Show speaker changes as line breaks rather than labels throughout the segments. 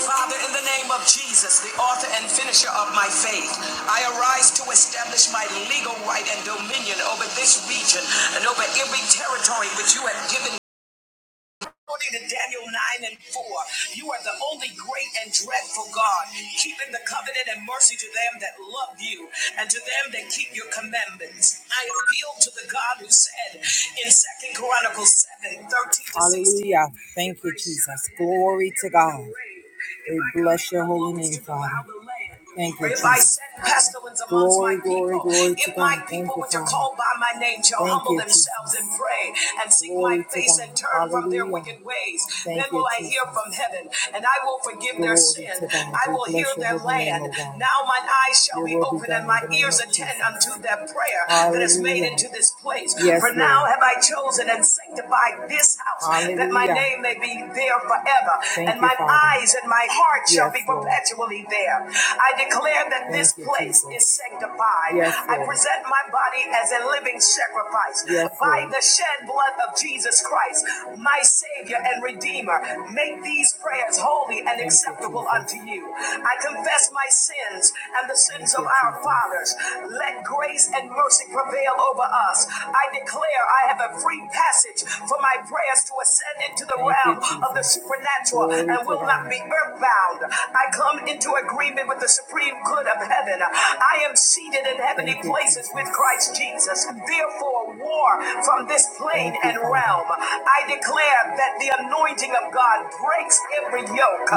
Father, in the name of Jesus, the author and finisher of my faith, I arise to establish my legal right and dominion over this region and over every territory which you have given According to Daniel 9 and 4, you are the only great and dreadful God, keeping the covenant and mercy to them that love you and to them that keep your commandments. I appeal to the God who said in Second Chronicles 7 13 to 16, Hallelujah. Thank you, Jesus. Glory to God. We bless your holy name, Father. Thank you, If I send pestilence amongst Glory, my people, glory if my people you, which are called by my name shall Thank humble you, themselves and pray and seek my Glory to face and turn Hallelujah. from their wicked ways, Thank then you, will you, I Jesus. hear from heaven and I will forgive their Glory their sin. I will heal their holy name, land. Now mine eyes shall be will be open and my ears attend unto their prayer Hallelujah. that is made into this place. Yes, For Lord. now Lord. have I chosen and sanctified this house Hallelujah. that my name may be there forever. Thank and you, my Father. eyes and my heart yes, shall Yes, be perpetually fully there. I declare that this Thank you, place Jesus. is sanctified. Yes, I present my body as a living sacrifice Yes, by Lord. the shed blood of Jesus Christ, my Savior and Redeemer. Make these prayers holy and Thank acceptable Jesus. unto you. I confess my sins and the sins of our fathers. Let grace and mercy prevail over us. I declare I have a free passage for my prayers to ascend into the Thank you, realm you, of the supernatural Glory and will not be earthbound. I come into agreement with the supreme good of heaven. I am seated in heavenly places with Christ Jesus. Therefore, war from this plane and realm. I declare that the anointing of God breaks every yoke,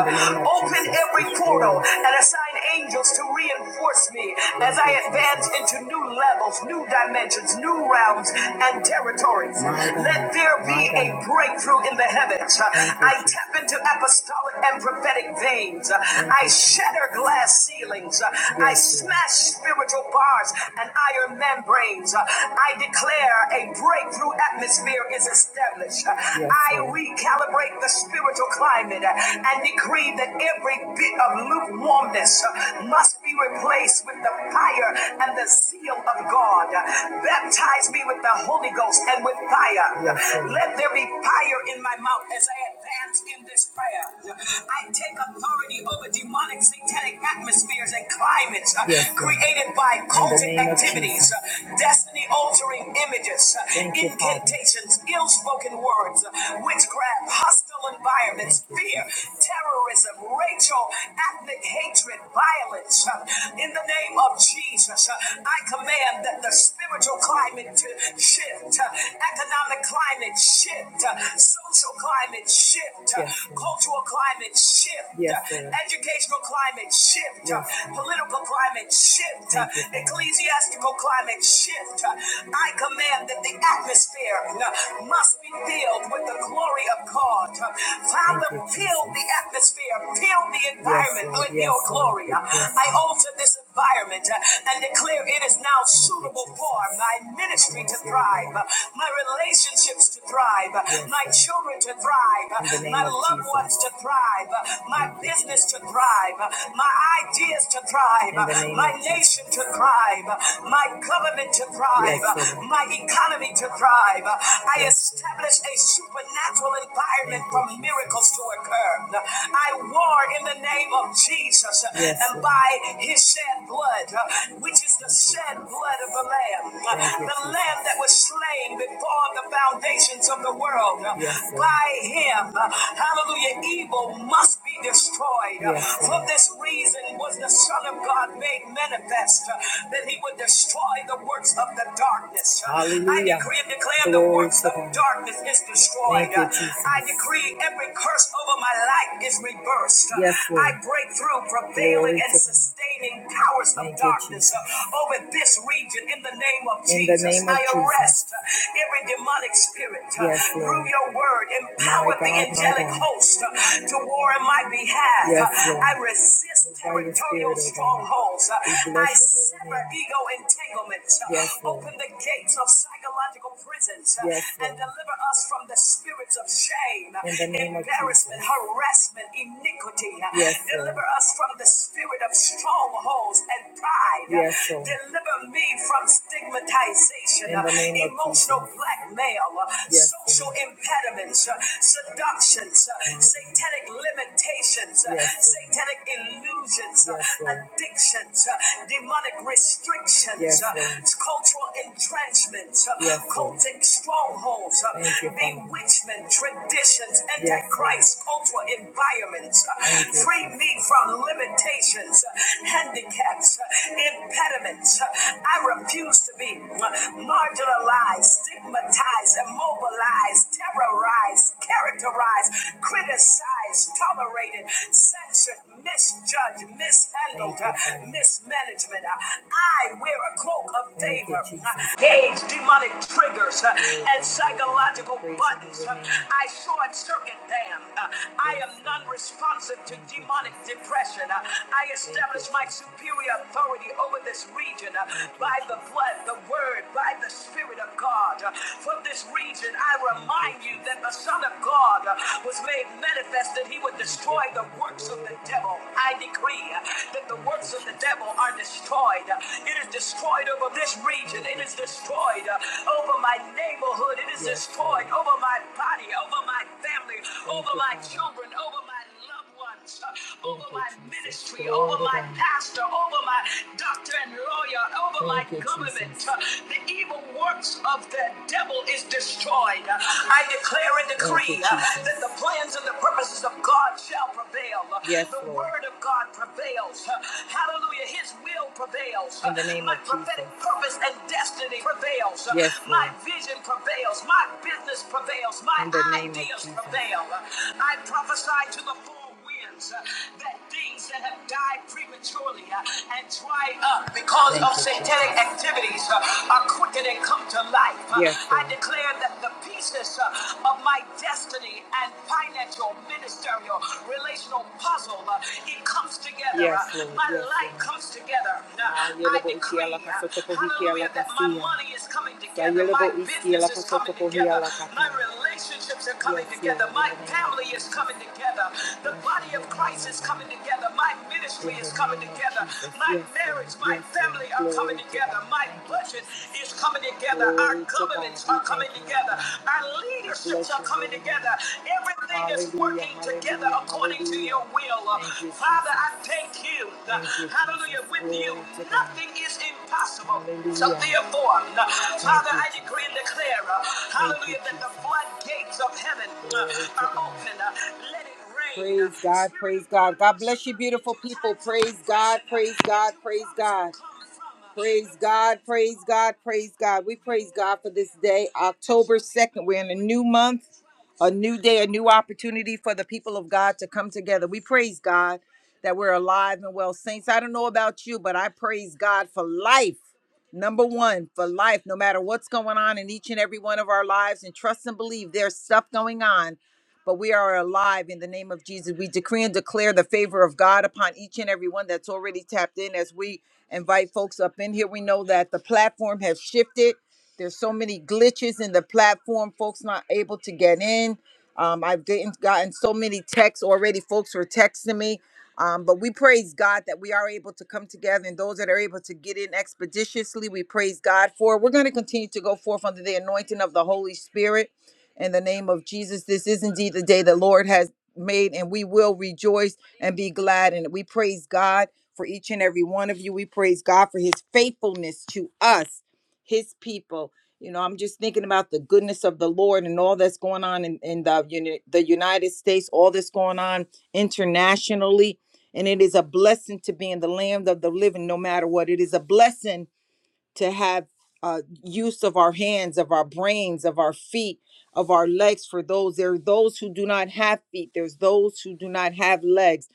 open every yes, portal, and assign angels to reinforce me as I advance into new levels, new dimensions, new realms, and territories. Let there be a breakthrough in the heavens. I tap into apostolic and prophetic sweating veins. I shatter glass ceilings. I smash spiritual bars and iron membranes. I declare a breakthrough atmosphere is established. I recalibrate the spiritual climate and decree that every bit of lukewarmness must be replaced with the fire and the zeal of God. Baptize me with the Holy Ghost and with fire. Let there be fire in my mouth as I advance in this prayer. I take authority over demonic satanic atmospheres and climates uh, Yes, created by cultic activities, uh, destiny altering images, uh, Thank incantations, ill spoken words, uh, witchcraft, hostile environments, fear, terrorism, racial, ethnic hatred, violence. uh, In the name of Jesus, uh, I command that the spiritual climate to shift, uh, economic climate shift, uh, social climate climate shift, yes, cultural climate shift, yes, educational climate shift, yes. political climate shift, ecclesiastical climate shift. I command that the atmosphere must be filled with the glory of God. Father, fill the atmosphere, fill the environment yes, with yes, your glory. Yes, I alter this environment uh, and declare it is now suitable for my ministry to thrive, uh, my relationships to thrive, uh, my children to thrive, uh, my loved ones to thrive, uh, my business to thrive, uh, my ideas to thrive, uh, my nation to thrive, uh, my government to thrive, Yes, uh, my economy to thrive. Uh, I establish a supernatural environment for miracles to occur. I war in the name name of Jesus uh, Yes, and by his shed blood, uh, which is the shed blood of the Lamb, uh, the Lamb that was slain before the foundations of the world. uh, Yes, By him, uh, hallelujah, evil must be destroyed. Uh, Yes, For this reason was the Son of God made manifest uh, that he would destroy the works of the darkness. Uh, I decree and declare Glory the works of darkness is destroyed. Uh, you, I decree every Every curse over my life is reversed. Yes, Lord. I break through prevailing and sustaining powers of darkness over this region in the name of Jesus. I arrest uh, every demonic spirit yes, Lord. through your word. Empower my God, the my angelic God. host uh, to war in my behalf. Yes, Lord. I resist By your territorial oh strongholds. I sever ego entanglements. Yes, Lord. Open the gates of psychological prisons uh, Yes, and deliver us from the spirits of shame, uh, embarrassment, harassment, iniquity. uh, Yes, Deliver us from the spirit of strongholds and pride. uh, Yes, Deliver me from stigmatization, uh, emotional blackmail, uh, Yes, social impediments, uh, seductions, uh, satanic limitations, uh, Yes, satanic illusions, uh, Yes, addictions, uh, demonic restrictions nations, yes, uh, cultural entrenchment, uh, yes, cultic strongholds, uh, bewitchment, traditions, antichrist, yes, cultural environments. uh, Free me from limitations, uh, handicaps, uh, impediments. uh, I refuse to be uh, marginalized, stigmatized, immobilized, terrorized, characterized, criticized despised, tolerated, censored, misjudged, mishandled, uh, mismanagement. Uh, I wear a cloak of favor, uh, gauge demonic triggers uh, and psychological buttons. Uh, I short circuit them. Uh, I am non responsive to demonic depression. Uh, I establish my superior authority over this region uh, by the blood, the word, by the Spirit of God. Uh, From this region, I remind you that the Son of God. God uh, was made manifest that he would destroy the works of the devil. I decree uh, that the works of the devil are destroyed. Uh, It is destroyed over this region. It is destroyed uh, over my neighborhood. It is destroyed over my body, over my family, over my children, over my love loved ones, uh, over my ministry, over my pastor, over my doctor and lawyer, over my government. uh, The evil works of the devil is destroyed. Uh, I declare and decree uh, that the plans and the purposes of God shall prevail. Uh, Yes, the Lord. word of God prevails. Uh, Hallelujah. His will prevails. Uh, In the name my of Jesus. prophetic Jesus. purpose and destiny prevails. Uh, Yes, my Lord vision prevails, my business prevails, my In the name of ideas Jesus. prevail. I prophesy to the four winds uh, that things that have died prematurely uh, and dried up because Thank of satanic Jesus. activities uh, are quickened and come to life. Uh, Yes, I declare that the pieces uh, of my destiny and financial, ministerial, relational puzzle, uh, it comes together. Yes, Uh, my life comes together. I decree that my money is coming together. My business is coming together. My relationships are coming together. My family is coming together. The body of Christ is coming together. My ministry is coming together. My marriage, my family are coming together. My budget is coming together. Our governments are coming together. Our leadership relationships are coming together. Everything hallelujah, is working hallelujah, together according hallelujah. to your will. You, Father, I thank you. Thank you Hallelujah. With you, nothing is impossible. Hallelujah. So therefore, thank Father, you. I decree and declare, hallelujah, that the floodgates of heaven are open. Let it rain. Praise God, praise God. God bless you, beautiful people. Praise God, praise God, praise God. Praise God, praise God, praise God. We praise God for this day, October 2nd. We're in a new month, a new day, a new opportunity for the people of God to come together. We praise God that we're alive and well. Saints, I don't know about you, but I praise God for life. Number one, for life, no matter what's going on in each and every one of our lives, and trust and believe there's stuff going on, but we are alive in the name of Jesus. We decree and declare the favor of God upon each and every one that's already tapped in as we invite folks up in here. We know that the platform has shifted. There's so many glitches in the platform, folks not able to get in. Um, I've gotten gotten so many texts already. Folks were texting me. Um, but we praise God that we are able to come together and those that are able to get in expeditiously, we praise God for. We're going to continue to go forth under the anointing of the Holy Spirit in the name of Jesus. This is indeed the day the Lord has made, and we will rejoice and be glad. And we praise God for each and every one of you. We praise God for his faithfulness to us, his people. You know, I'm just thinking about the goodness of the Lord and all that's going on in, in the, Uni- the United States, all that's going on internationally and it is a blessing to be in the land of the living, no matter what. It is a blessing to have uh, use of our hands, of our brains, of our feet, of our legs. For those, there are those who do not have feet. There's those who do not have legs.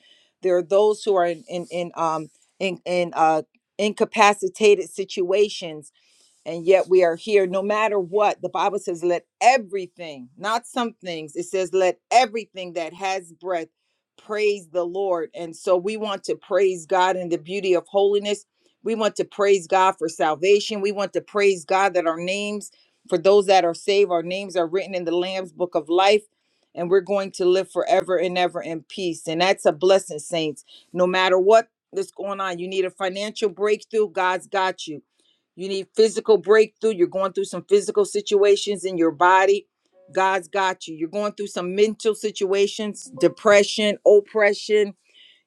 There are those who are in in, in um in in uh incapacitated situations and yet we are here no matter what the bible says let everything not some things it says let everything that has breath praise the lord and so we want to praise god in the beauty of holiness we want to praise god for salvation we want to praise god that our names for those that are saved our names are written in the lamb's book of life and we're going to live forever and ever in peace and that's a blessing saints no matter what is going on you need a financial breakthrough god's got you you need physical breakthrough. You're going through some physical situations in your body. God's got you. You're going through some mental situations, depression, oppression.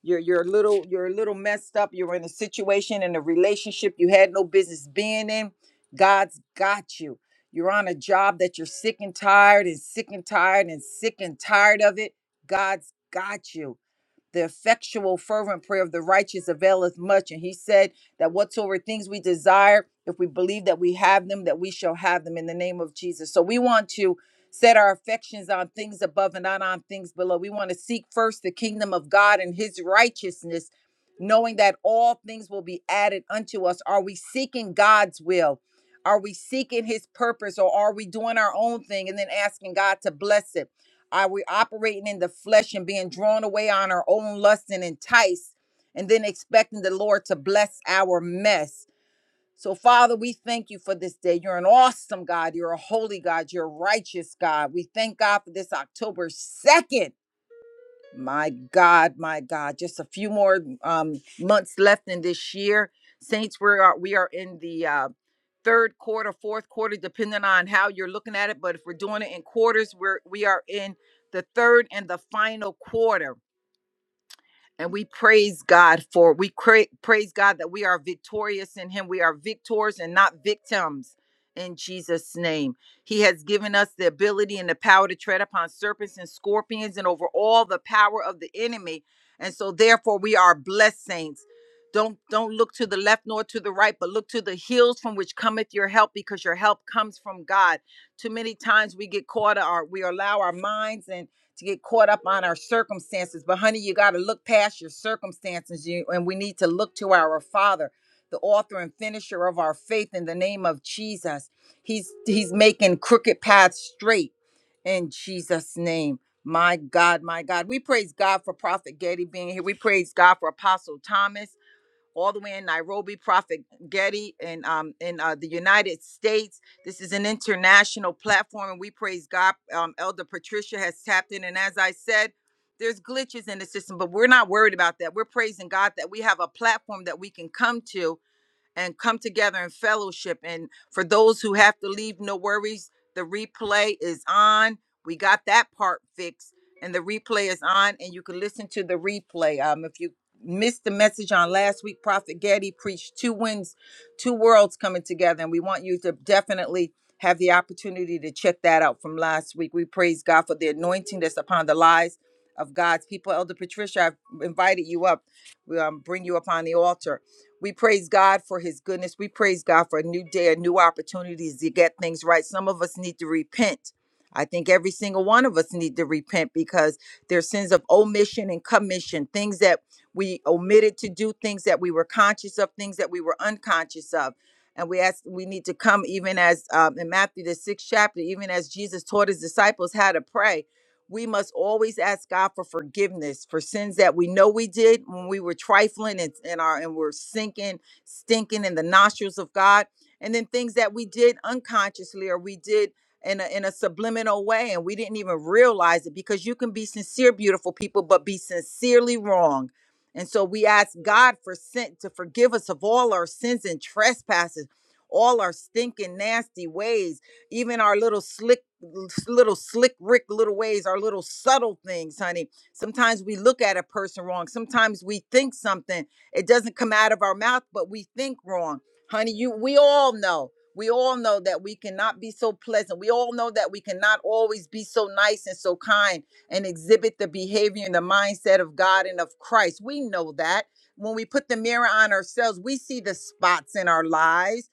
You're you're a little you're a little messed up. You're in a situation in a relationship you had no business being in. God's got you. You're on a job that you're sick and tired and sick and tired and sick and tired of it. God's got you. The effectual, fervent prayer of the righteous availeth much. And he said that whatsoever things we desire, if we believe that we have them, that we shall have them in the name of Jesus. So we want to set our affections on things above and not on things below. We want to seek first the kingdom of God and his righteousness, knowing that all things will be added unto us. Are we seeking God's will? Are we seeking his purpose or are we doing our own thing and then asking God to bless it? Are we operating in the flesh and being drawn away on our own lust and enticed, and then expecting the Lord to bless our mess? So, Father, we thank you for this day. You're an awesome God. You're a holy God. You're a righteous God. We thank God for this October 2nd. My God, my God, just a few more um, months left in this year. Saints, we are we are in the uh, third quarter, fourth quarter, depending on how you're looking at it. But if we're doing it in quarters, we're we are in the third and the final quarter and we praise God for we cra- praise God that we are victorious in him. We are victors and not victims in Jesus name. He has given us the ability and the power to tread upon serpents and scorpions and over all the power of the enemy. And so therefore we are blessed saints. Don't don't look to the left nor to the right, but look to the hills from which cometh your help because your help comes from God. Too many times we get caught or we allow our minds and to get caught up on our circumstances. But, honey, you got to look past your circumstances, you, and we need to look to our Father, the author and finisher of our faith, in the name of Jesus. He's He's making crooked paths straight in Jesus' name. My God, my God. We praise God for Prophet Getty being here. We praise God for Apostle Thomas all the way in Nairobi, Prophet Getty, and um, in uh, the United States. This is an international platform, and we praise God. Um, Elder Patricia has tapped in, and as I said, there's glitches in the system, but we're not worried about that. We're praising God that we have a platform that we can come to and come together in fellowship. And for those who have to leave, no worries. The replay is on. We got that part fixed, and the replay is on, and you can listen to the replay. Um, if you missed the message on last week, Prophet Getty preached two winds, two worlds coming together, and we want you to definitely have the opportunity to check that out from last week. We praise God for the anointing that's upon the lives of God's people. Elder Patricia, I've invited you up. We um, bring you up on the altar we praise God for his goodness. We praise God for a new day, a new opportunities to get things right. Some of us need to repent. I think every single one of us need to repent because there's sins of omission and commission, things that we omitted to do, things that we were conscious of, things that we were unconscious of. And we ask, we need to come even as um, in Matthew the sixth chapter, even as Jesus taught his disciples how to pray we must always ask God for forgiveness for sins that we know we did when we were trifling and, and our and we're sinking, stinking in the nostrils of God, and then things that we did unconsciously or we did in a, in a subliminal way and we didn't even realize it because you can be sincere, beautiful people, but be sincerely wrong. And so we ask God for sin to forgive us of all our sins and trespasses, all our stinking, nasty ways even our little slick little slick rick little ways our little subtle things honey sometimes we look at a person wrong sometimes we think something it doesn't come out of our mouth but we think wrong honey you we all know we all know that we cannot be so pleasant we all know that we cannot always be so nice and so kind and exhibit the behavior and the mindset of god and of christ we know that when we put the mirror on ourselves we see the spots in our lives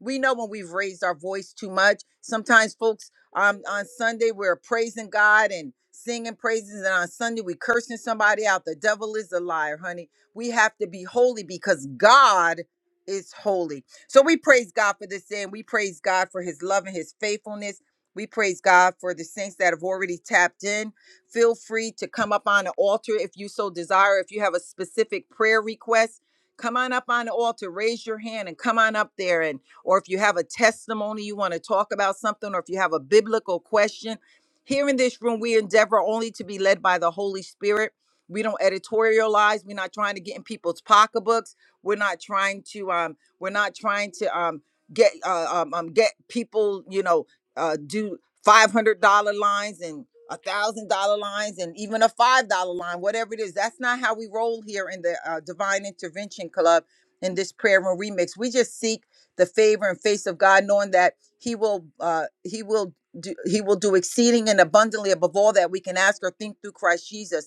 we know when we've raised our voice too much. Sometimes, folks, um, on Sunday we're praising God and singing praises, and on Sunday we cursing somebody out. The devil is a liar, honey. We have to be holy because God is holy. So we praise God for this day, and we praise God for His love and His faithfulness. We praise God for the saints that have already tapped in. Feel free to come up on the altar if you so desire. If you have a specific prayer request, come on up on the altar, raise your hand, and come on up there. And or if you have a testimony you want to talk about something, or if you have a biblical question. Here in this room, we endeavor only to be led by the Holy Spirit. We don't editorialize. We're not trying to get in people's pocketbooks. We're not trying to um, we're not trying to um get uh, um, um get people, you know, uh do five hundred dollar lines and a thousand dollar lines and even a five dollar line, whatever it is. That's not how we roll here in the uh, Divine Intervention Club in this prayer room remix. We just seek the favor and face of God, knowing that He will uh, He will do He will do exceeding and abundantly above all that we can ask or think through Christ Jesus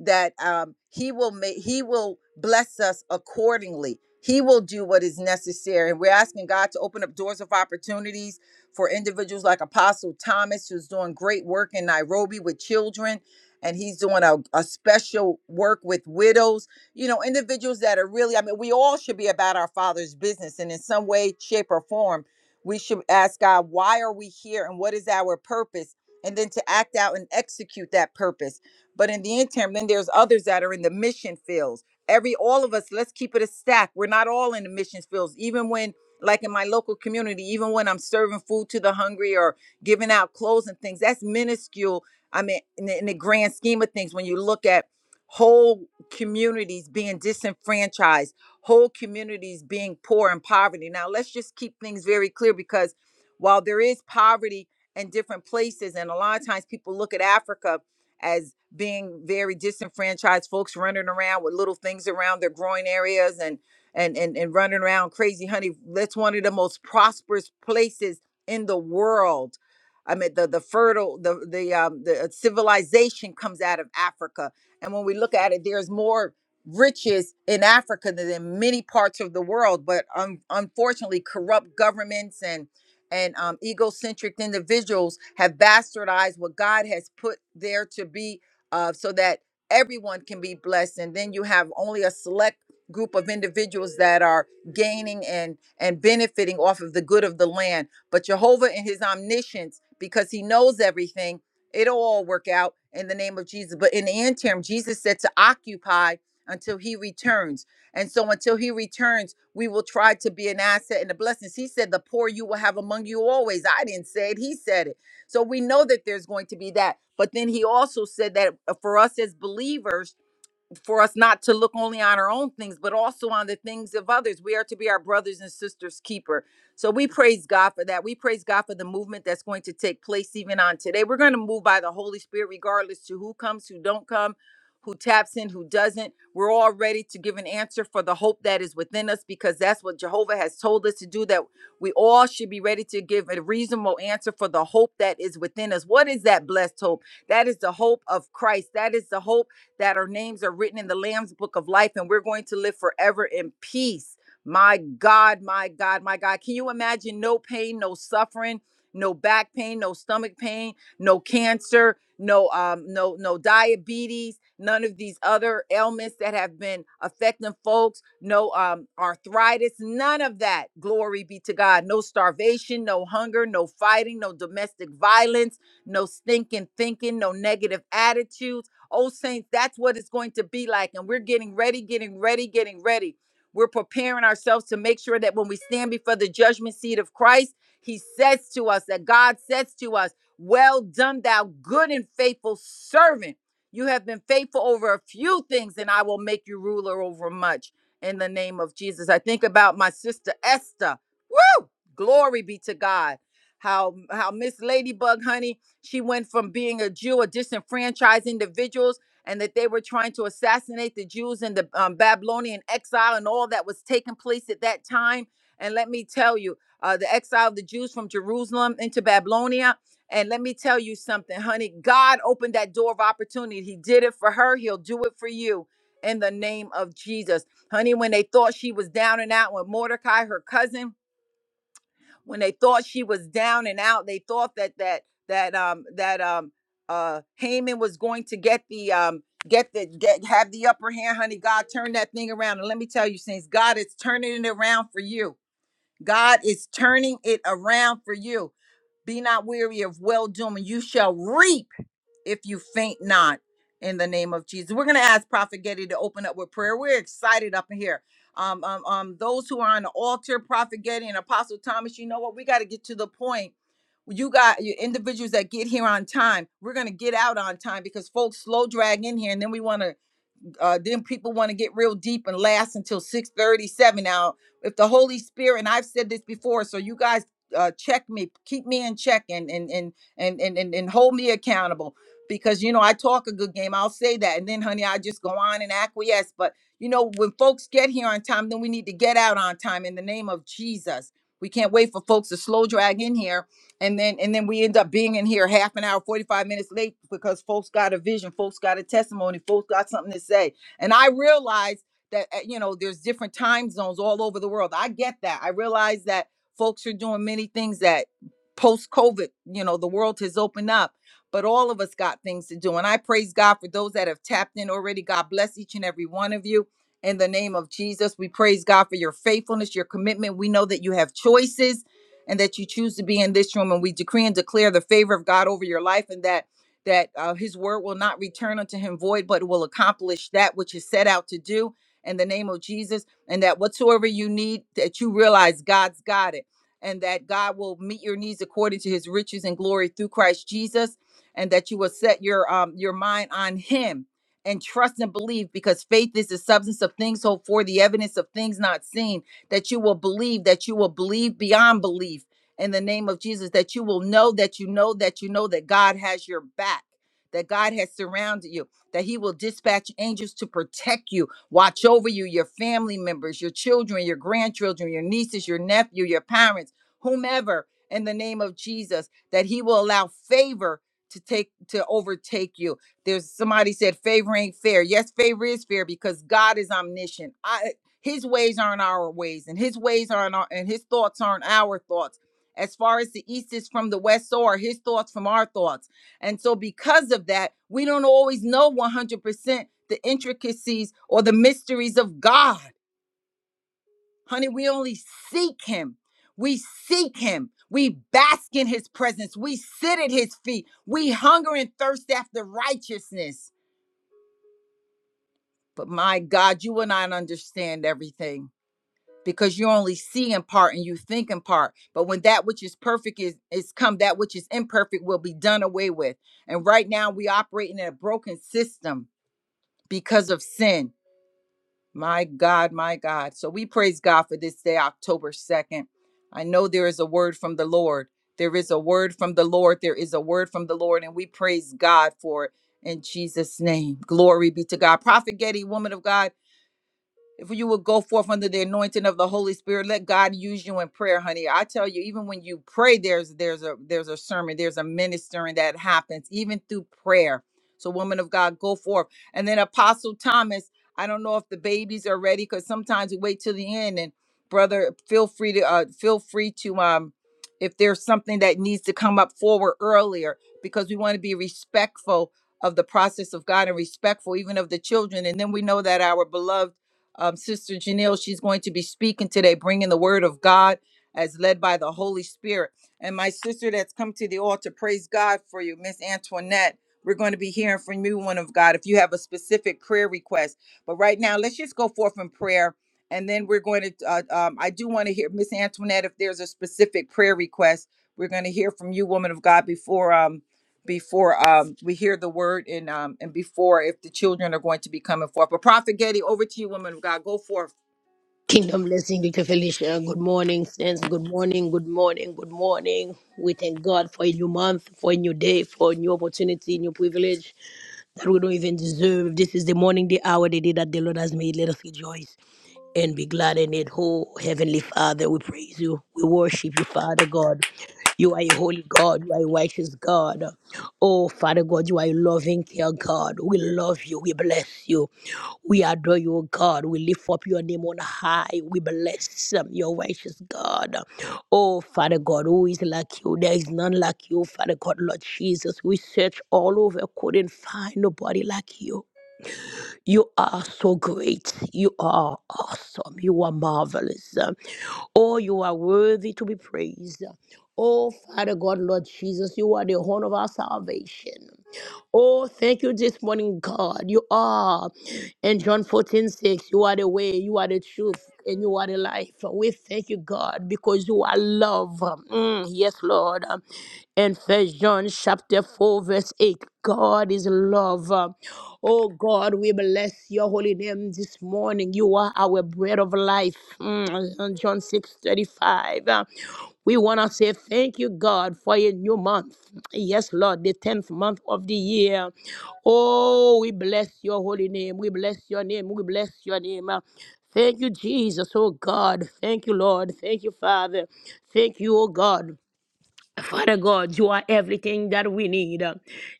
that um, he will make he will bless us accordingly he will do what is necessary and we're asking god to open up doors of opportunities for individuals like apostle thomas who's doing great work in nairobi with children and he's doing a, a special work with widows you know individuals that are really i mean we all should be about our father's business and in some way shape or form we should ask god why are we here and what is our purpose and then to act out and execute that purpose but in the interim, then there's others that are in the mission fields. Every all of us, let's keep it a stack. We're not all in the mission fields. Even when, like in my local community, even when I'm serving food to the hungry or giving out clothes and things, that's minuscule. I mean, in the, in the grand scheme of things, when you look at whole communities being disenfranchised, whole communities being poor and poverty. Now, let's just keep things very clear because while there is poverty in different places, and a lot of times people look at Africa as being very disenfranchised, folks running around with little things around their groin areas and and and, and running around crazy, honey. That's one of the most prosperous places in the world. I mean, the the fertile, the the um, the uh, civilization comes out of Africa, and when we look at it, there's more riches in Africa than in many parts of the world. But un- unfortunately, corrupt governments and and um, egocentric individuals have bastardized what God has put there to be uh, so that everyone can be blessed. And then you have only a select group of individuals that are gaining and and benefiting off of the good of the land. But Jehovah in His omniscience, because He knows everything, it'll all work out in the name of Jesus. But in the interim, Jesus said to occupy until He returns. And so until He returns, we will try to be an asset and a blessing. He said, "The poor you will have among you always." I didn't say it; He said it. So we know that there's going to be that. But then he also said that uh, for us as believers, for us not to look only on our own things, but also on the things of others. We are to be our brothers and sisters' keeper. So we praise God for that. We praise God for the movement that's going to take place even on today. We're going to move by the Holy Spirit, regardless to who comes, who don't come, who taps in, who doesn't. We're all ready to give an answer for the hope that is within us because that's what Jehovah has told us to do, that we all should be ready to give a reasonable answer for the hope that is within us. What is that blessed hope? That is the hope of Christ. That is the hope that our names are written in the Lamb's book of life and we're going to live forever in peace. My God, my God, my God. Can you imagine no pain, no suffering, no back pain, no stomach pain, no cancer, no um no no diabetes, none of these other ailments that have been affecting folks, no um arthritis, none of that. Glory be to God. No starvation, no hunger, no fighting, no domestic violence, no stinking thinking, no negative attitudes Oh, saints, that's what it's going to be like. And we're getting ready, getting ready, getting ready. We're preparing ourselves to make sure that when we stand before the judgment seat of Christ, He says to us, that God says to us, Well done, thou good and faithful servant. You have been faithful over a few things, and I will make you ruler over much in the name of Jesus. I think about my sister Esther. Woo! Glory be to God. How how Miss Ladybug, honey, she went from being a Jew, a disenfranchised individuals, and that they were trying to assassinate the Jews in the um, Babylonian exile and all that was taking place at that time. And let me tell you, uh, the exile of the Jews from Jerusalem into Babylonia. And let me tell you something, honey. God opened that door of opportunity. He did it for her. He'll do it for you in the name of Jesus. Honey, when they thought she was down and out with Mordecai, her cousin, when they thought she was down and out they thought that that that um that um uh Haman was going to get the um get the get have the upper hand honey God turned that thing around and let me tell you saints God is turning it around for you God is turning it around for you be not weary of well doing you shall reap if you faint not in the name of Jesus. We're going to ask Prophet Getty to open up with prayer. We're excited up in here. Um, um, um, those who are on the altar, Prophet Getty and Apostle Thomas, you know what? We got to get to the point. You got your individuals that get here on time. We're going to get out on time because folks slow drag in here and then we want to uh, then people want to get real deep and last until 637 now if the holy spirit and i've said this before so you guys uh, check me keep me in check and and and and and, and, and hold me accountable because you know i talk a good game i'll say that and then honey i just go on and acquiesce but you know when folks get here on time then we need to get out on time in the name of jesus we can't wait for folks to slow drag in here and then and then we end up being in here half an hour 45 minutes late because folks got a vision folks got a testimony folks got something to say and i realize that uh, you know there's different time zones all over the world i get that i realize that folks are doing many things that post covid you know the world has opened up but all of us got things to do and i praise god for those that have tapped in already god bless each and every one of you in the name of jesus we praise god for your faithfulness your commitment we know that you have choices and that you choose to be in this room and we decree and declare the favor of god over your life and that that uh, his word will not return unto him void but will accomplish that which is set out to do in the name of jesus and that whatsoever you need that you realize god's got it and that god will meet your needs according to his riches and glory through christ jesus and that you will set your um your mind on him and trust and believe because faith is the substance of things hoped for the evidence of things not seen that you will believe, that you will believe beyond belief in the name of Jesus, that you will know that you know that you know that God has your back, that God has surrounded you, that He will dispatch angels to protect you, watch over you, your family members, your children, your grandchildren, your nieces, your nephew, your parents, whomever, in the name of Jesus, that He will allow favor. To take to overtake you. There's somebody said favor ain't fair. Yes, favor is fair because God is omniscient. I. His ways aren't our ways, and his ways aren't our, and his thoughts aren't our thoughts. As far as the east is from the west, so are his thoughts from our thoughts. And so, because of that, we don't always know 100% the intricacies or the mysteries of God. Honey, we only seek him. We seek him. We bask in his presence. We sit at his feet. We hunger and thirst after righteousness. But my God, you will not understand everything. because you only see in part and you think in part but when that which is perfect is is come that which is imperfect will be done away with and right now we operating in a broken system because of sin my god my god so we praise god for this day october 2nd i know there is a word from the lord there is a word from the lord there is a word from the lord and we praise god for it in jesus name glory be to god prophet getty woman of god if you would go forth under the anointing of the Holy Spirit, let God use you in prayer, honey. I tell you, even when you pray, there's there's a there's a sermon, there's a ministering that happens, even through prayer. So, woman of God, go forth. And then Apostle Thomas, I don't know if the babies are ready because sometimes we wait till the end. And brother, feel free to uh, feel free to um if there's something that needs to come up forward earlier because we want to be respectful of the process of God and respectful even of the children. And then we know that our beloved um, Sister Janelle. She's going to be speaking today, bringing the word of God as led by the Holy Spirit. And my sister that's come to the altar, praise God for you, Miss Antoinette. We're going to be hearing from you, one of God, if you have a specific prayer request. But right now, let's just go forth in prayer. And then we're going to, uh, um, I do want to hear, Miss Antoinette, if there's a specific prayer request, we're going to hear from you, woman of God, before. um, before um, we hear the word and um, and before if the children are going to be coming forth. But Prophet Getty, over to you, woman of God. Go forth.
Kingdom blessing, Dr. Felicia. Good morning, friends. Good morning, good morning, good morning. We thank God for a new month, for a new day, for a new opportunity, new privilege that we don't even deserve. This is the morning, the hour, the day that the Lord has made. Let us rejoice and be glad in it. Oh, Heavenly Father, we praise you. We worship you, Father God. You are a holy God. You are a righteous God. Oh, Father God, you are a loving care God. We love you. We bless you. We adore you, O God. We lift up your name on high. We bless um, your righteous God. Oh, Father God, who is like you? There is none like you, Father God, Lord Jesus. We search all over, couldn't find nobody like you. You are so great. You are awesome. You are marvelous. Oh, you are worthy to be praised. Oh, Father God, Lord Jesus, you are the horn of our salvation. Oh, thank you this morning, God. You are. In John 14 6. you are the way, you are the truth, and you are the life. We thank you, God, because you are love. Mm, yes, Lord. And First John chapter 4, verse 8, God is love. Oh, God, we bless your holy name this morning. You are our bread of life. Mm, and John 6 35. We want to say thank you, God, for a new month. Yes, Lord, the 10th month of the year. Oh, we bless your holy name. We bless your name. We bless your name. Thank you, Jesus, oh God. Thank you, Lord. Thank you, Father. Thank you, oh God. Father God, you are everything that we need, uh,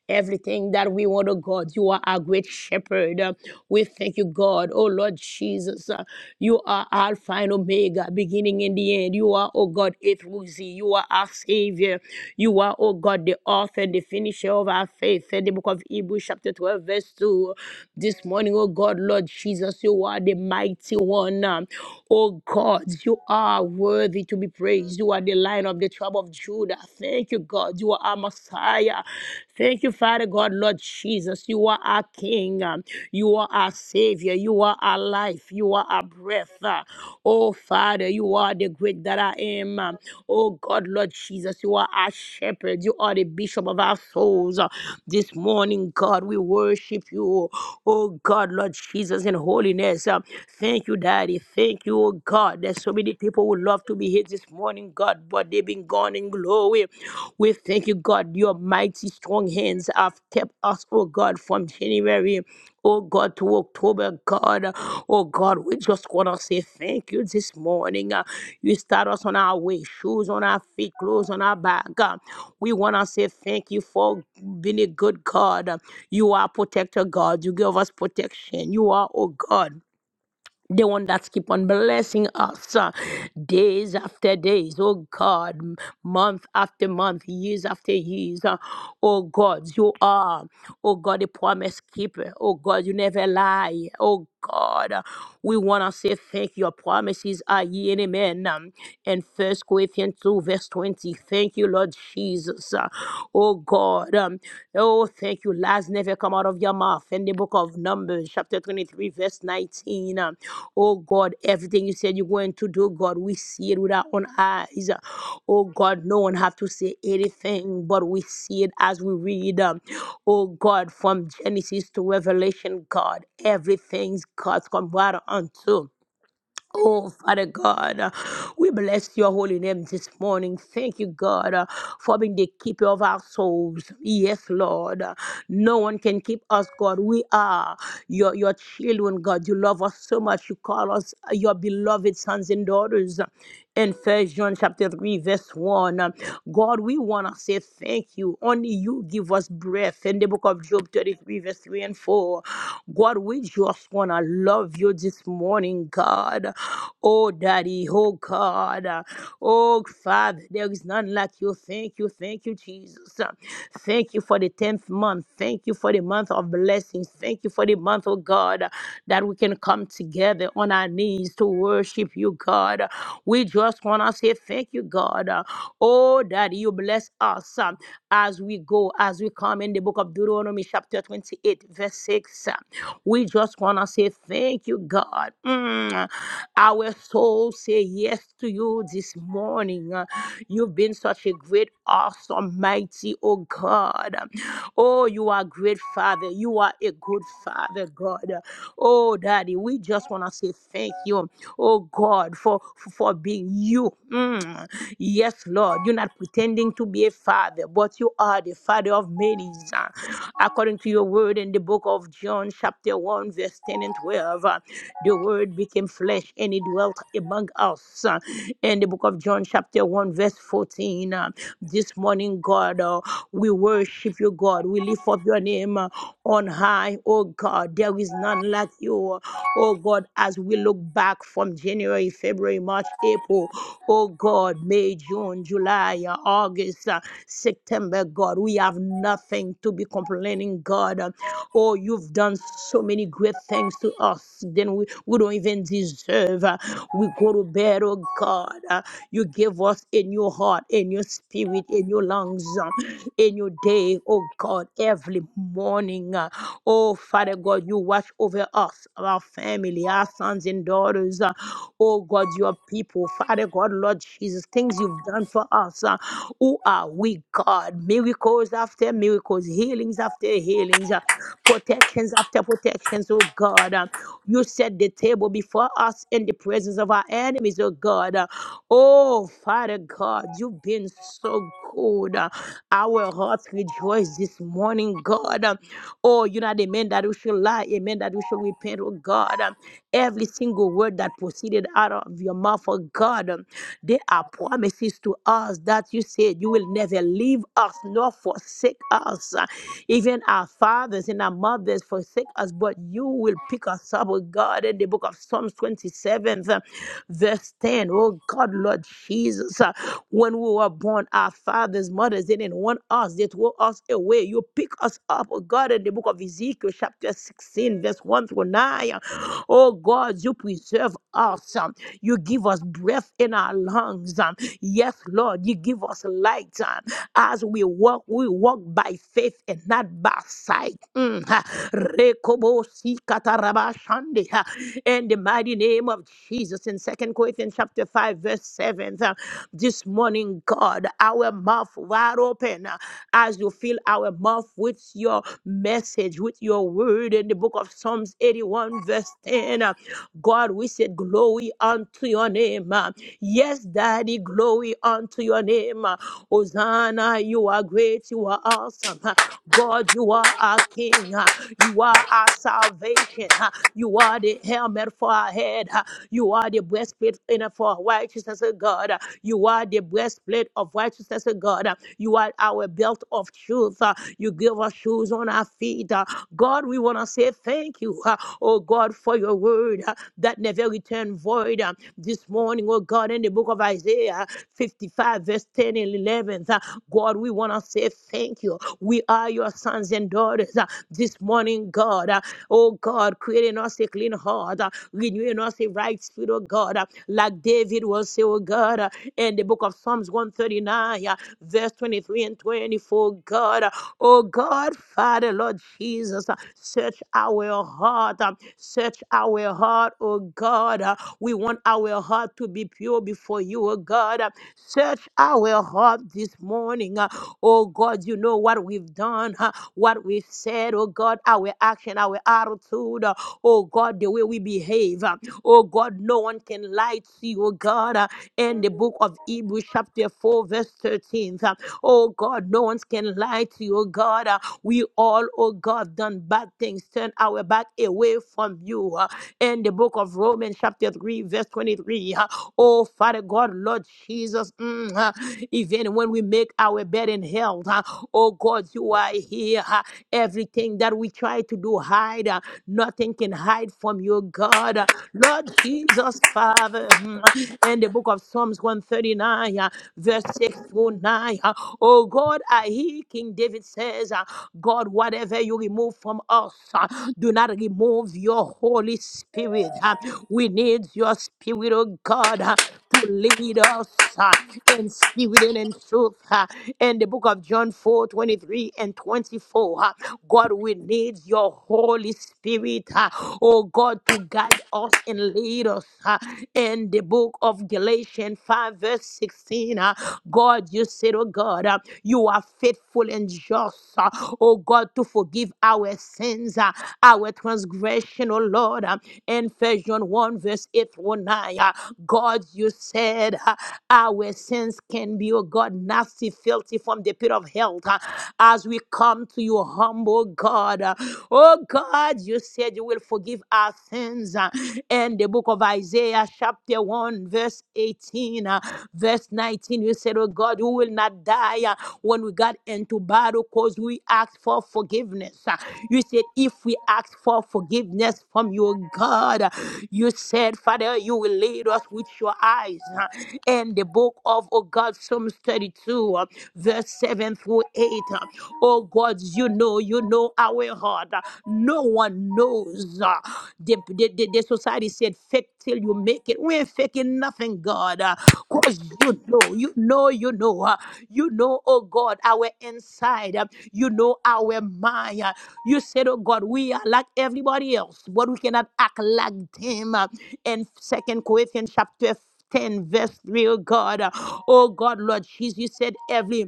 everything that we want, oh God. You are our great shepherd. uh, We thank you, God. Oh Lord Jesus, uh, you are Alpha and Omega, beginning and the end. You are, oh God, A through Z. You are our Savior. You are, oh God, the author and the finisher of our faith. In the book of Hebrews, chapter 12, verse 2. This morning, oh God, Lord Jesus, you are the mighty one. um, Oh God, you are worthy to be Praise You are the lion of the tribe of Judah. Thank you, God. You are our Messiah. Thank you, Father God, Lord Jesus. You are our King. Um, You are our Savior. You are our life. You are our breath. Uh, Oh, Father, you are the great that I am. Um, Oh, God, Lord Jesus, you are our shepherd. You are the bishop of our souls. Uh, This morning, God, we worship you. Oh, God, Lord Jesus, in holiness. Um, Thank you, Daddy. Thank you, oh God. There's so many people who love to be here this morning, God, but they've been gone in glory. We thank you, God. Your mighty strong hands have kept us, oh God, from January. Oh God, to October, God. Oh God, we just want to say thank you this morning. Uh, You start us on our way, shoes on our feet, clothes on our back. Uh, We want to say thank you for being a good God. Uh, You are protector, God. You give us protection. You are, oh God the one that's keep on blessing us uh, days after days oh god m- month after month years after years uh, oh god you are oh god the promise keeper oh god you never lie oh god uh, we want to say thank you. your promises are ye and amen um, in first corinthians 2 verse 20 thank you lord jesus Uh, Oh God. Um, oh, thank you. Lies never come out of your mouth. In the book of Numbers, chapter 23, verse 19. Um, oh God, everything you said you're going to do, God, we see it with our own eyes. Oh God, no one have to say anything, but we see it as we read. Um, oh God, from Genesis to Revelation, God, everything's God's come right unto. Oh, Father God, uh, we bless your holy name this morning. Thank you, God, uh, for being the keeper of our souls. Yes, Lord. Uh, No one can keep us, God. We are your, your children, God. You love us so much. You call us uh, your beloved sons and daughters in First John chapter 3, verse 1. Um, God, we want to say thank you. Only you give us breath in the book of Job 33, verse 3 and 4. God, we just want to love you this morning, God. Oh, Daddy, oh, God. Oh, Father, there is none like you. Thank you, thank you, Jesus. Thank you for the 10th month. Thank you for the month of blessings. Thank you for the month, oh God, that we can come together on our knees to worship worship you, God. We just want to say thank you, God. Oh, that you bless us um, as we go, as we come in the book of Deuteronomy, chapter 28, verse 6. We just want to say thank you, God. Mm. Our soul say yes to you this morning. Uh, You've been such a great, awesome, mighty, oh God. Oh, you are great, Father. You are a good Father, God. Oh, Daddy, we just just want to say thank you, oh God, for, for being you. Mm. Yes, Lord, you're not pretending to be a father, but you are the father of many. According to your word in the book of John, chapter 1, verse 10 and 12, uh, the word became flesh and it dwelt among us. Uh, In the book of John, chapter 1, verse 14, uh, this morning, God, uh, we worship you, God. We lift up your name uh, on high, oh God. There is none like you. Oh God, as we look back from January, February, March, April, oh God, May, June, July, uh, August, uh, September, God, we have nothing to be complaining, God. Uh, Oh, you've done so many great things to us, then we, we don't even deserve. Uh, We go to bed, oh God. uh, You give us in your heart, in your spirit, in your lungs, uh, in your day, oh God, every morning. Uh, Oh, Father God, you watch over us, our family, our sons and daughters. uh, Oh, God, your people. Father God, Lord Jesus, things you've done for us. uh, Who are we, God? Miracles after miracles, healings after healings, uh, protections after protections, oh God. Uh, You set the table before us in the presence of our enemies, oh God. Uh, Oh, Father God, you've been so good. Uh, Our hearts rejoice this morning morning, God. Um, Oh, you're not a man that you should lie, a man that you should repent, oh God. Um, Every single word that proceeded out of your mouth, oh God, um, they are promises to us that you said you will never leave us nor forsake us. Uh, Even our fathers and our mothers forsake us, but you will pick us up, oh God, in the book of Psalms 27, uh, verse 10. Oh God, Lord Jesus, uh, when we were born, our fathers, mothers didn't want on us, they throw us away. You pick us up, oh God, in the book of Ezekiel, chapter 16, verse 1 through 9. Oh God, you preserve us. um, You give us breath in our lungs. um, Yes, Lord, you give us light. um, As we walk, we walk by faith and not by sight. Mm, ha. Rekobo sikatarabashande, ha. In the mighty name of Jesus, in Second Corinthians chapter 5, verse 7, uh, this morning, God our mouth wide open uh, as you fill our mouth with your message, with your word in the book of Psalms 81, verse 10. uh, God, we said, Glory unto your name. uh, Yes, Daddy, glory unto your name. uh, Hosanna, you are great, you are awesome. uh, God, you are our King. uh, You are our salvation. uh, You are the helmet for our head. uh, You are the breastplate in it for our righteousness, oh God. uh, you are the breastplate of righteousness, oh God. You are our belt of truth. Uh, You give us shoes on our feet. Uh, God, we want to say thank you, uh, oh God, for your word uh, that never return void. Uh, This morning, oh God, in the book of Isaiah 55, verse 10 and 11, uh, God, we want to say thank you. We are your sons and daughters uh, this morning, God. Uh, Oh God, creating us a clean heart, uh, renewing us a right spirit, oh God. Uh, God, David will say, oh God, uh, in the book of Psalms 139, uh, verse 23 and 24, God, uh, oh God, Father, Lord Jesus, uh, search our heart, uh, search our heart, oh God. uh, We want our heart to be pure before you, oh God. uh, Search our heart this morning, uh, oh God. You know what we've done, uh, what we've said, oh God, our action, our attitude, uh, oh God, the way we behave. uh, Oh God, no one can lie to you, oh God. Uh, In the book of Hebrews, chapter 4, verse 13. uh, Oh God, no one can lie to you, oh God. Uh, We all, oh God, done bad things, turn our back away from you. Uh, In the book of Romans, chapter 3, verse 23. uh, Oh Father God, Lord Jesus, mm, uh, even when we make our bed in hell, uh, oh God, you are here. uh, Everything that we try to do, hide, uh, nothing can hide from you, God. Lord Jesus, Father, mm, in the book of Psalms 139, uh, verse 6 through 9. uh, Oh God, I hear King David says, uh, God, whatever you remove from us, uh, do not remove your holy spirit. huh? We need your spirit, oh God, huh, to lead us huh, in spirit and in truth. huh. In the book of John 4 23 and 24, huh, God, we need your Holy Spirit, huh, oh God, to guide us and lead us. huh. In the book of Galatians 5, verse 16, huh, God, you said, oh God, huh, you are faithful and just just, uh, oh God, to forgive our sins, uh, our transgression, oh Lord. Um, in Ephesians 1, verse 8 through 9, uh, God, you said uh, our sins can be, oh God, nasty, filthy from the pit of hell. uh, as we come to you, humble God. uh, oh God, you said you will forgive our sins. uh, in the book of Isaiah, chapter 1, verse 18. 18, uh, verse 19, you said, Oh God, we will not die uh, when we got into battle because we asked for forgiveness. Uh, You said, If we ask for forgiveness from your God, uh, you said, Father, you will lead us with your eyes. uh, And the book of, oh God, Psalms 32, uh, verse 7 through 8. uh, Oh God, you know, you know our heart. uh, No one knows. uh, The, the, the the society said, fake till you make it. We ain't faking nothing, God, because you know, you know, you know, uh, you know, oh God, our inside, uh, you know, our mind. uh, you said, oh God, we are like everybody else, but we cannot act like them. uh, in Second Corinthians chapter 10, verse 3, oh God, uh, oh God, Lord Jesus, you said, every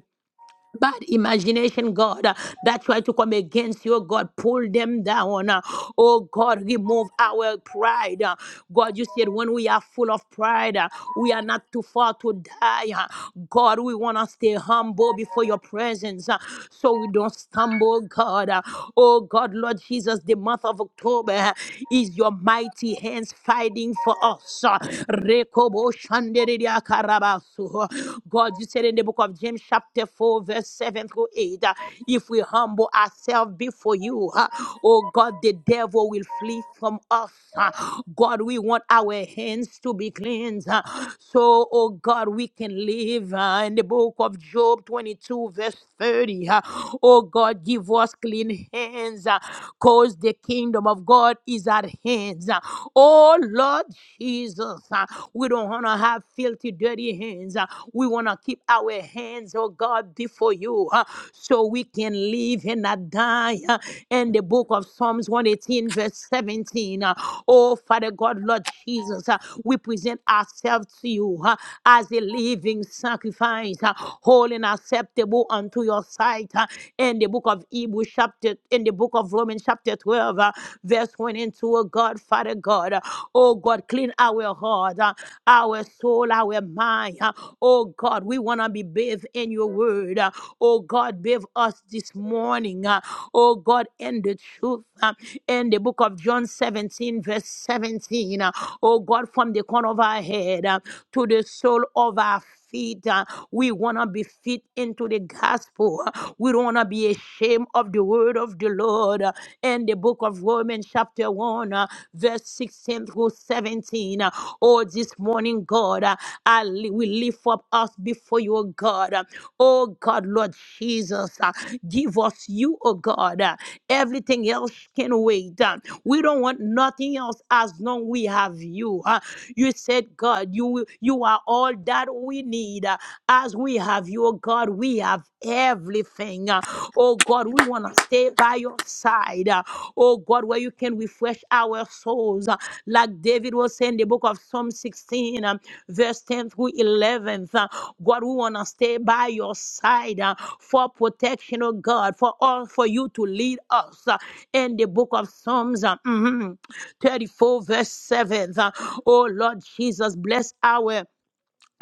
bad imagination, God, uh, that try to come against you, God, pull them down. uh, Oh God, remove our pride. uh, God, you said when we are full of pride, uh, we are not too far to die. uh, God, we want to stay humble before your presence uh, so we don't stumble, God. uh, Oh God, Lord Jesus, the month of October uh, is your mighty hands fighting for us. uh, Rekobo Shandere so, God, you said in the book of James, chapter 4, verse 7 through 8, uh, if we humble ourselves before you, uh, oh God, the devil will flee from us. uh. God, we want our hands to be cleansed. uh, So, oh God, we can live uh, in the book of Job 22, verse 30. uh, Oh God, give us clean hands, uh, cause the kingdom of God is at hands. uh. Oh Lord Jesus. Uh, We don't want to have filthy, dirty hands. Uh, We want to keep our hands, oh God, before you uh, so we can live and not die. Uh, In the book of Psalms 118, verse 17, uh, oh Father God, Lord Jesus, uh, we present ourselves to you uh, as a living sacrifice, uh, holy and acceptable unto your sight. uh, In the book of Hebrews, chapter, in the book of Romans, chapter 12, uh, verse that's went into a God, Father God. Uh, Oh God, clean our heart, uh, our soul, our mind. uh, Oh God, we want to be bathed in your word. uh, Oh God, bathe us this morning. uh, Oh God, in the truth. uh, In the book of John 17, verse 17. uh, Oh God, from the corner of our head uh, to the sole of our feet. Feet. uh, We want to be fit into the gospel. uh, We don't want to be ashamed came of the word of the Lord uh, in the book of Romans, chapter 1, uh, verse 16 through 17. Uh, Oh, this morning, God, uh, I li- we lift up us before you, oh God. Uh, Oh, God, Lord Jesus, uh, give us you, oh God. Uh, Everything else can wait. Uh, We don't want nothing else as long we have you. Uh, You said, God, you, you are all that we need uh, as we have you, oh God, we have everything. Uh, Oh God, we want to stay by your side. Uh, Oh God, where you can refresh our souls. Uh, Like David was saying in the book of Psalm 16, um, verse 10 through 11. Uh, God, we want to stay by your side uh, for protection, oh God, for all for you to lead us. Uh, In the book of Psalms, uh, mhm, 34, verse 7. Uh, Oh Lord Jesus, bless our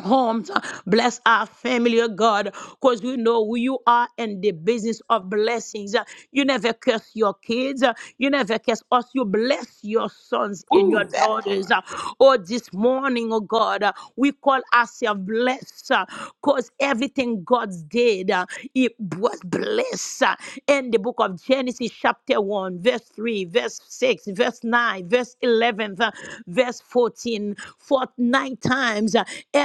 homes. Bless our family, oh God, because we know who you are and the business of blessings. You never curse your kids. You never curse us. You bless your sons and your
Woo, that
daughters.
part.
Oh, this morning, oh God, we call ourselves blessed because everything God did, it was blessed. In the book of Genesis, chapter 1, verse 3, verse 6, verse 9, verse 11, verse 14, for nine times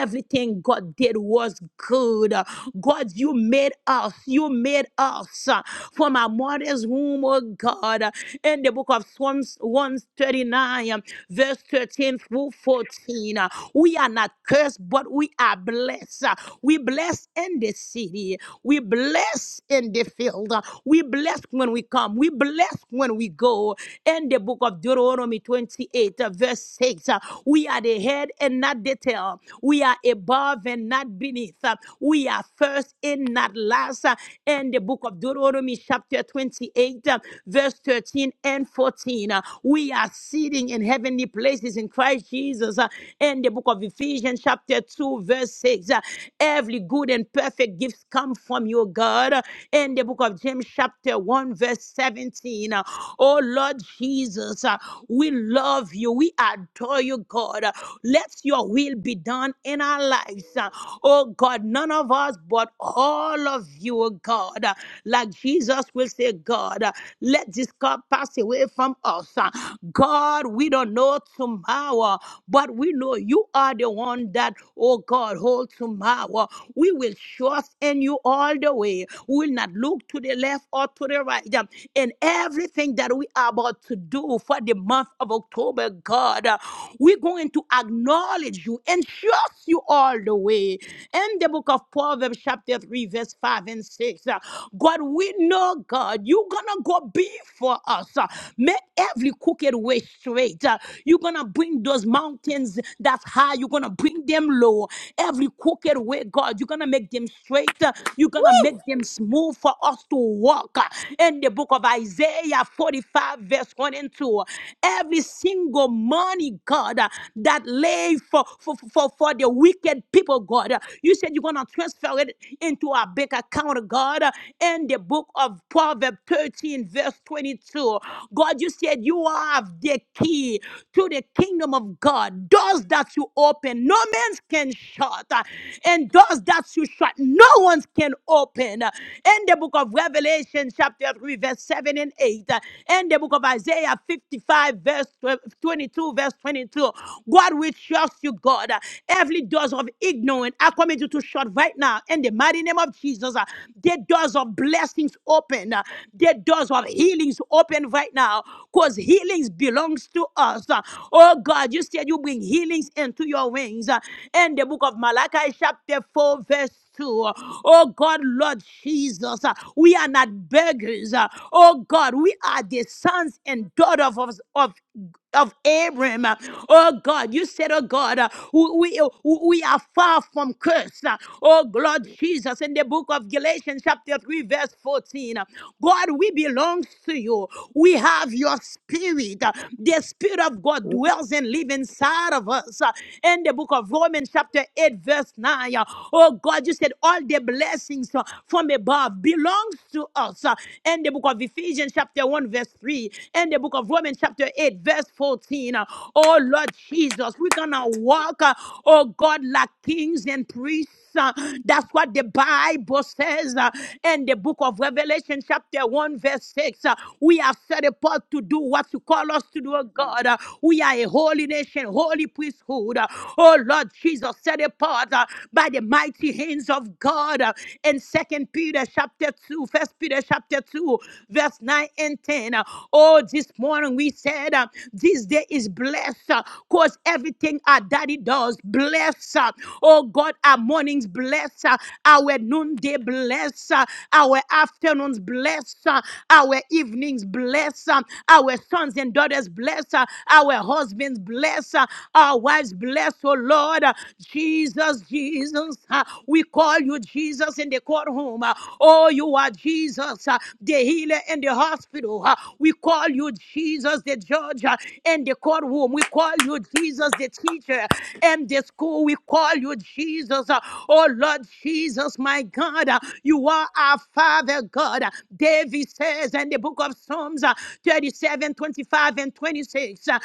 Everything God did was good. God, you made us. You made us uh, from our mother's womb, oh God. In the book of Psalms 139, um, verse 13 through 14, uh, we are not cursed, but we are blessed. Uh, We bless in the city. We bless in the field. Uh, We bless when we come. We bless when we go. In the book of Deuteronomy 28, uh, verse 6, uh, we are the head and not the tail. We we are above and not beneath. Uh, We are first and not last. Uh, And the book of Deuteronomy, chapter 28, uh, verse 13 and 14. Uh, We are sitting in heavenly places in Christ Jesus. Uh, And the book of Ephesians, chapter 2, verse 6. Uh, Every good and perfect gift come from your God. Uh, And the book of James, chapter 1, verse 17. Uh, Oh Lord Jesus, uh, we love you. We adore you, God. Uh, Let your will be done done in our lives. Uh, Oh God, none of us, but all of you, oh God. Uh, Like Jesus will say, God, uh, let this cup pass away from us. Uh, God, we don't know tomorrow, but we know you are the one that, oh God, hold tomorrow. We will trust in you all the way. We will not look to the left or to the right. Um, In everything that we are about to do for the month of October, God, uh, we're going to acknowledge you and trust you all the way. In the book of Proverbs, chapter 3, verse 5 and 6, uh, God, we know, God, you're gonna go before us. uh, Make every crooked way straight. uh, You're gonna bring those mountains that's high, you're gonna bring them low. Every crooked way, God, you're gonna make them straight. uh, You're gonna make them smooth for us to walk. uh, In the book of Isaiah 45, verse 1 and 2, every single money, God, uh, that lay for, for, for, for the wicked people, God. You said you're going to transfer it into our bank account, God, in the book of Proverbs 13, verse 22. God, you said you have the key to the kingdom of God. Doors that you open, no man can shut. And doors that you shut, no one can open. In the book of Revelation, chapter 3, verse 7 and 8. In the book of Isaiah 55, verse 22, verse 22. God, we trust you, God. God. Every doors of ignorance are coming to to shut right now. In the mighty name of Jesus, uh, the doors of blessings open. uh, The doors of healings open right now. Because healings belongs to us. Uh, Oh God, you said you bring healings into your wings. Uh, In the book of Malachi, chapter 4, verse to. Oh God, Lord Jesus, uh, we are not beggars. uh, Oh God, we are the sons and daughters of, of of Abram. Oh God, you said, oh God, uh, we, we, uh, we are far from curse. Uh, Oh Lord Jesus, in the book of Galatians, chapter 3, verse 14, uh, God, we belong to you. We have your spirit. Uh, The spirit of God dwells and lives inside of us. Uh, In the book of Romans, chapter 8, verse 9, uh, oh God, you said, all the blessings uh, from above belongs to us. Uh, In the book of Ephesians, chapter 1, verse 3, 3 and the book of Romans, chapter 8, verse 14. Uh, Oh Lord Jesus, we're gonna walk, uh, oh God, like kings and priests. uh, That's what the Bible says uh, in the book of Revelation, chapter 1, verse 6. uh, We are set apart to do what you call us to do, oh God. Uh, We are a holy nation, holy priesthood. uh, Oh Lord Jesus, set apart uh, by the mighty hands of God. uh, In Second Peter, chapter 2, First Peter, chapter chapter 2, verse 9 and 10. Uh, Oh, this morning we said uh, this day is blessed because everything our daddy does, bless. uh, Oh God, our mornings bless, uh, our noonday bless, uh, our afternoons bless, uh, our evenings bless, uh, our sons and daughters bless, uh, our husbands bless, uh, our wives bless, oh Lord. Uh, Jesus, Jesus, uh, we call you Jesus in the courtroom home. Uh, Oh, you are Jesus, uh, the healer in the hospital. Uh, We call you Jesus, the judge uh, in the courtroom. We call you Jesus, the teacher in the school. We call you Jesus. Uh, Oh, Lord Jesus, my God, uh, you are our Father God. Uh, David says in the book of Psalms uh, 37, twenty-five, and 26, uh,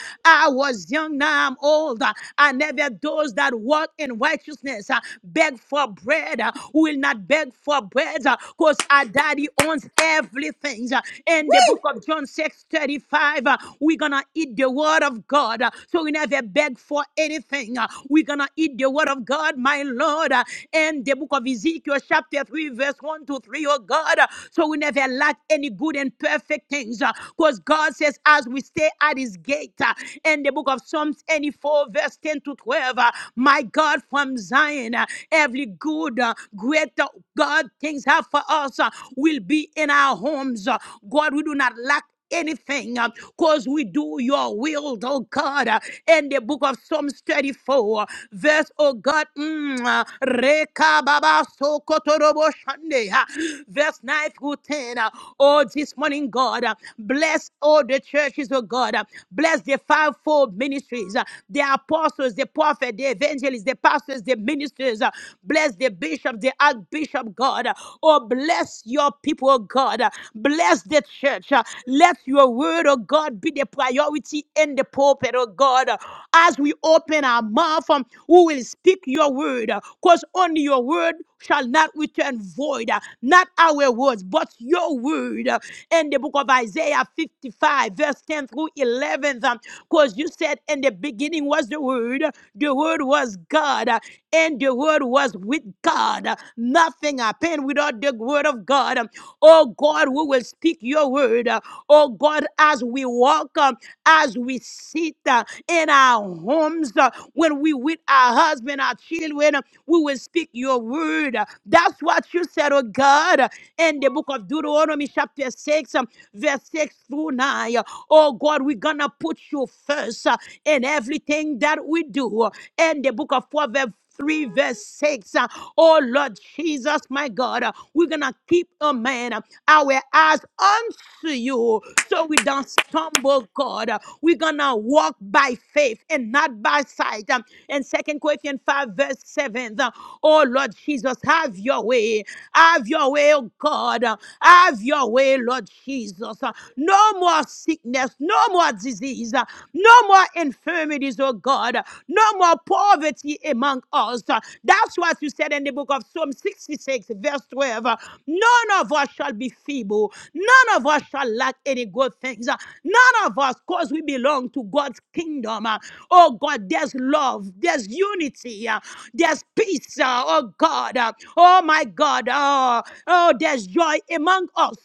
I was young, now I'm old. Uh, I never those that walk in righteousness, uh, beg beg for bread. uh, We will not beg for bread because our daddy owns everything. uh, In the book of John six thirty five, 35, uh, we're going to eat the word of God. uh, So we never beg for anything. uh, We're going to eat the word of God, my Lord. uh, In the book of Ezekiel, chapter 3, verse 1 to 3, oh God. uh, So we never lack any good and perfect things because God says, as we stay at his gate, uh, in the book of Psalms 84, verse 10 to 12. uh, my God, from Zion, uh, every good, uh, greater God things have for us uh, will be in our homes. Uh, God, we do not lack anything because we do your will, oh God. Uh, In the book of Psalms 34, uh, verse, oh God, mm, uh, Reka Baba Sokotorobo Shande, uh, verse 9 through 10. uh, Oh, this morning, God, uh, bless all the churches, oh God. uh, Bless the fivefold ministry ministries, uh, the apostles, the prophets, the evangelists, the pastors, the ministers. uh, Bless the bishop, the archbishop, God. uh, Oh, bless your people, oh God. uh, Bless the church. uh, Let your word, oh God, be the priority in the pulpit, oh God. uh, As we open our mouth, um, we will speak your word. Because only your word shall not return void, uh, not our words, but your word. uh, In the book of Isaiah 55, verse 10 through through 11th, because you said in the beginning was the Word, the Word was God, uh, and the Word was with God. Uh, Nothing happened without the Word of God. Um, Oh God, we will speak your Word. Uh, Oh God, as we walk, um, as we sit uh, in our homes, uh, when we with our husband, our children, uh, we will speak your Word. Uh, That's what you said, oh God, uh, in the book of Deuteronomy, chapter 6. um, verse 6 through 9. Oh God, we're gonna put you first uh, in everything that we do. In the book of Proverbs 3 verse 6. uh, Oh Lord Jesus, my God, uh, we're gonna keep a man uh, our eyes unto you so we don't stumble, God. Uh, We're gonna walk by faith and not by sight. Um, And Second Corinthians 5 verse 7. uh, Oh Lord Jesus, have your way. Have your way, oh God. Lord. Have your way, Lord Jesus. No more sickness, no more disease, no more infirmities, oh God, no more poverty among us. That's what you said in the book of Psalm 66, verse 12. None of us shall be feeble, none of us shall lack any good things, none of us, because we belong to God's kingdom. Oh God, there's love, there's unity, there's peace, oh God. oh my God. Oh, oh, there's joy among us.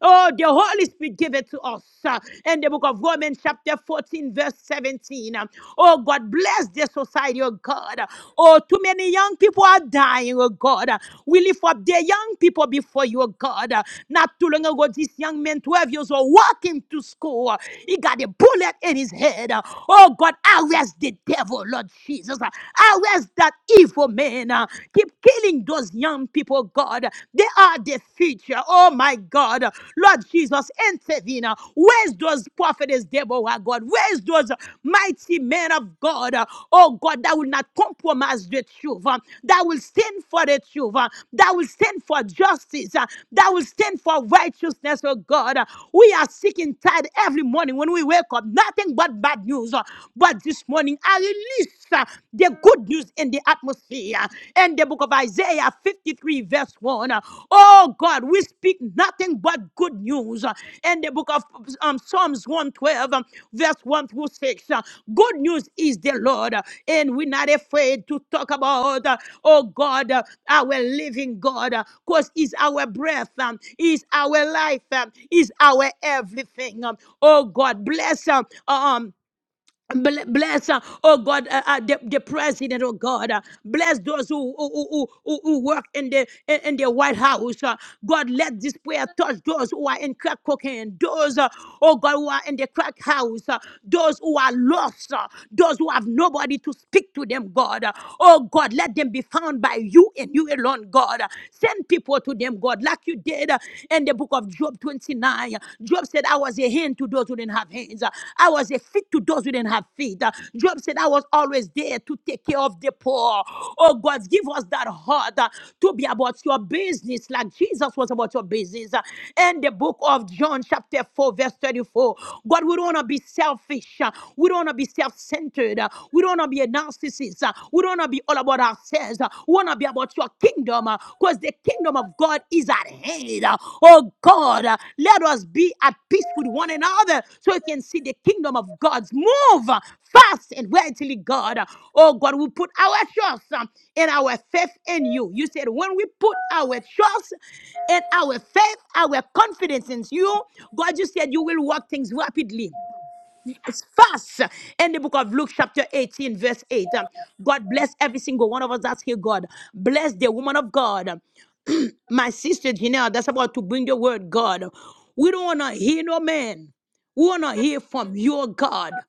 Oh, the Holy Spirit give it to us. In the book of Romans, chapter 14, verse 17. Oh, God, bless the society, oh God. Oh, too many young people are dying, oh God. We lift up the young people before you, oh God. Not too long ago, this young man, 12 years old, walking to school. He got a bullet in his head. Oh, God, arrest the devil, Lord Jesus. Arrest that evil men uh, keep killing those young people, God. They are the future. Oh my God. Lord Jesus, intervene. uh, Where's those prophets, Deborah, God? Where's those mighty men of God? uh, Oh God, that will not compromise the truth, uh, that will stand for the truth, uh, that will stand for justice, uh, that will stand for righteousness, oh God. Uh, We are sick and tired every morning when we wake up, nothing but bad news. uh, But this morning, I release uh, the good news in the atmosphere. In the book of Isaiah 53, verse 1, uh, oh God, we speak nothing but good news. Uh, In the book of um, Psalms 112, um, verse 1 through 6, uh, good news is the Lord, uh, and we're not afraid to talk about, uh, oh God, uh, our living God, because He's our breath, um, He's our life, um, He's our everything. um. Oh God, bless um, um, Bl- Bless, uh, oh God, uh, uh, the, the president, oh God. uh, bless those who, who, who, who, who work in the in, in the White House. uh, God, let this prayer touch those who are in crack cocaine, those, uh, oh God, who are in the crack house, uh, those who are lost, uh, those who have nobody to speak to them, God. uh, oh God, let them be found by you and you alone, God. uh, send people to them, God, like you did uh, in the book the book of Job 29. Job said, I was a hand to those who didn't have hands. I was a feet to those who didn't have feet. Job said, I was always there to take care of the poor. Oh God, give us that heart uh, to be about your business like Jesus was about your business. Uh, In the book of John, chapter 4, verse 34, God, we don't want to be selfish. Uh, We don't want to be self centered. We don't want to be a narcissist. Uh, We don't want to be all about about ourselves. Uh, We want to be about your kingdom because uh, the kingdom of God is at hand. Uh, Oh God, uh, let us be at peace with one another so we can see the kingdom of God's move uh, fast and readily, God. Uh, Oh God, we put our trust um, and our faith in you. You said when we put our trust and our faith, our confidence in you, God, you said you will work things rapidly fast in the book of Luke, chapter 18, verse 8. Um, God bless every single one of us that's here, God. Bless the woman of God, my sister Janelle, that's about to bring the word, God. We don't want to hear no man. We want to hear from your God.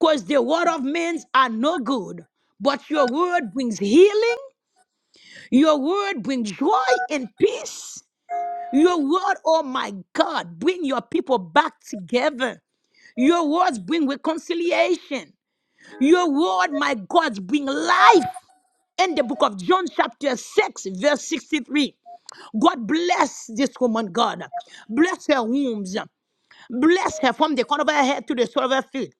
Because the word of men are no good. But your word brings healing. Your word brings joy and peace. Your word, oh my God, bring your people back together. Your words bring reconciliation. Your word, my God, bring life. In the book of John, chapter 6, verse 63. God bless this woman, God. Bless her wombs. Bless her from the corner of her head to the sole of her feet.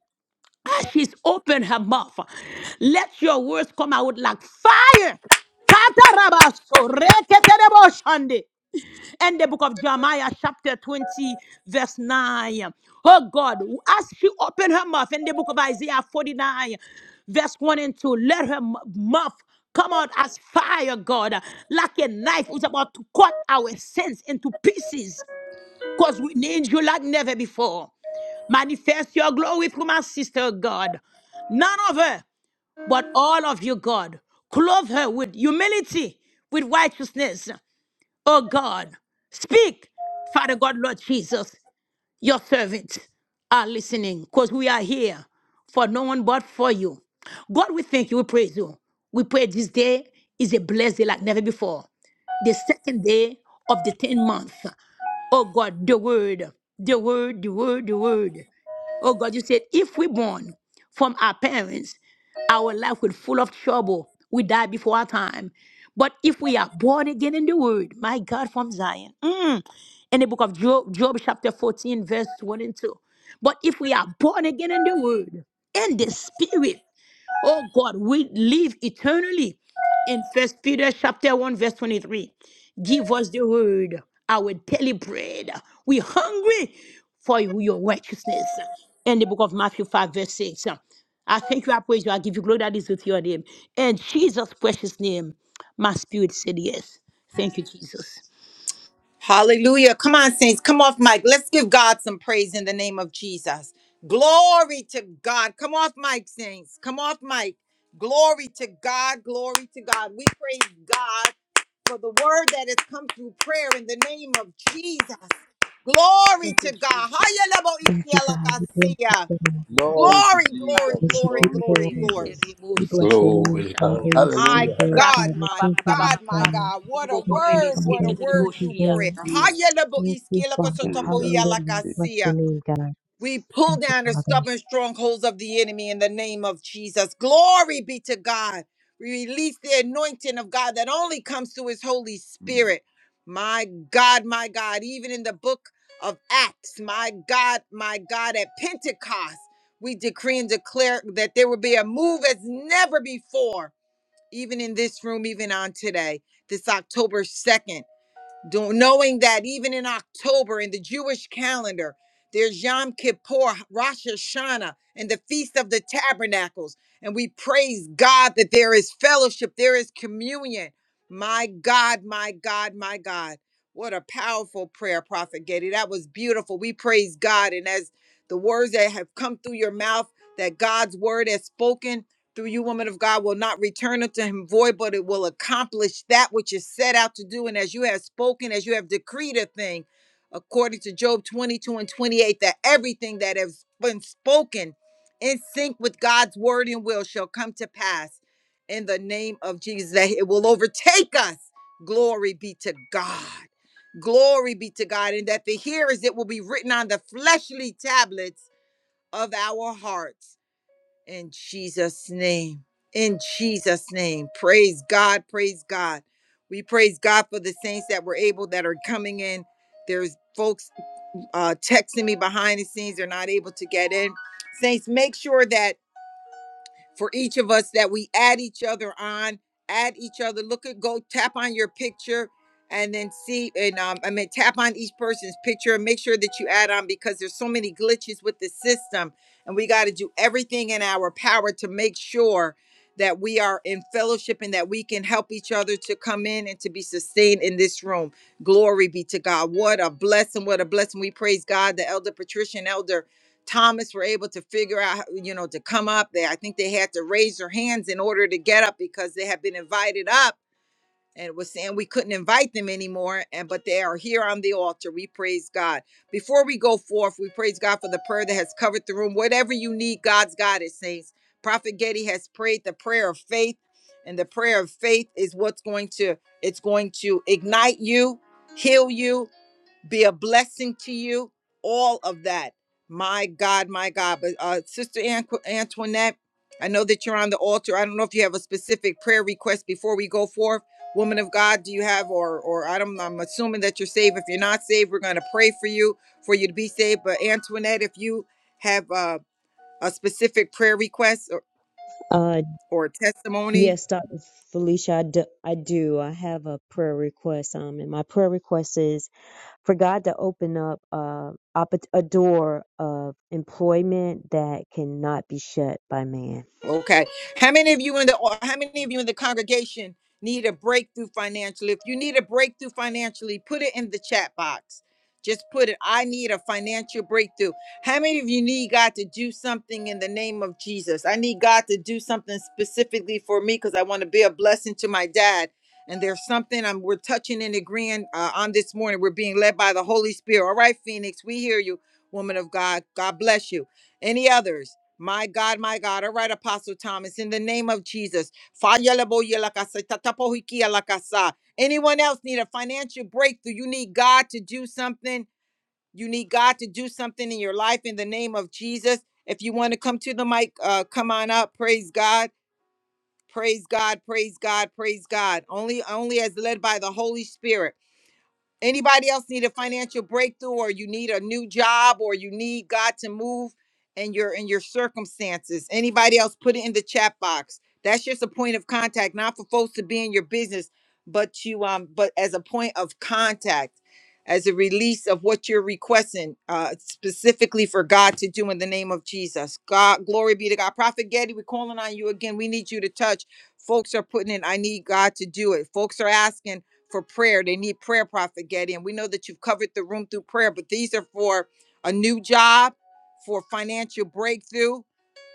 As she's opened her mouth, let your words come out like fire. Katarabaso, reketereboshande. And the book of Jeremiah, chapter 20, verse 9. Oh God, as she opened her mouth in the book of Isaiah 49, verse 1 and 2, let her m- mouth come out as fire, God, like a knife who's about to cut our sins into pieces because we need you like never before. Manifest your glory through my sister, oh God. None of her, but all of you, God. Clothe her with humility, with righteousness. Oh God, speak, Father God, Lord Jesus your servants are listening because we are here for no one but for you. God, we thank you. We praise you. We pray this day is a blessed day like never before. The second day of the 10th month. Oh God, the word, the word, the word, the word. Oh God, you said, if we born from our parents, our life will full of trouble. We die before our time. But if we are born again in the word, my God, from Zion. mm, in the book of Job, Job chapter 14, verse 22. But if we are born again in the word, in the spirit, oh God, we live eternally. In First Peter chapter 1, verse 23. Give us the word, our daily bread. We hungry for your righteousness. In the book of Matthew 5, verse 6. I thank you, I praise you, I give you glory that is with your name. In Jesus' precious name, my spirit said yes. Thank you, Jesus.
Hallelujah. Come on, saints. Come off mic. Let's give God some praise in the name of Jesus. Glory to God. Come off mic, saints. Come off mic. Glory to God. Glory to God. We praise God for the word that has come through prayer in the name of Jesus. Glory
Thank you,
to God.
Jesus.
Haya lebo
Thank you,
ikia
God. We bless
lakasia.
you, God.
Glory
Baba
to
Glory, glory,
Jesus.
Worship
glory,
you,
Glory to
glory,
kuturebe
Lord.
glory.
Jesus.
kuterebo
We bless
sibo
your
Glory
name,
to
Father.
God.
Glory to
You
Jesus.
My
Hallelujah.
Savior,
Hallelujah.
God,
Father.
my
Thank you,
God,
Lord
my
God.
God. What a
Thank you,
word, what a
Father. Thank
word
you,
through
boshaya.
Lord.
prayer.
I'm
Thank you, Father.
Jesus.
Hallelujah. Bless your
Hayelaboiskielakosotopohialakasia.
name, God.
We pull
Thank you,
down the
Father.
stubborn strongholds of the enemy in the name of Jesus. Glory be to God. We release the anointing of God that only comes through his Holy
Mm.
Spirit. My God, my God. Even in the book of Acts, my God, my God, at Pentecost, we decree and declare that there will be a move as never before even in this room, even on today, this October 2nd, do- knowing that even in October, in the Jewish calendar, there's Yom Kippur, Rosh Hashanah, and the Feast of the Tabernacles. And we praise God that there is fellowship, there is communion. My God, my God, my God. What a powerful prayer, Prophet Getty. That was beautiful. We praise God. And as the words that have come through your mouth, that God's word has spoken, through you, woman of God, will not return unto him void, but it will accomplish that which is set out to do. And as you have spoken, as you have decreed a thing, according to Job 22 and 28, that everything that has been spoken in sync with God's word and will shall come to pass in the name of Jesus, that it will overtake us. Glory be to God. Glory be to God. And that the hearers, it will be written on the fleshly tablets of our hearts in Jesus' name. In Jesus' name. Praise God. Praise God. We praise God for the saints that were able that are coming in. There's folks uh, texting me behind the scenes. They're not able to get in. Saints, make sure that for each of us that we add each other on, add each other. Look at go tap on your picture and then see and um, I mean tap on each person's picture and make sure that you add on because there's so many glitches with the system and we got to do everything in our power to make sure that we are in fellowship and that we can help each other to come in and to be sustained in this room. Glory be to God. What a blessing. What a blessing. We praise God, the elder Patrician elder Thomas were able to figure out, you know, to come up. They, I think they had to raise their hands in order to get up because they had been invited up and was saying we couldn't invite them anymore. And but they are here on the altar. We praise God. Before we go forth, we praise God for the prayer that has covered the room. Whatever you need, God's got it, saints. Prophet Getty has prayed the prayer of faith, and the prayer of faith is what's going to it's going to ignite you, heal you be a blessing to you. All of that. My God, my God. But uh, Sister Anqu- Antoinette, I know that you're on the altar. I don't know if you have a specific prayer request before we go forth. Woman of God, do you have, or or I don't, I'm assuming that you're saved. If you're not saved, we're going to pray for you for you to be saved. But Antoinette, if you have uh, a specific prayer request or,
Uh,
or testimony,
yes, Dr. Felicia, I do, I do. I have a prayer request. Um, and my prayer request is for God to open up uh, opp- a door of employment that cannot be shut by man.
Okay. How many of you in the or how many of you in the congregation need a breakthrough financially? If you need a breakthrough financially, put it in the chat box. Just put it, I need a financial breakthrough. How many of you need God to do something in the name of Jesus? I need God to do something specifically for me because I want to be a blessing to my dad. And there's something I'm we're touching and agreeing uh, on this morning. We're being led by the Holy Spirit. All right, Phoenix, we hear you, woman of God. God bless you. Any others? My God, my God. All right, Apostle Thomas, in the name of Jesus. Fayalaboyalakasa, tatapohikialakasa. Anyone else need a financial breakthrough? You need God to do something. You need God to do something in your life in the name of Jesus. If you want to come to the mic, uh, come on up. Praise God. Praise God. Praise God. Praise God. Only only as led by the Holy Spirit. Anybody else need a financial breakthrough or you need a new job or you need God to move in your in your circumstances? Anybody else put it in the chat box. That's just a point of contact, not for folks to be in your business, but you um but as a point of contact, as a release of what you're requesting uh specifically for God to do in the name of Jesus. God, glory be to God. Prophet Getty, we're calling on you again. We need you to touch. Folks are putting in, I need God to do it. Folks are asking for prayer. They need prayer, Prophet Getty. And we know that you've covered the room through prayer, but these are for a new job, for financial breakthrough,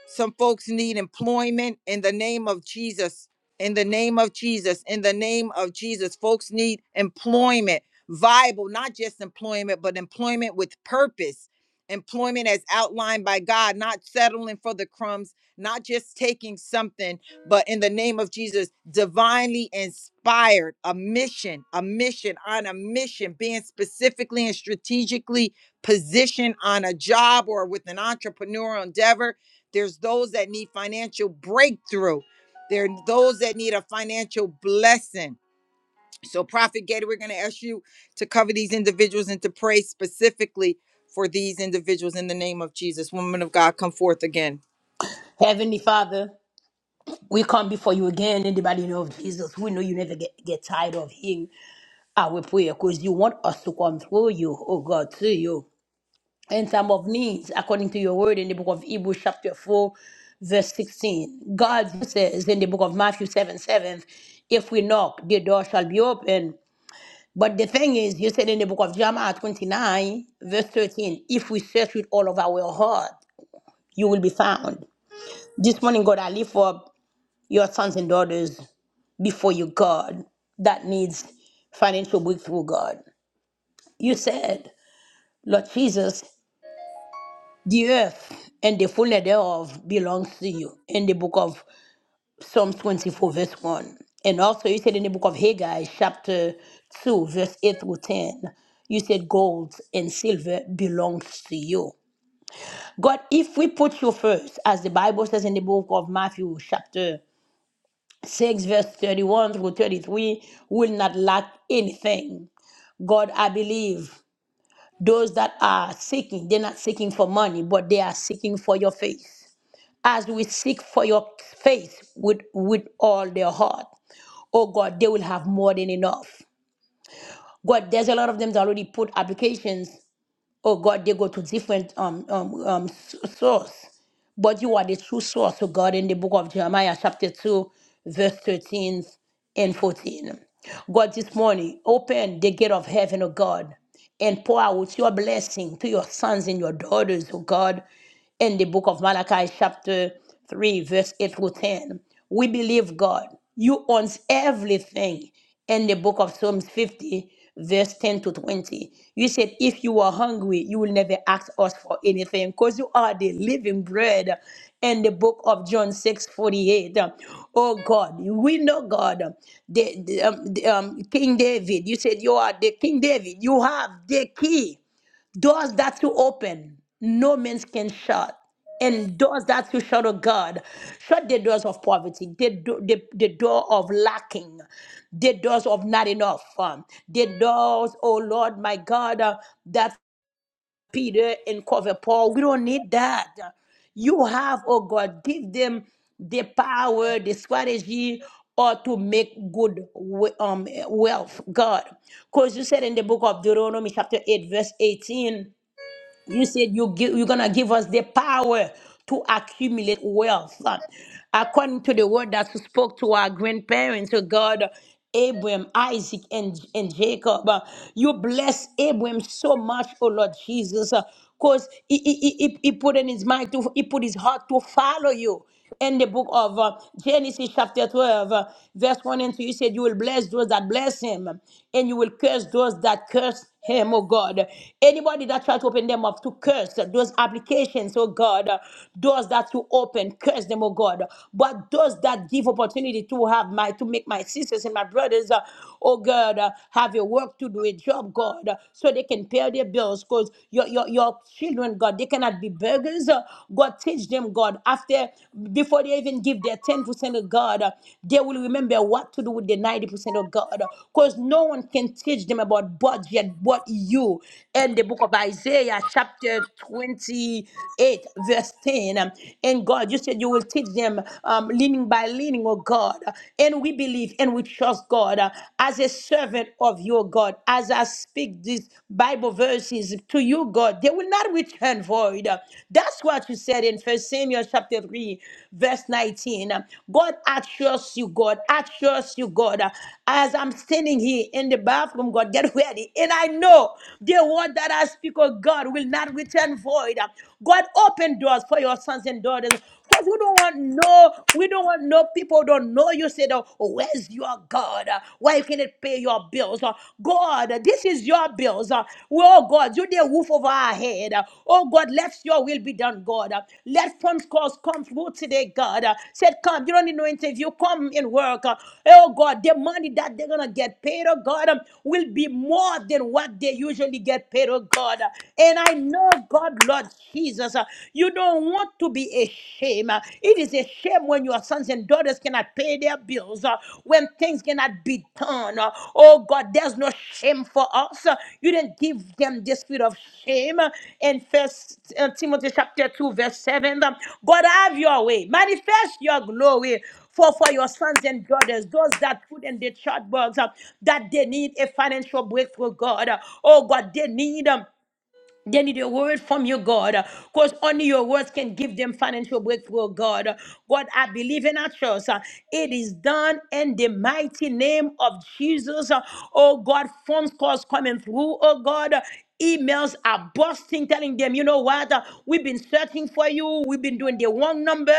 some folks need employment in the name of Jesus. In the name of Jesus. In the name of Jesus. Folks need employment, viable, not just employment, but employment with purpose. Employment as outlined by God, not settling for the crumbs, not just taking something, but in the name of Jesus, divinely inspired, a mission, a mission on a mission, being specifically and strategically positioned on a job or with an entrepreneurial endeavor there's those that need financial breakthrough. There are those that need a financial blessing. So, Prophet Gator, we're going to ask you to cover these individuals and to pray specifically for these individuals in the name of Jesus. Woman of God, come forth again.
Heavenly Father, we come before you again in the mighty name of Jesus. We know you never get, get tired of hearing our prayer because you want us to come through you, oh God, to you. In time of needs, according to your word in the book of Hebrews, chapter 4, verse 16. God says in the book of Matthew 7 7, if we knock, the door shall be open. But the thing is, you said in the book of Jeremiah 29, verse 13, if we search with all of our heart, you will be found. This morning, God, I lift up your sons and daughters before you, God, that needs financial breakthrough, God. You said, Lord Jesus, the earth and the fullness thereof belongs to you in the book of Psalm 24, verse 1. And also, you said in the book of Haggai, chapter 2, verse 8 through 10, you said gold and silver belongs to you. God, if we put you first, as the Bible says in the book of Matthew, chapter 6, verse 31 through 33, will not lack anything. God, I believe those that are seeking, they're not seeking for money, but they are seeking for your face as we seek for your faith with, with all their heart. Oh God, they will have more than enough. God, there's a lot of them that already put applications Oh God, they go to different um um um s- source, but you are the true source of God in the book of Jeremiah, chapter two, verse thirteen and fourteen. God, this morning, open the gate of heaven, O God, and pour out your blessing to your sons and your daughters, O God, in the book of Malachi, chapter 3, verse 8 through 10. We believe, God, you owns everything in the book of Psalms 50, verse 10 to 20. You said, If you are hungry, you will never ask us for anything because you are the living bread. In the book of John 6 forty-eight. Oh God, we know God. The, the, um, the, um, King David, you said, You are the King David. You have the key doors that you open, no man can shut. And doors that you shut, oh God, shut the doors of poverty, the, do- the, the door of lacking, the doors of not enough, um, the doors, oh Lord, my God, uh, that Peter and cover Paul, we don't need that. You have, oh God, give them the power, the strategy, or to make good we- um, wealth, God. Because you said in the book of Deuteronomy, chapter 8, verse 18, you said you give, you're gonna give us the power to accumulate wealth, Uh, according to the word that you spoke to our grandparents, oh God, Abraham, Isaac, and and Jacob. Uh, You bless Abraham so much, oh Lord Jesus, because he, he, he, he put in his mind to he put his heart to follow you in the book of uh, Genesis chapter 12, uh, verse 1 and 2, you said you will bless those that bless him and you will curse those that curse him, oh God. Anybody that try to open them up to curse uh, those applications, oh God, uh, doors that you open, curse them, oh God. But those that give opportunity to have my, to make my sisters and my brothers, uh, oh God, uh, have a work to do, a job, God, uh, so they can pay their bills because your, your, your children, God. They cannot be beggars. Uh, God, teach them, God. After, before they even give their 10% of God, uh, they will remember what to do with the 90% of God. Because no one can teach them about budget but you. In the book of Isaiah, chapter 28, verse 10. um, And God, you said you will teach them um, leaning by leaning, oh God. And we believe and we trust God uh, as a servant of your God. God, as I speak these Bible verses to you, God, they will not return void. That's what you said in First Samuel chapter 3, verse 19. God, I trust you, God. I trust you, God. As I'm standing here in the bathroom, God, get ready. And I know the word that I speak, oh God, will not return void. God, open doors for your sons and daughters. Because we don't want no, we don't want no people who don't know you you said, oh, where's your God? Uh, Why you cannot pay your bills? Uh, God, uh, this is your bills. Uh, Oh God, you the roof over our head. Uh, Oh God, let your will be done, God. Uh, Let phone calls come through today, God. Uh, Said, come, you don't need no interview. Come and work. Uh, Oh God, the money that they're gonna get paid, oh God, um, will be more than what they usually get paid, oh God. Uh, And I know, God, Lord Jesus, uh, you don't want to to be a shame. Uh, It is a shame when your sons and daughters cannot pay their bills, uh, when things cannot be done. Uh, Oh God, there's no shame for us. Uh, You didn't give them the spirit of shame. Uh, In First uh, Timothy chapter 2, verse 7, um, God, have your way. Manifest your glory for, for your sons and daughters, those that put in the chat box uh, that they need a financial breakthrough, God. Uh, Oh God, they need them they need a word from you, God, because only your words can give them financial breakthrough, oh God. God, I believe in our trust. uh, It is done in the mighty name of Jesus. Uh, Oh, God, phone calls coming through, oh, God. Emails are busting, telling them, you know what? uh, We've been searching for you. We've been doing the wrong number.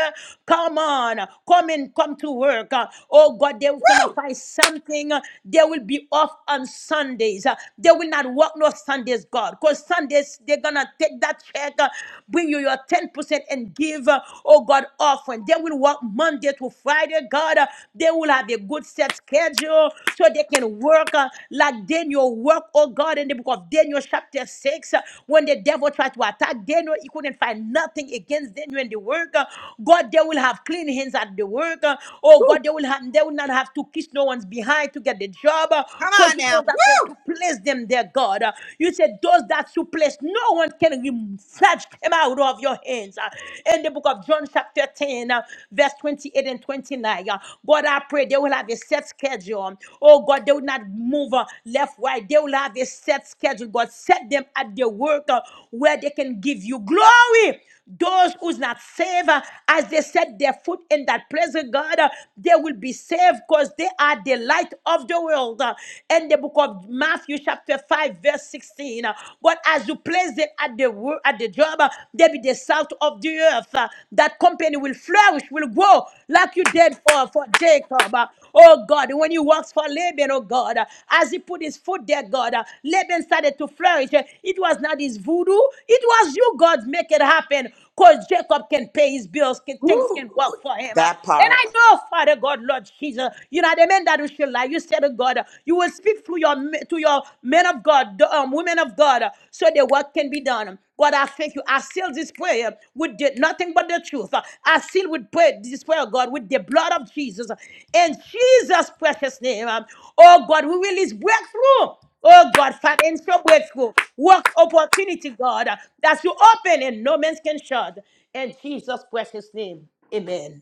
Come on, uh, come in, come to work. Uh, Oh God, they're gonna find something. Uh, They will be off on Sundays. Uh, They will not work don't Sundays, God. Because Sundays, they're going to take that check, uh, bring you your 10% and give, uh, oh God, offering. They will work Monday to Friday, God. Uh, they will have a good set schedule so they can work uh, like Daniel work, oh God, in the book of Daniel, chapter 6. uh, when the devil tried to attack Daniel, he couldn't find nothing against Daniel in the work. Uh, God, they will have clean hands at the work. Uh, oh God, they will have they will not have to kiss no one's behind to get the job.
Come on
Because
now.
those that went to place them there, God. Uh, You said those that you place, no one can remove, snatch them out of your hands. Uh, In the book of John, chapter 10, uh, verse 28 and 29, uh, God, I pray they will have a set schedule. Oh, God, they will not move uh, left, right. They will have a set schedule. God, set them at their work uh, where they can give you glory. Those who's not saved, uh, as they set their foot in that place of God, uh, they will be saved because they are the light of the world. Uh, In the book of Matthew, chapter 5, verse 16. uh, But as you place them at the work, at the job, uh, they be the salt of the earth. uh, That company will flourish, will grow like you did for, for Jacob. Uh, Oh oh God, when you worked for Laban, oh God, uh, as he put his foot there, God, uh, Laban started to flourish. Uh, It was not his voodoo, it was you, God, make it happen. Because Jacob can pay his bills, can, things
Woo,
can work for him. uh.
that
And
part.
I know, Father God, Lord Jesus, you know the men that we shall lie. You said to God, you will speak through your me- to your men of God, the um, women of God, uh, so the work can be done. God, I thank you. I seal this prayer with the, nothing but the truth. I seal with prayer, this prayer, God, with the blood of Jesus. In Jesus' precious name, um, oh God, we release breakthrough. Oh God, financial breakthrough, work opportunity, God, that you open and no man can shut. In Jesus' precious name, amen.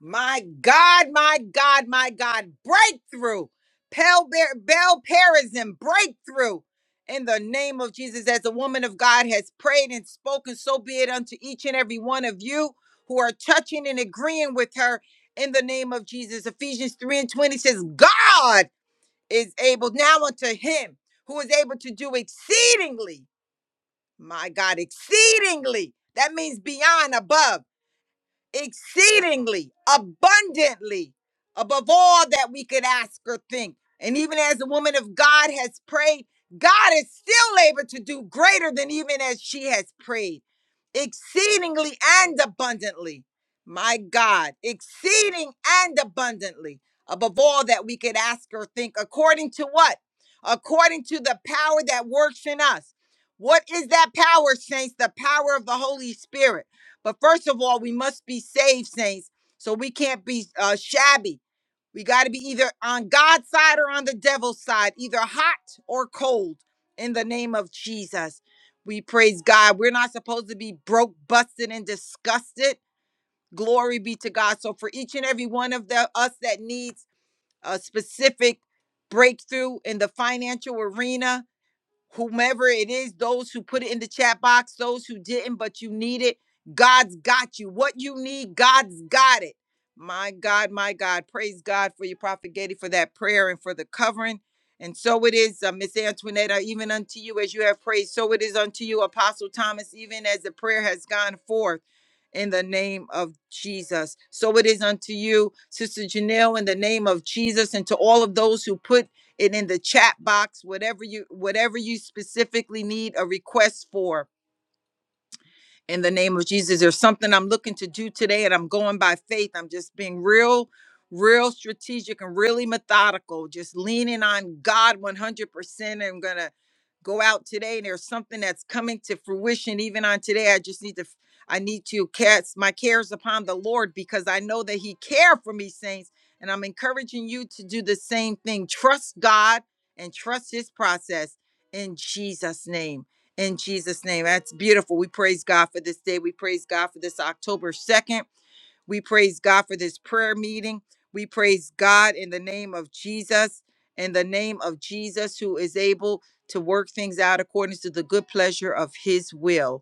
My God, my God, my God, breakthrough. Bel bear, Bell Parism, breakthrough. In the name of Jesus, as a woman of God has prayed and spoken, so be it unto each and every one of you who are touching and agreeing with her in the name of Jesus. Ephesians 3 and 20 says, God is able now unto him who is able to do exceedingly, my God, exceedingly. That means beyond, above exceedingly abundantly above all that we could ask or think. And even as the woman of God has prayed, God is still able to do greater than even as she has prayed, exceedingly and abundantly. My God, exceeding and abundantly above all that we could ask or think, according to what? According to the power that works in us. What is that power, saints? The power of the Holy Spirit. But first of all, we must be saved, saints. So we can't be uh, shabby. We got to be either on God's side or on the devil's side, either hot or cold. In the name of Jesus, we praise God. We're not supposed to be broke, busted, and disgusted. Glory be to God. So for each and every one of the, us that needs a specific breakthrough in the financial arena, whomever it is, those who put it in the chat box, those who didn't, but you need it. God's got you. What you need, God's got it. My God, my God. Praise God for you, Prophet Getty, for that prayer and for the covering. And so it is, uh, Miss Antoinette, uh, even unto you as you have prayed, so it is unto you, Apostle Thomas, even as the prayer has gone forth in the name of Jesus. So it is unto you, Sister Janelle, in the name of Jesus, and to all of those who put and in the chat box whatever you whatever you specifically need a request for in the name of Jesus. There's something I'm looking to do today, and I'm going by faith. I'm just being real, real strategic and really methodical, just leaning on God 100%. I'm going to go out today, and there's something that's coming to fruition even on today. I just need to. I need to cast my cares upon the Lord because I know that He cares for me, saints. And I'm encouraging you to do the same thing. Trust God and trust His process in Jesus' name in Jesus' name. That's beautiful. We praise God for this day. We praise God for this October 2nd. We praise God for this prayer meeting. We praise God in the name of Jesus, in the name of Jesus, who is able to work things out according to the good pleasure of his will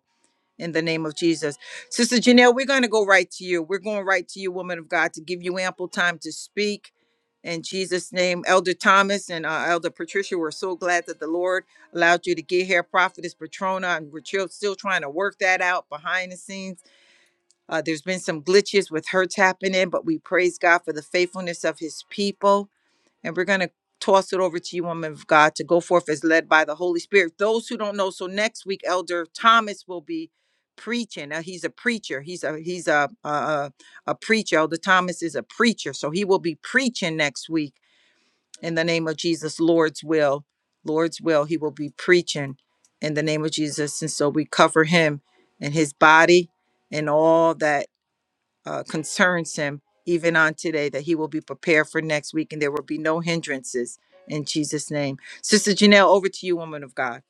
in the name of Jesus. Sister Janelle, we're going to go right to you. We're going right to you, woman of God, to give you ample time to speak. In Jesus' name, Elder Thomas and uh, Elder Patricia, we're so glad that the Lord allowed you to get here. Prophetess Patrona, and we're chill- still trying to work that out behind the scenes. Uh, there's been some glitches with her tapping in, but we praise God for the faithfulness of his people and we're going to toss it over to you, woman of God, to go forth as led by the Holy Spirit. Those who don't know, so next week, Elder Thomas will be preaching. Now he's a preacher. He's a he's a a, a a preacher. Elder Thomas is a preacher, so he will be preaching next week in the name of Jesus, Lord's will, Lord's will. He will be preaching in the name of Jesus, and so we cover him and his body and all that uh, concerns him even on today that he will be prepared for next week and there will be no hindrances in jesus name sister janelle over to you woman of god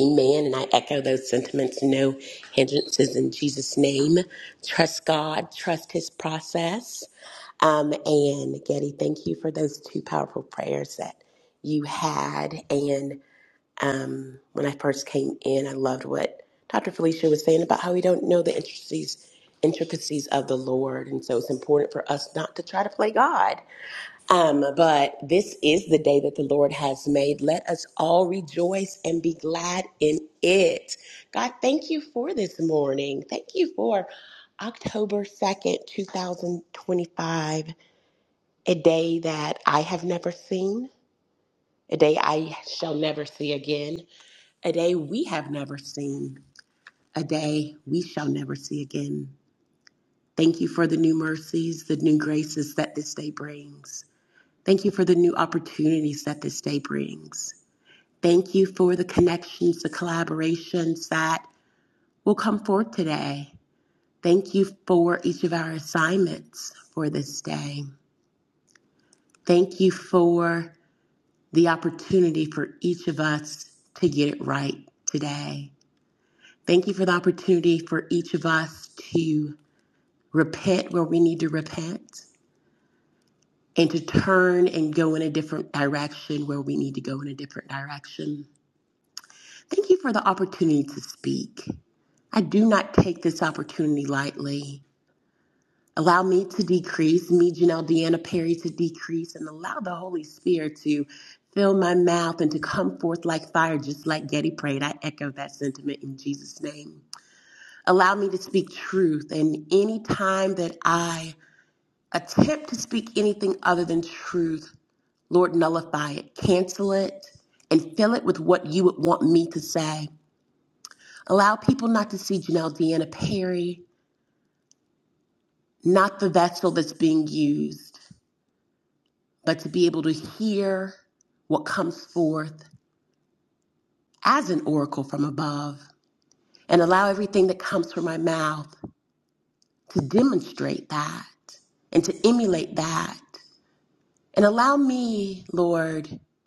Amen. And I echo those sentiments. No hindrances in Jesus' name. Trust God, trust his process. Um, and Getty, thank you for those two powerful prayers that you had. And um, when I first came in, I loved what Dr. Felicia was saying about how we don't know the intricacies intricacies of the Lord. And so it's important for us not to try to play God Um, but this is the day that the Lord has made. Let us all rejoice and be glad in it. God, thank you for this morning. Thank you for October 2nd, 2025, a day that I have never seen, a day I shall never see again, a day we have never seen, a day we shall never see again. Thank you for the new mercies, the new graces that this day brings. Thank you for the new opportunities that this day brings. Thank you for the connections, the collaborations that will come forth today. Thank you for each of our assignments for this day. Thank you for the opportunity for each of us to get it right today. Thank you for the opportunity for each of us to repent where we need to repent and to turn and go in a different direction where we need to go in a different direction. Thank you for the opportunity to speak. I do not take this opportunity lightly. Allow me to decrease, me, Janelle Deanna Perry, to decrease, and allow the Holy Spirit to fill my mouth and to come forth like fire, just like Getty prayed. I echo that sentiment in Jesus' name. Allow me to speak truth, and any time that I attempt to speak anything other than truth, Lord, nullify it, cancel it, and fill it with what you would want me to say. Allow people not to see Janelle Deanna Perry, not the vessel that's being used, but to be able to hear what comes forth as an oracle from above. And allow everything that comes from my mouth to demonstrate that and to emulate that. And allow me, Lord, to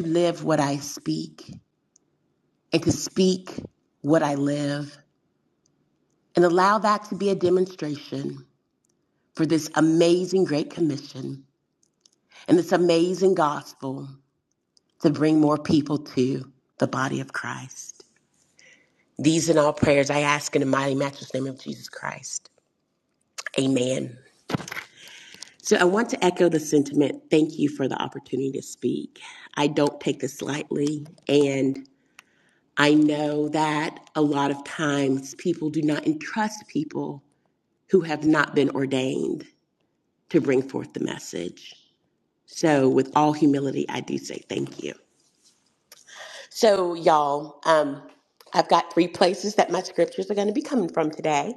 live what I speak and to speak what I live. And allow that to be a demonstration for this amazing Great Commission and this amazing gospel to bring more people to the body of Christ. These and all prayers I ask in the mighty matchless name of Jesus Christ. Amen. So I want to echo the sentiment. Thank you for the opportunity to speak. I don't take this lightly, and I know that a lot of times people do not entrust people who have not been ordained to bring forth the message. So, with all humility, I do say thank you. So, y'all, um, I've got three places that my scriptures are going to be coming from today.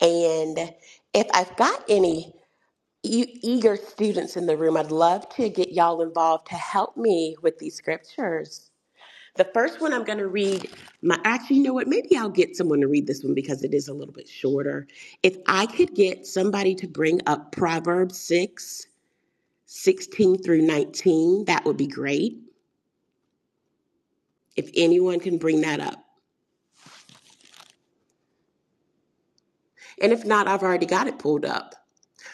And if I've got any e- eager students in the room, I'd love to get y'all involved to help me with these scriptures. The first one I'm going to read, my actually, you know what? Maybe I'll get someone to read this one because it is a little bit shorter. If I could get somebody to bring up Proverbs 6 16 through 19, that would be great. If anyone can bring that up. And if not, I've already got it pulled up.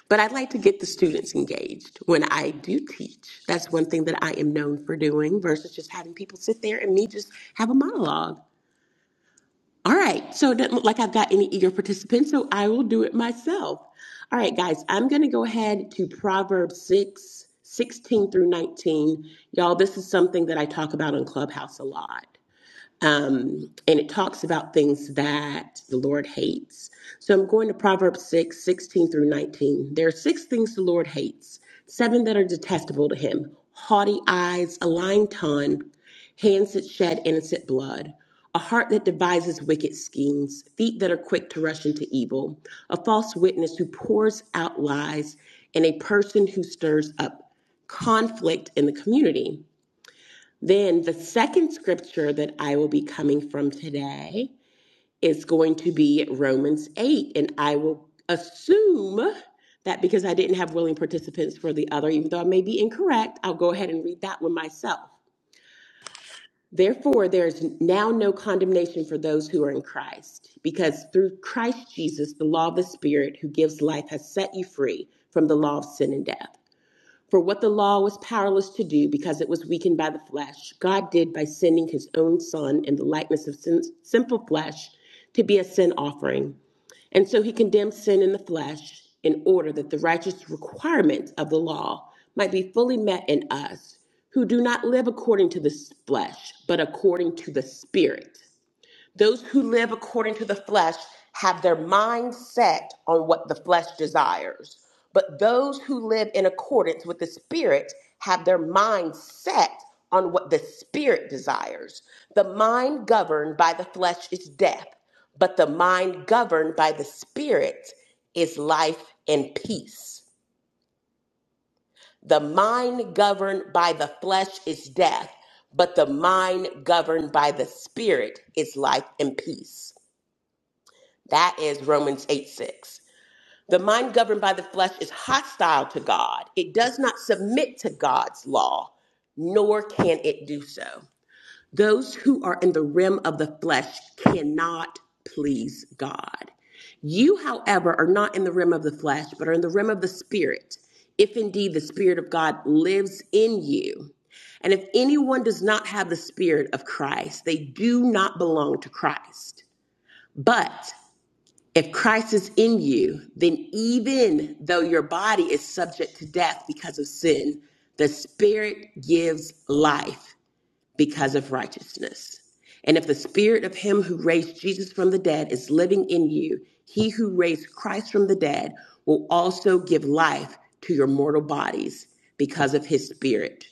But I'd like to get the students engaged when I do teach. That's one thing that I am known for doing versus just having people sit there and me just have a monologue. All right, so it doesn't look like I've got any eager participants, so I will do it myself. All right, guys, I'm going to go ahead to Proverbs 6 16 through 19. Y'all, this is something that I talk about on Clubhouse a lot. Um, and it talks about things that the Lord hates. So I'm going to Proverbs 6, 16 through 19. There are six things the Lord hates, seven that are detestable to him haughty eyes, a lying tongue, hands that shed innocent blood, a heart that devises wicked schemes, feet that are quick to rush into evil, a false witness who pours out lies, and a person who stirs up conflict in the community. Then the second scripture that I will be coming from today is going to be Romans 8. And I will assume that because I didn't have willing participants for the other, even though I may be incorrect, I'll go ahead and read that one myself. Therefore, there is now no condemnation for those who are in Christ, because through Christ Jesus, the law of the Spirit who gives life has set you free from the law of sin and death. For what the law was powerless to do because it was weakened by the flesh, God did by sending his own Son in the likeness of sin, simple flesh to be a sin offering. And so he condemned sin in the flesh in order that the righteous requirements of the law might be fully met in us who do not live according to the flesh, but according to the Spirit. Those who live according to the flesh have their mind set on what the flesh desires, but those who live in accordance with the Spirit have their mind set on what the Spirit desires. The mind governed by the flesh is death, but the mind governed by the Spirit is life and peace. The mind governed by the flesh is death, but the mind governed by the Spirit is life and peace. That is Romans 8 6. The mind governed by the flesh is hostile to God. It does not submit to God's law, nor can it do so. Those who are in the realm of the flesh cannot please God. You, however, are not in the realm of the flesh, but are in the realm of the spirit, if indeed the spirit of God lives in you. And if anyone does not have the spirit of Christ, they do not belong to Christ. But if Christ is in you, then even though your body is subject to death because of sin, the Spirit gives life because of righteousness. And if the Spirit of Him who raised Jesus from the dead is living in you, He who raised Christ from the dead will also give life to your mortal bodies because of His Spirit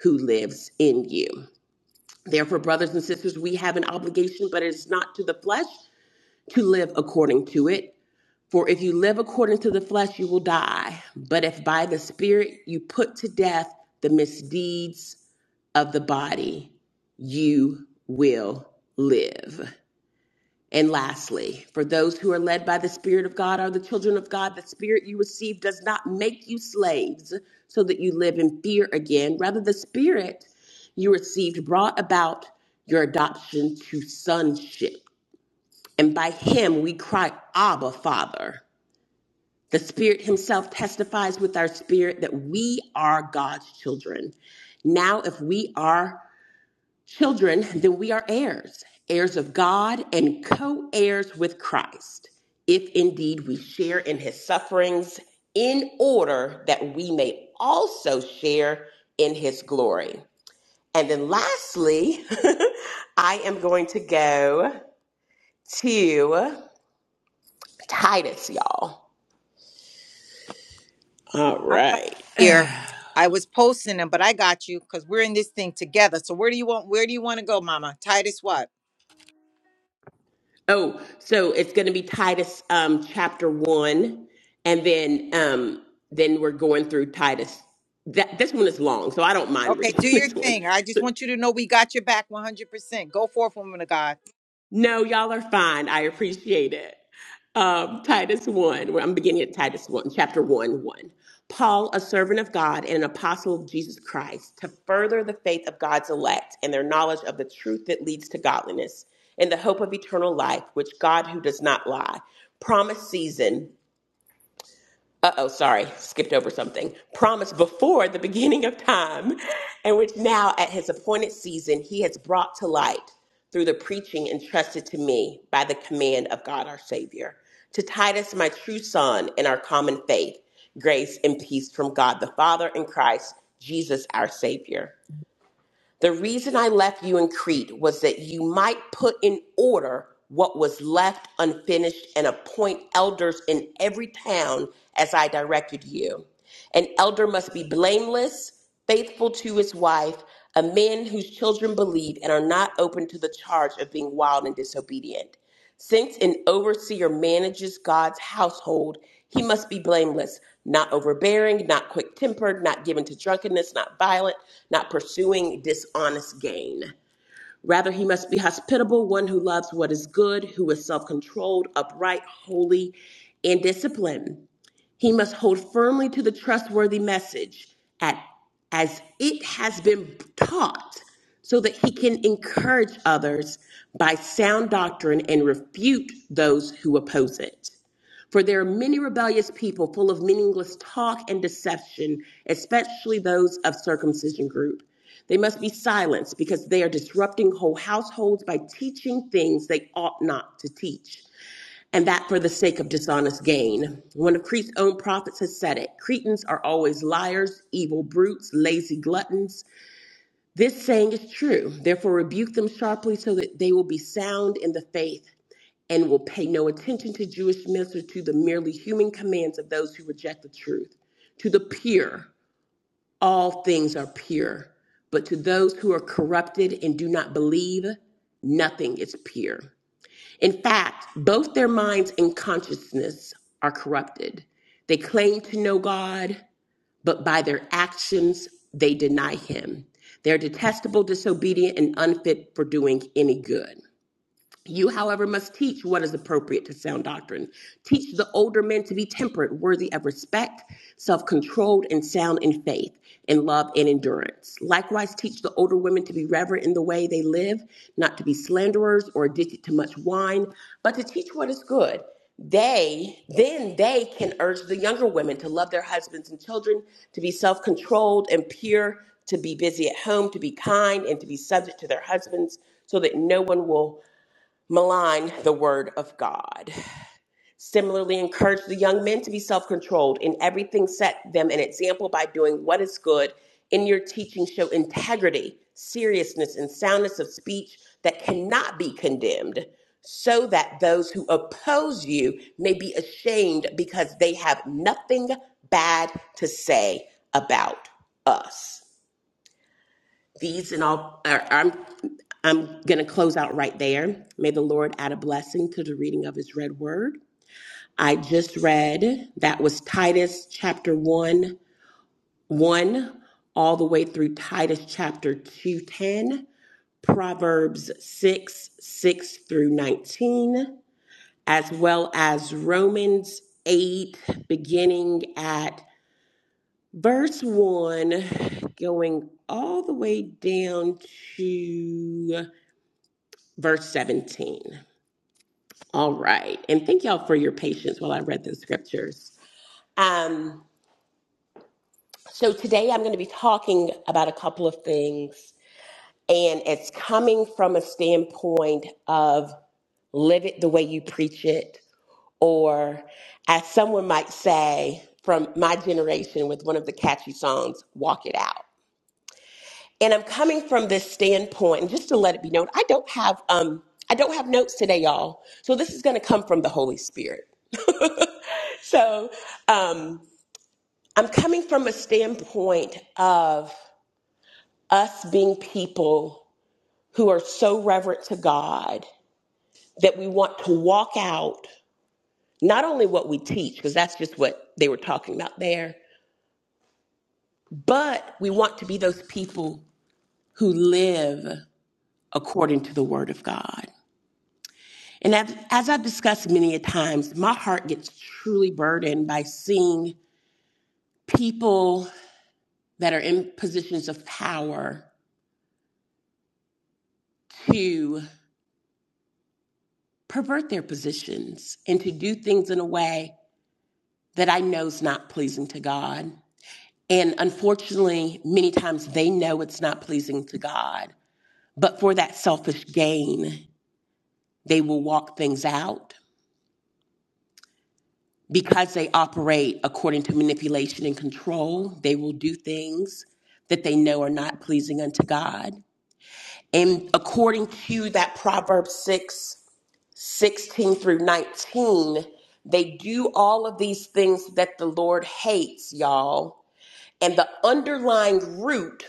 who lives in you. Therefore, brothers and sisters, we have an obligation, but it is not to the flesh to live according to it. For if you live according to the flesh, you will die. But if by the Spirit you put to death the misdeeds of the body, you will live. And lastly, for those who are led by the Spirit of God are the children of God. The Spirit you receive does not make you slaves so that you live in fear again. Rather, the Spirit you received brought about your adoption to sonship. And by Him we cry, Abba, Father. The Spirit Himself testifies with our spirit that we are God's children. Now, if we are children, then we are heirs, heirs of God and co heirs with Christ, if indeed we share in His sufferings, in order that we may also share in His glory. And then lastly, I am going to go to Titus, y'all. All
I got
right.
you here. I was posting them, but I got you because we're in this thing together. So where do you want? Where do you want to go, Mama? Titus, what?
Oh, so it's going to be Titus um, chapter one, and then um, then we're going through Titus. That this one is long, so I don't mind
Okay,
reading
do your
this one.
thing. I just want you to know we got your back 100%. Go forth, woman of God.
No, y'all are fine. I appreciate it. Um, Titus one. Where I'm beginning at Titus one, chapter one, one. Paul, a servant of God and an apostle of Jesus Christ, to further the faith of God's elect and their knowledge of the truth that leads to godliness, in the hope of eternal life, which God, who does not lie, promised season uh oh, sorry, skipped over something, promised before the beginning of time, and which now at his appointed season he has brought to light through the preaching entrusted to me by the command of God our Savior. To Titus, my true son, in our common faith, grace and peace from God the Father and Christ Jesus our Savior. The reason I left you in Crete was that you might put in order what was left unfinished and appoint elders in every town as I directed you. An elder must be blameless, faithful to his wife, a man whose children believe and are not open to the charge of being wild and disobedient. Since an overseer manages God's household, he must be blameless, not overbearing, not quick tempered, not given to drunkenness, not violent, not pursuing dishonest gain. Rather, he must be hospitable, one who loves what is good, who is self controlled, upright, holy, and disciplined. He must hold firmly to the trustworthy message at, as it has been taught so that he can encourage others by sound doctrine and refute those who oppose it. For there are many rebellious people full of meaningless talk and deception, especially those of circumcision group. They must be silenced because they are disrupting whole households by teaching things they ought not to teach and that for the sake of dishonest gain. One of Crete's own prophets has said it Cretans are always liars, evil brutes, lazy gluttons. This saying is true. Therefore, rebuke them sharply so that they will be sound in the faith and will pay no attention to Jewish myths or to the merely human commands of those who reject the truth. To the pure, all things are pure, but to those who are corrupted and do not believe, nothing is pure. In fact, both their minds and consciousness are corrupted. They claim to know God, but by their actions, they deny Him. They're detestable, disobedient, and unfit for doing any good. You, however, must teach what is appropriate to sound doctrine. Teach the older men to be temperate, worthy of respect, self controlled, and sound in faith, in love, and endurance. Likewise, teach the older women to be reverent in the way they live, not to be slanderers or addicted to much wine, but to teach what is good. They, then they can urge the younger women to love their husbands and children, to be self controlled and pure, to be busy at home, to be kind, and to be subject to their husbands, so that no one will malign the word of God. Similarly, encourage the young men to be self controlled in everything, set them an example by doing what is good. In your teaching, show integrity, seriousness, and soundness of speech that cannot be condemned, so that those who oppose you may be ashamed because they have nothing bad to say about us. These and all, are, I'm I'm going to close out right there. May the Lord add a blessing to the reading of his read word. I just read that was Titus chapter 1, 1, all the way through Titus chapter two ten Proverbs 6, 6 through 19, as well as Romans 8, beginning at verse 1, going all the way down to verse 17. All right. And thank y'all for your patience while I read the scriptures. Um, so today I'm going to be talking about a couple of things, and it's coming from a standpoint of live it the way you preach it, or as someone might say from my generation with one of the catchy songs, walk it out. and I'm coming from this standpoint, and just to let it be known, I don't have um I don't have notes today, y'all. So this is going to come from the Holy Spirit. so um, I'm coming from a standpoint of us being people who are so reverent to God that we want to walk out not only what we teach, because that's just what they were talking about there, but we want to be those people who live according to the Word of God. And as, as I've discussed many a times, my heart gets truly burdened by seeing people that are in positions of power to pervert their positions and to do things in a way that I know is not pleasing to God. And unfortunately, many times they know it's not pleasing to God, but for that selfish gain, they will walk things out because they operate according to manipulation and control, they will do things that they know are not pleasing unto God. And according to that Proverbs 6 16 through 19, they do all of these things that the Lord hates, y'all. And the underlying root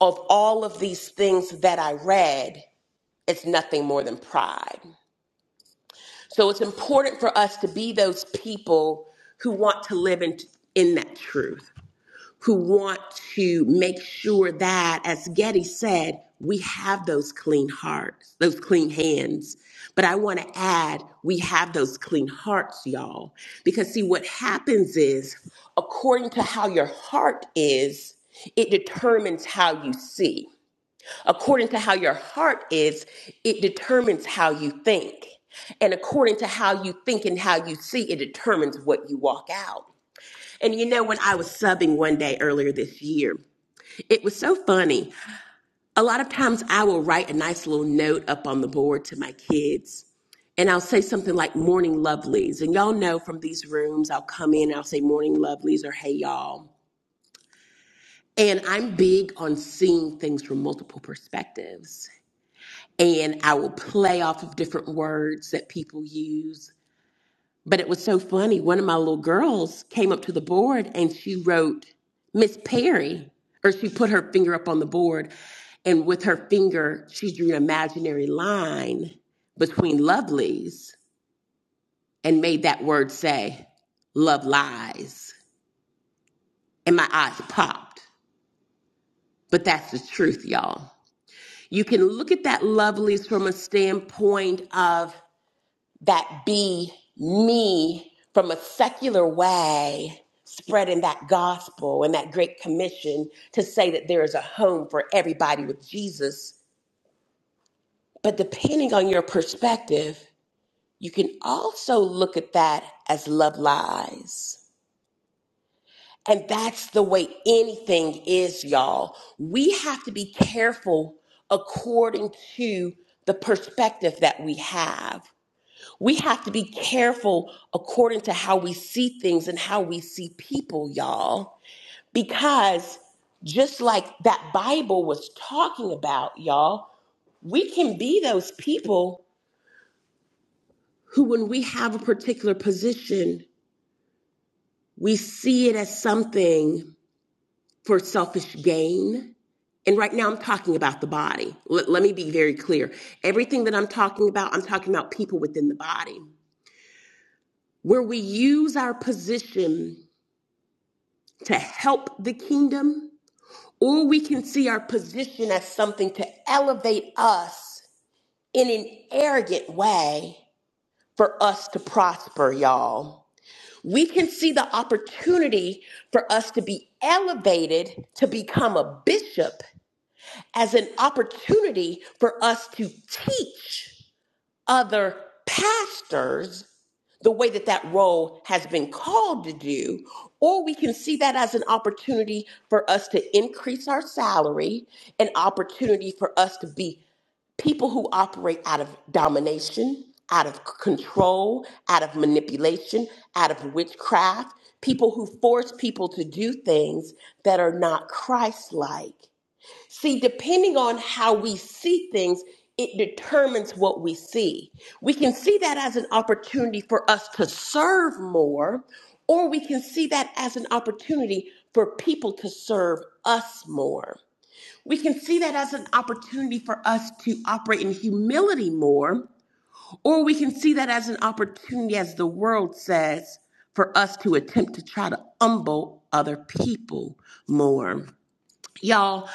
of all of these things that I read is nothing more than pride. So it's important for us to be those people who want to live in, in that truth, who want to make sure that, as Getty said, we have those clean hearts, those clean hands. But I want to add, we have those clean hearts, y'all. Because see, what happens is, according to how your heart is, it determines how you see. According to how your heart is, it determines how you think. And according to how you think and how you see, it determines what you walk out. And you know, when I was subbing one day earlier this year, it was so funny. A lot of times I will write a nice little note up on the board to my kids. And I'll say something like morning lovelies. And y'all know from these rooms, I'll come in and I'll say morning lovelies or hey y'all. And I'm big on seeing things from multiple perspectives. and I will play off of different words that people use. But it was so funny. One of my little girls came up to the board and she wrote Miss Perry, or she put her finger up on the board, and with her finger, she drew an imaginary line between lovelies and made that word say, love lies. And my eyes popped. But that's the truth, y'all. You can look at that lovelies from a standpoint of that be me from a secular way spreading that gospel and that great commission to say that there is a home for everybody with Jesus. But depending on your perspective, you can also look at that as love lies. And that's the way anything is, y'all. We have to be careful according to the perspective that we have. We have to be careful according to how we see things and how we see people, y'all, because just like that Bible was talking about, y'all, we can be those people who, when we have a particular position, we see it as something for selfish gain. And right now, I'm talking about the body. Let, let me be very clear. Everything that I'm talking about, I'm talking about people within the body, where we use our position to help the kingdom, or we can see our position as something to elevate us in an arrogant way for us to prosper, y'all. We can see the opportunity for us to be elevated to become a bishop as an opportunity for us to teach other pastors the way that that role has been called to do, or we can see that as an opportunity for us to increase our salary, an opportunity for us to be people who operate out of domination, out of control, out of manipulation, out of witchcraft, people who force people to do things that are not Christ like. See, depending on how we see things, it determines what we see. We can see that as an opportunity for us to serve more, or we can see that as an opportunity for people to serve us more. We can see that as an opportunity for us to operate in humility more, or we can see that as an opportunity, as the world says, for us to attempt to try to humble other people more. Y'all,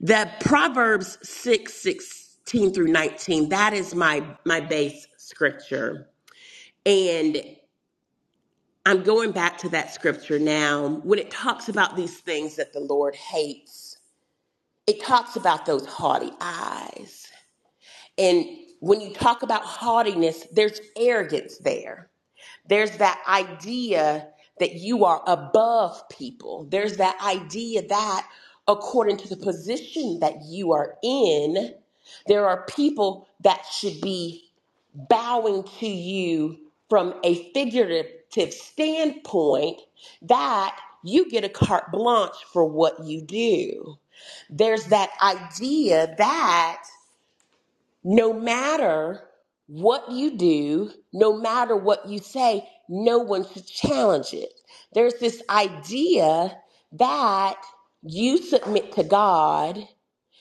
that Proverbs 6 16 through 19, that is my my base scripture. And I'm going back to that scripture now. When it talks about these things that the Lord hates, it talks about those haughty eyes. And when you talk about haughtiness, there's arrogance there. There's that idea that you are above people. There's that idea that according to the position that you are in, there are people that should be bowing to you from a figurative standpoint that you get a carte blanche for what you do. There's that idea that no matter what you do, no matter what you say, no one should challenge it. There's this idea that you submit to God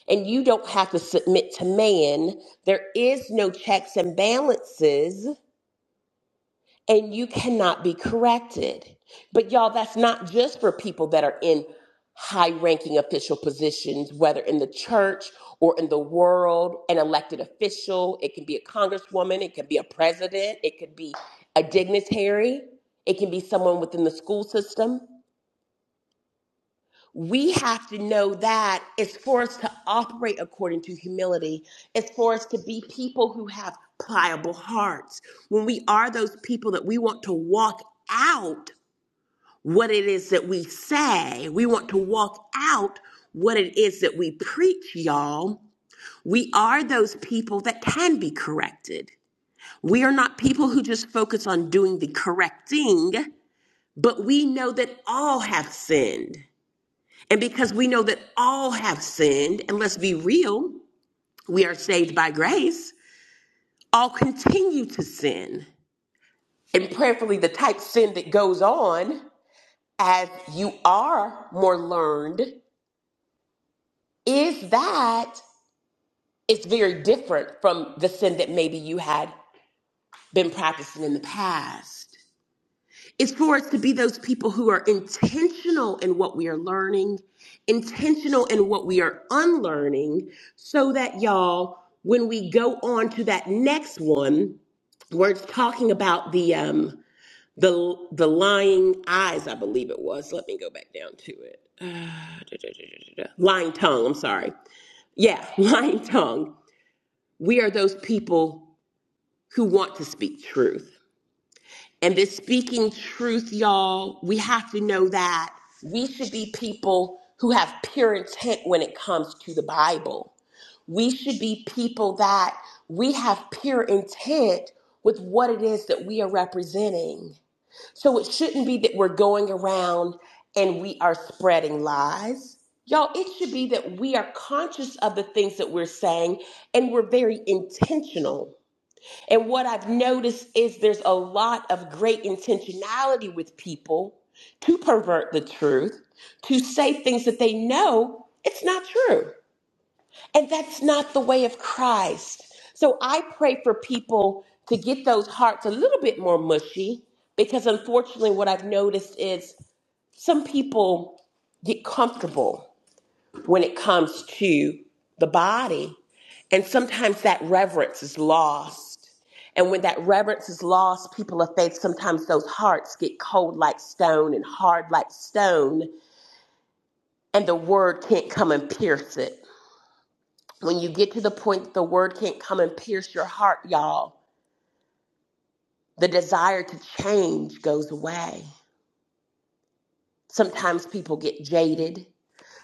and you don't have to submit to man. There is no checks and balances and you cannot be corrected. But y'all, that's not just for people that are in high ranking official positions, whether in the church or in the world, an elected official. It can be a congresswoman, it can be a president, it could be a dignitary, it can be someone within the school system we have to know that it's for us to operate according to humility. It's for us to be people who have pliable hearts. When we are those people that we want to walk out what it is that we say, we want to walk out what it is that we preach, y'all. We are those people that can be corrected. We are not people who just focus on doing the correcting, but we know that all have sinned. And because we know that all have sinned, and let's be real, we are saved by grace, all continue to sin. And prayerfully, the type of sin that goes on as you are more learned is that it's very different from the sin that maybe you had been practicing in the past. is for us to be those people who are intentional in what we are learning, intentional in what we are unlearning, so that y'all, when we go on to that next one, where it's talking about the um the the lying eyes, I believe it was. Let me go back down to it. Uh, da, da, da, da, da, da. Lying tongue. I'm sorry. Yeah, lying tongue. We are those people who want to speak truth and been speaking truth, y'all. We have to know that we should be people who have pure intent when it comes to the Bible. We should be people that we have pure intent with what it is that we are representing. So it shouldn't be that we're going around and we are spreading lies. Y'all, it should be that we are conscious of the things that we're saying and we're very intentional and what I've noticed is there's a lot of great intentionality with people to pervert the truth, to say things that they know it's not true. And that's not the way of Christ. So I pray for people to get those hearts a little bit more mushy because unfortunately, what I've noticed is some people get comfortable when it comes to the body. And sometimes that reverence is lost. And when that reverence is lost, people of faith, sometimes those hearts get cold like stone and hard like stone, and the word can't come and pierce it. When you get to the point that the word can't come and pierce your heart, y'all, the desire to change goes away. Sometimes people get jaded.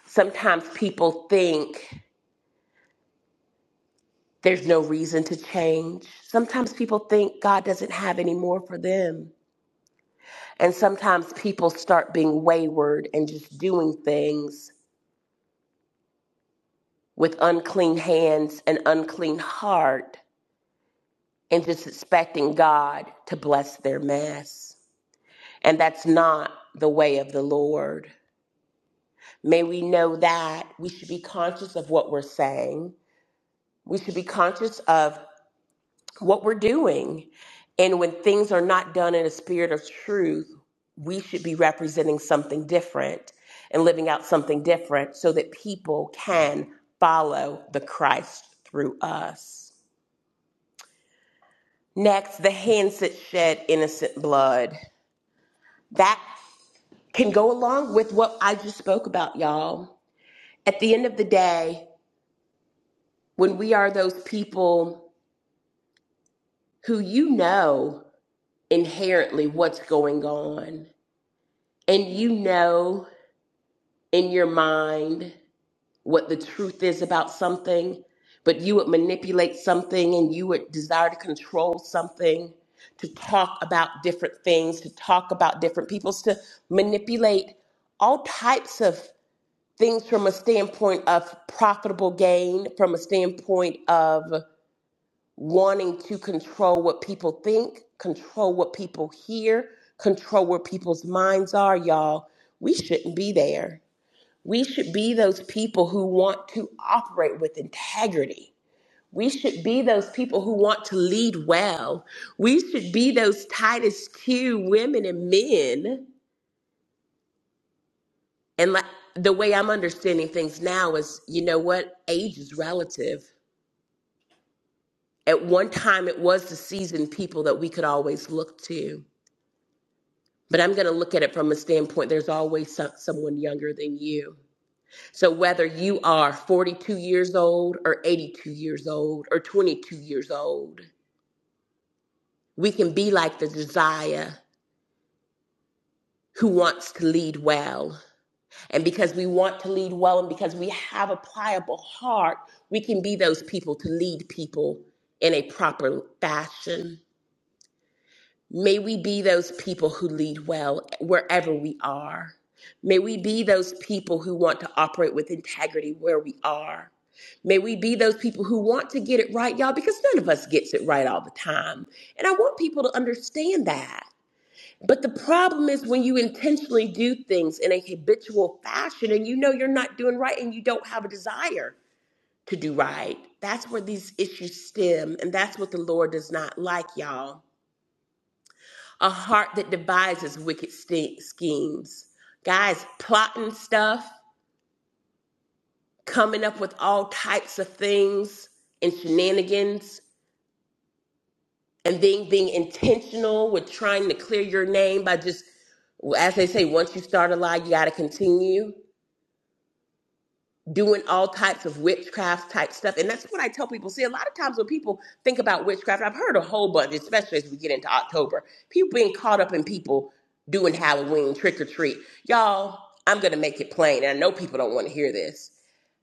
Sometimes people think There's no reason to change. Sometimes people think God doesn't have any more for them. And sometimes people start being wayward and just doing things with unclean hands and unclean heart and just expecting God to bless their mess. And that's not the way of the Lord. May we know that we should be conscious of what we're saying. We should be conscious of what we're doing. And when things are not done in a spirit of truth, we should be representing something different and living out something different so that people can follow the Christ through us. Next, the hands that shed innocent blood. That can go along with what I just spoke about, y'all. At the end of the day, when we are those people who you know inherently what's going on, and you know in your mind what the truth is about something, but you would manipulate something and you would desire to control something, to talk about different things, to talk about different peoples, to manipulate all types of things from a standpoint of profitable gain, from a standpoint of wanting to control what people think, control what people hear, control where people's minds are, y'all. We shouldn't be there we should be those people who want to operate with integrity. We should be those people who want to lead well. We should be those Titus Q women and men. And like, the way I'm understanding things now is, you know what? Age is relative. At one time, it was the seasoned people that we could always look to. But I'm going to look at it from a standpoint there's always some, someone younger than you So, whether you are 42 years old or 82 years old or 22 years old, we can be like the Josiah who wants to lead well. And because we want to lead well and because we have a pliable heart, we can be those people to lead people in a proper fashion. May we be those people who lead well wherever we are. May we be those people who want to operate with integrity where we are. May we be those people who want to get it right, y'all, because none of us gets it right all the time. And I want people to understand that. But the problem is when you intentionally do things in a habitual fashion and you know you're not doing right and you don't have a desire to do right, that's where these issues stem. And that's what the Lord does not like, y'all a heart that devises wicked st- schemes. Guys plotting stuff, coming up with all types of things and shenanigans, and then being intentional with trying to clear your name by just, as they say, once you start a lie, you got to continue. doing all types of witchcraft type stuff. And that's what I tell people. See, a lot of times when people think about witchcraft, I've heard a whole bunch, especially as we get into October, people being caught up in people doing Halloween trick or treat. Y'all, I'm going to make it plain. And I know people don't want to hear this.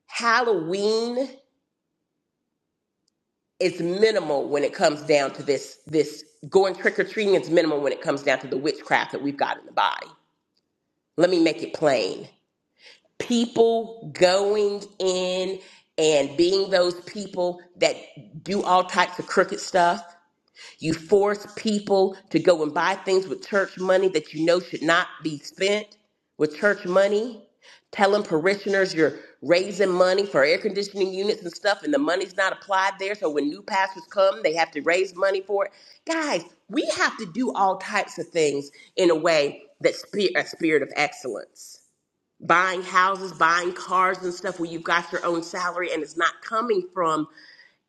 Halloween is minimal when it comes down to this this going trick or treating is minimal when it comes down to the witchcraft that we've got in the body. Let me make it plain. people going in and being those people that do all types of crooked stuff. You force people to go and buy things with church money that you know should not be spent with church money. Telling parishioners you're raising money for air conditioning units and stuff, and the money's not applied there. So when new pastors come, they have to raise money for it. Guys, we have to do all types of things in a way that's spe- a spirit of excellence buying houses, buying cars and stuff where you've got your own salary and it's not coming from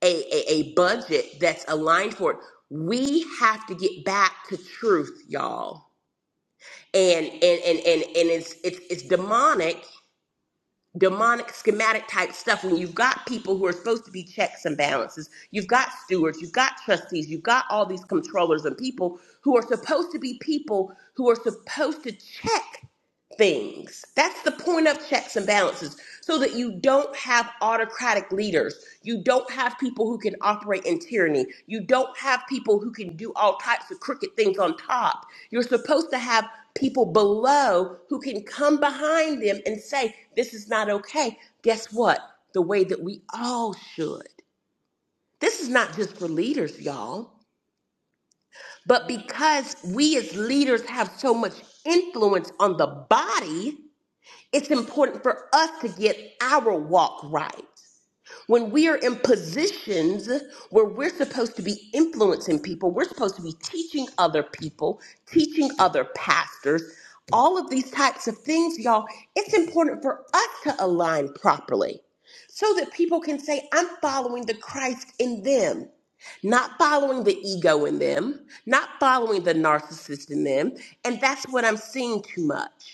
a, a, a budget that's aligned for it. We have to get back to truth, y'all. And and and and, and it's, it's it's demonic, demonic schematic type stuff when you've got people who are supposed to be checks and balances, you've got stewards, you've got trustees, you've got all these controllers and people who are supposed to be people who are supposed to check things. That's the point of checks and balances so that you don't have autocratic leaders. You don't have people who can operate in tyranny. You don't have people who can do all types of crooked things on top. You're supposed to have people below who can come behind them and say, This is not okay. Guess what? The way that we all should. This is not just for leaders, y'all. But because we as leaders have so much influence on the body, it's important for us to get our walk right. When we are in positions where we're supposed to be influencing people, we're supposed to be teaching other people, teaching other pastors, all of these types of things, y'all, it's important for us to align properly so that people can say, I'm following the Christ in them not following the ego in them, not following the narcissist in them. And that's what I'm seeing too much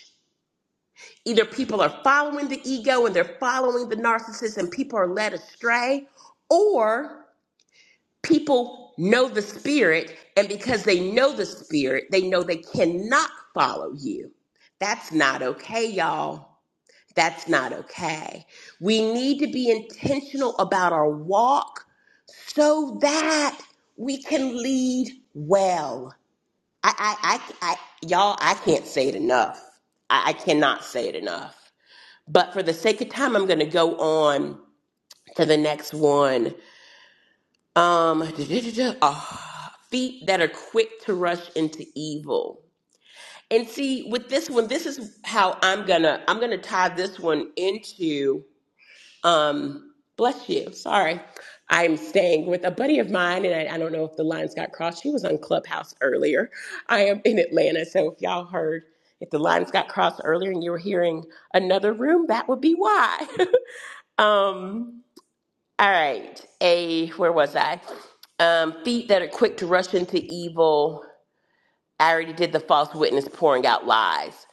either people are following the ego and they're following the narcissist and people are led astray or people know the spirit and because they know the spirit they know they cannot follow you that's not okay y'all that's not okay we need to be intentional about our walk so that we can lead well i i i, I y'all i can't say it enough I, I cannot say it enough but for the sake of time, I'm going to go on to the next one. Um, ah, feet that are quick to rush into evil. And see, with this one, this is how I'm gonna I'm gonna tie this one into. Um, bless you. Sorry, I'm staying with a buddy of mine, and I, I don't know if the lines got crossed. She was on Clubhouse earlier. I am in Atlanta, so if y'all heard. If the lines got crossed earlier and you were hearing another room, that would be why. um, All right. A where was I? Um, feet that are quick to rush into evil. I already did the false witness pouring out lies.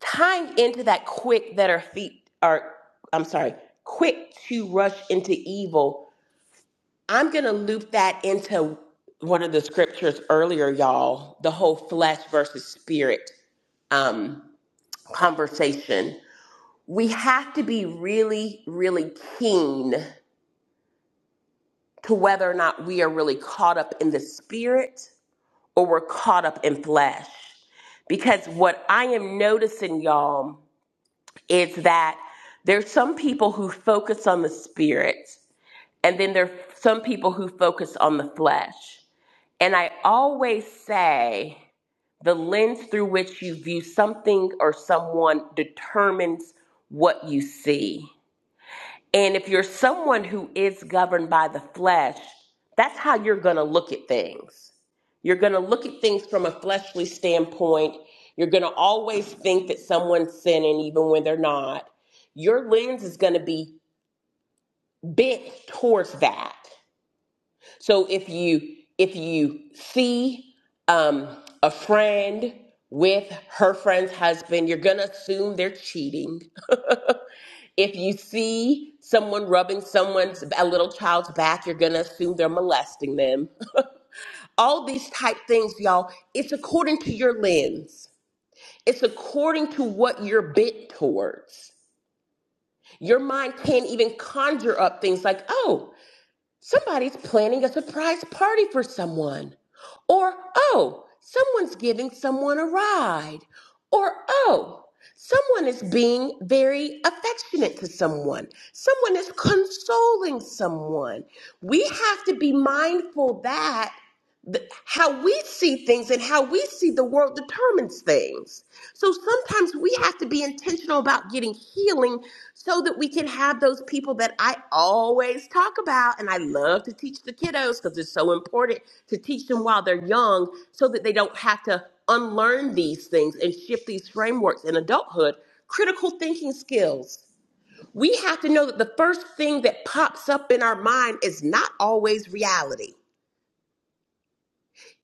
Tying into that quick that our feet are I'm sorry, quick to rush into evil. I'm gonna loop that into one of the scriptures earlier, y'all, the whole flesh versus spirit um conversation. We have to be really, really keen to whether or not we are really caught up in the spirit or we're caught up in flesh. Because what I am noticing, y'all, is that there's some people who focus on the spirit, and then there's some people who focus on the flesh. And I always say the lens through which you view something or someone determines what you see. And if you're someone who is governed by the flesh, that's how you're going to look at things. You're going to look at things from a fleshly standpoint. You're going to always think that someone's sinning even when they're not. Your lens is going to be bent towards that. So if you if you see um, a friend with her friend's husband, you're going to assume they're cheating if you see someone rubbing someone's a little child's back, you're gonna assume they're molesting them. All these type things, y'all, it's according to your lens. It's according to what you're bent towards. Your mind can't even conjure up things like, oh, Somebody's planning a surprise party for someone. Or, oh, someone's giving someone a ride. Or, oh, someone is being very affectionate to someone. Someone is consoling someone. We have to be mindful that the, how we see things and how we see the world determines things. So sometimes we have to be intentional about getting healing so that we can have those people that I always talk about. And I love to teach the kiddos because it's so important to teach them while they're young so that they don't have to unlearn these things and shift these frameworks in adulthood. Critical thinking skills. We have to know that the first thing that pops up in our mind is not always reality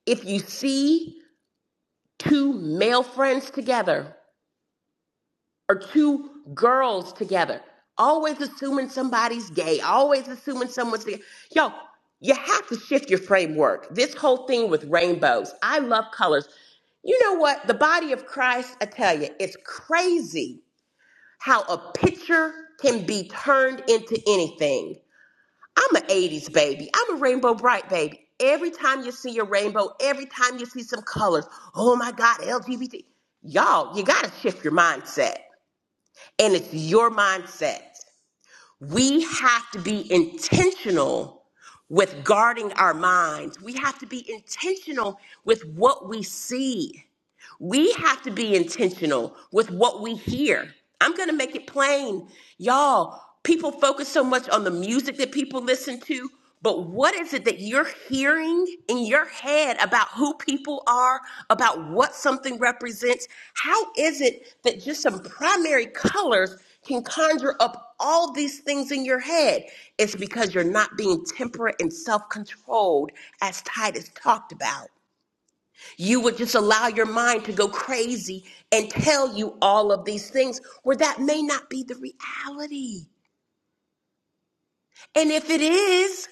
if you see two male friends together or two girls together. Always assuming somebody's gay, always assuming someone's gay. Yo, you have to shift your framework. This whole thing with rainbows. I love colors. You know what? The body of Christ, I tell you, it's crazy how a picture can be turned into anything. I'm an 80s baby. I'm a rainbow bright baby. Every time you see a rainbow, every time you see some colors, oh my God, LGBT. Y'all, you got to shift your mindset. And it's your mindset. We have to be intentional with guarding our minds. We have to be intentional with what we see. We have to be intentional with what we hear. I'm going to make it plain. Y'all, people focus so much on the music that people listen to, but what is it that you're hearing in your head about who people are, about what something represents? How is it that just some primary colors can conjure up all these things in your head? It's because you're not being temperate and self controlled, as Titus talked about. You would just allow your mind to go crazy and tell you all of these things where that may not be the reality. And if it is,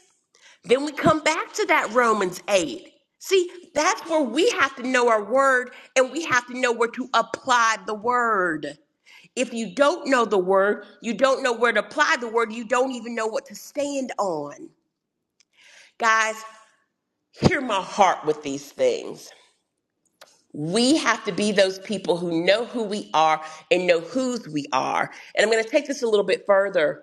then we come back to that Romans 8. See, that's where we have to know our word and we have to know where to apply the word. If you don't know the word, you don't know where to apply the word, you don't even know what to stand on. Guys, hear my heart with these things. We have to be those people who know who we are and know whose we are. And I'm going to take this a little bit further.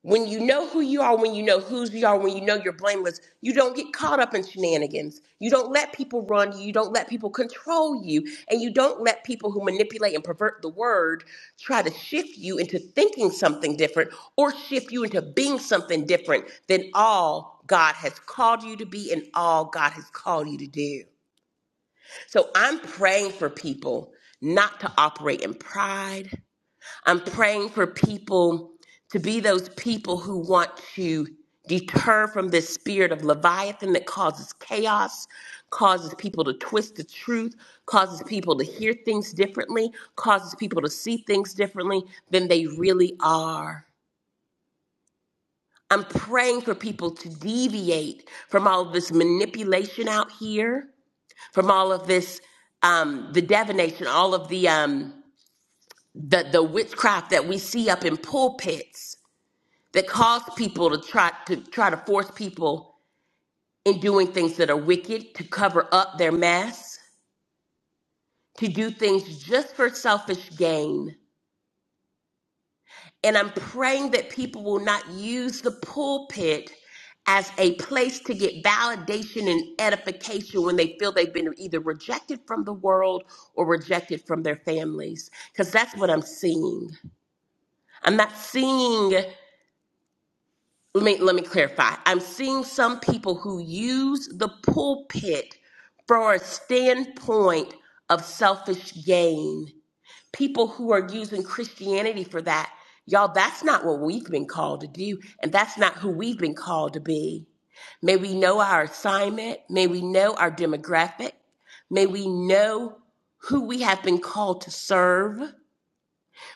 When you know who you are, when you know whose you are, when you know you're blameless, you don't get caught up in shenanigans. You don't let people run you. You don't let people control you. And you don't let people who manipulate and pervert the word try to shift you into thinking something different or shift you into being something different than all God has called you to be and all God has called you to do. So I'm praying for people not to operate in pride. I'm praying for people to be those people who want to deter from this spirit of Leviathan that causes chaos, causes people to twist the truth, causes people to hear things differently, causes people to see things differently than they really are. I'm praying for people to deviate from all this manipulation out here from all of this um the divination all of the um the the witchcraft that we see up in pulpits that cause people to try to try to force people in doing things that are wicked to cover up their mess to do things just for selfish gain And I'm praying that people will not use the pulpit as a place to get validation and edification when they feel they've been either rejected from the world or rejected from their families. Because that's what I'm seeing. I'm not seeing, let me, let me clarify. I'm seeing some people who use the pulpit for a standpoint of selfish gain people who are using Christianity for that. Y'all, that's not what we've been called to do, and that's not who we've been called to be. May we know our assignment. May we know our demographic. May we know who we have been called to serve.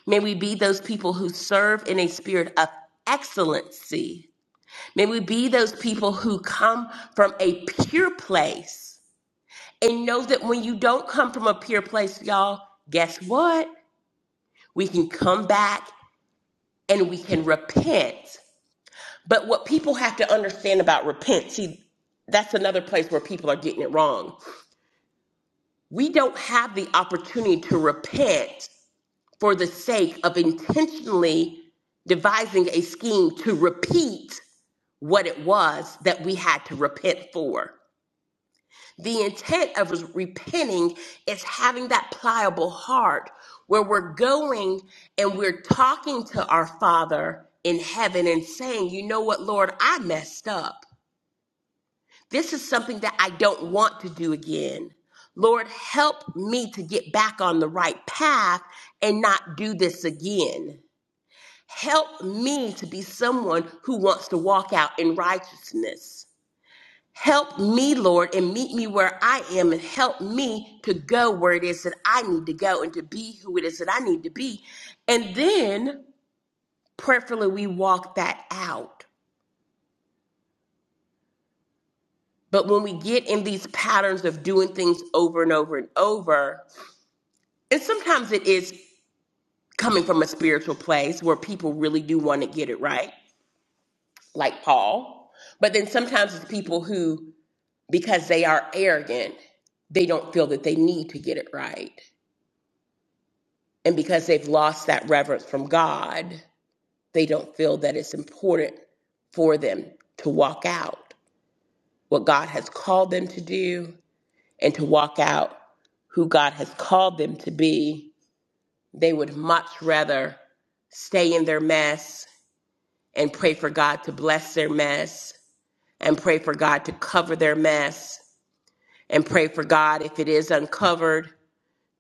May we be those people who serve in a spirit of excellency. May we be those people who come from a pure place and know that when you don't come from a pure place, y'all, guess what? We can come back and we can repent. But what people have to understand about repent, see, that's another place where people are getting it wrong. We don't have the opportunity to repent for the sake of intentionally devising a scheme to repeat what it was that we had to repent for. The intent of repenting is having that pliable heart where we're going and we're talking to our Father in heaven and saying, You know what, Lord, I messed up. This is something that I don't want to do again. Lord, help me to get back on the right path and not do this again. Help me to be someone who wants to walk out in righteousness. Help me, Lord, and meet me where I am, and help me to go where it is that I need to go and to be who it is that I need to be. And then prayerfully, we walk that out. But when we get in these patterns of doing things over and over and over, and sometimes it is coming from a spiritual place where people really do want to get it right, like Paul. But then sometimes it's people who, because they are arrogant, they don't feel that they need to get it right And because they've lost that reverence from God, they don't feel that it's important for them to walk out what God has called them to do and to walk out who God has called them to be. They would much rather stay in their mess and pray for God to bless their mess and pray for God to cover their mess and pray for God, if it is uncovered,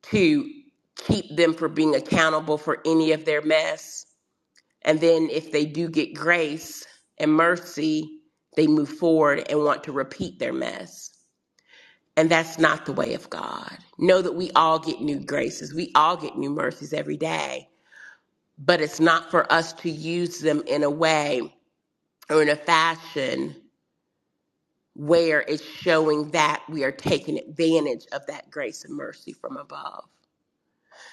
to keep them from being accountable for any of their mess And then if they do get grace and mercy, they move forward and want to repeat their mess. And that's not the way of God. Know that we all get new graces, we all get new mercies every day, but it's not for us to use them in a way or in a fashion where it's showing that we are taking advantage of that grace and mercy from above.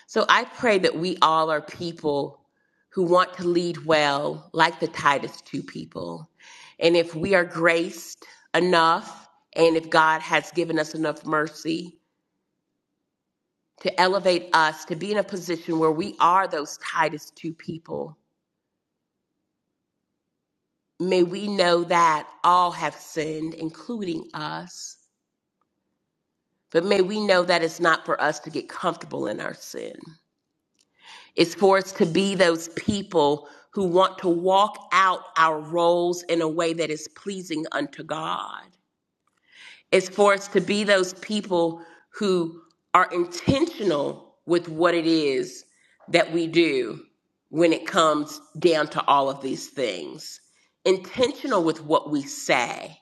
So I pray that we all are people who want to lead well, like the Titus 2 people. And if we are graced enough, and if God has given us enough mercy to elevate us to be in a position where we are those Titus 2 people, may we know that all have sinned, including us. But may we know that it's not for us to get comfortable in our sin. It's for us to be those people who want to walk out our roles in a way that is pleasing unto God. It's for us to be those people who are intentional with what it is that we do when it comes down to all of these things. Intentional with what we say,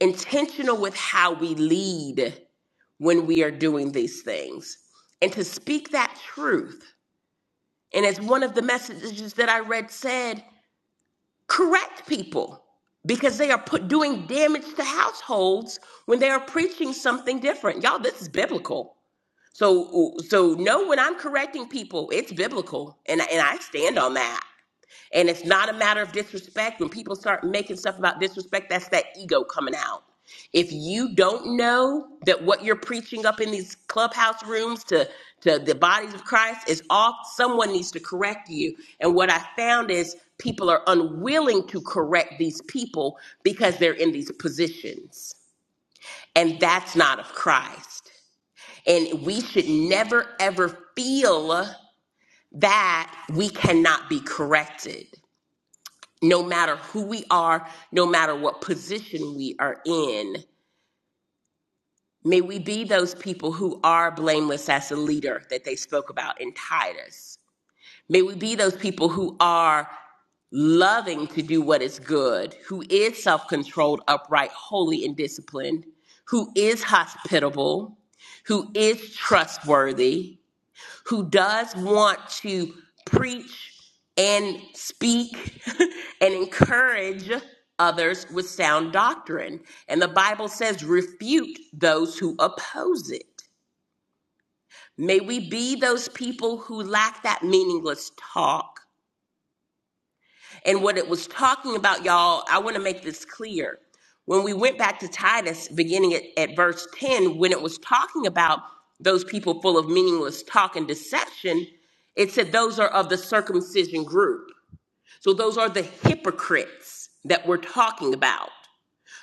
intentional with how we lead when we are doing these things, and to speak that truth and as one of the messages that I read said, correct people because they are put doing damage to households when they are preaching something different. Y'all, this is biblical. So so know when I'm correcting people, it's biblical. And and I stand on that. And it's not a matter of disrespect. When people start making stuff about disrespect, that's that ego coming out. If you don't know that what you're preaching up in these clubhouse rooms to, to the bodies of Christ is off, someone needs to correct you. And what I found is people are unwilling to correct these people because they're in these positions. And that's not of Christ. And we should never, ever feel that we cannot be corrected no matter who we are, no matter what position we are in. May we be those people who are blameless as a leader that they spoke about in Titus. May we be those people who are loving to do what is good, who is self controlled, upright, holy, and disciplined, who is hospitable, who is trustworthy, who does want to preach and speak and encourage others with sound doctrine. And the Bible says, refute those who oppose it. May we be those people who lack that meaningless talk and what it was talking about, y'all, I want to make this clear. When we went back to Titus, beginning at, at verse 10, when it was talking about those people full of meaningless talk and deception, it said those are of the circumcision group. So those are the hypocrites that we're talking about.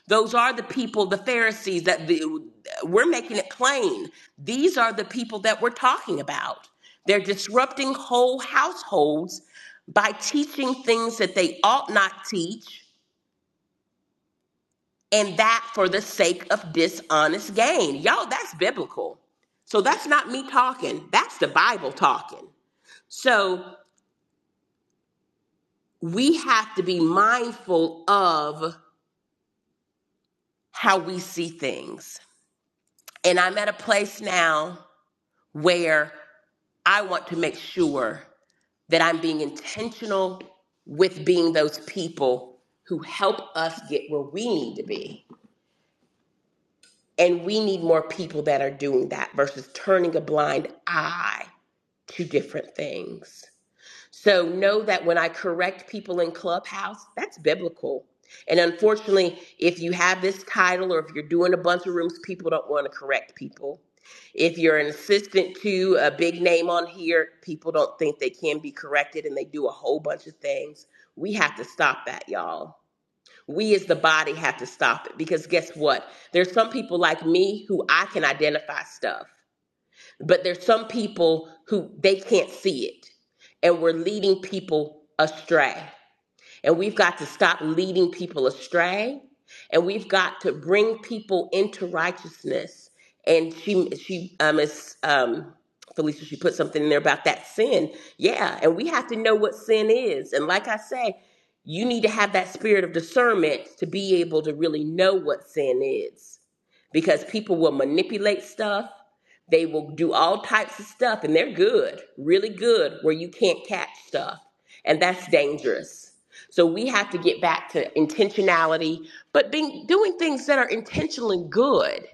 Those are the people, the Pharisees, that the, we're making it plain. These are the people that we're talking about. They're disrupting whole households by teaching things that they ought not teach, and that for the sake of dishonest gain. Y'all, that's biblical. So that's not me talking, that's the Bible talking. So we have to be mindful of how we see things. And I'm at a place now where I want to make sure that I'm being intentional with being those people who help us get where we need to be. And we need more people that are doing that versus turning a blind eye to different things. So know that when I correct people in Clubhouse, that's biblical. And unfortunately, if you have this title or if you're doing a bunch of rooms, people don't want to correct people. If you're an assistant to a big name on here, people don't think they can be corrected and they do a whole bunch of things. We have to stop that, y'all. We as the body have to stop it because guess what? There's some people like me who I can identify stuff but there's some people who they can't see it and we're leading people astray and we've got to stop leading people astray and we've got to bring people into righteousness and she she um is um Felicia, she put something in there about that sin. Yeah, and we have to know what sin is. And like I say, you need to have that spirit of discernment to be able to really know what sin is because people will manipulate stuff they will do all types of stuff and they're good, really good, where you can't catch stuff. And that's dangerous. So we have to get back to intentionality, but being doing things that are intentionally good.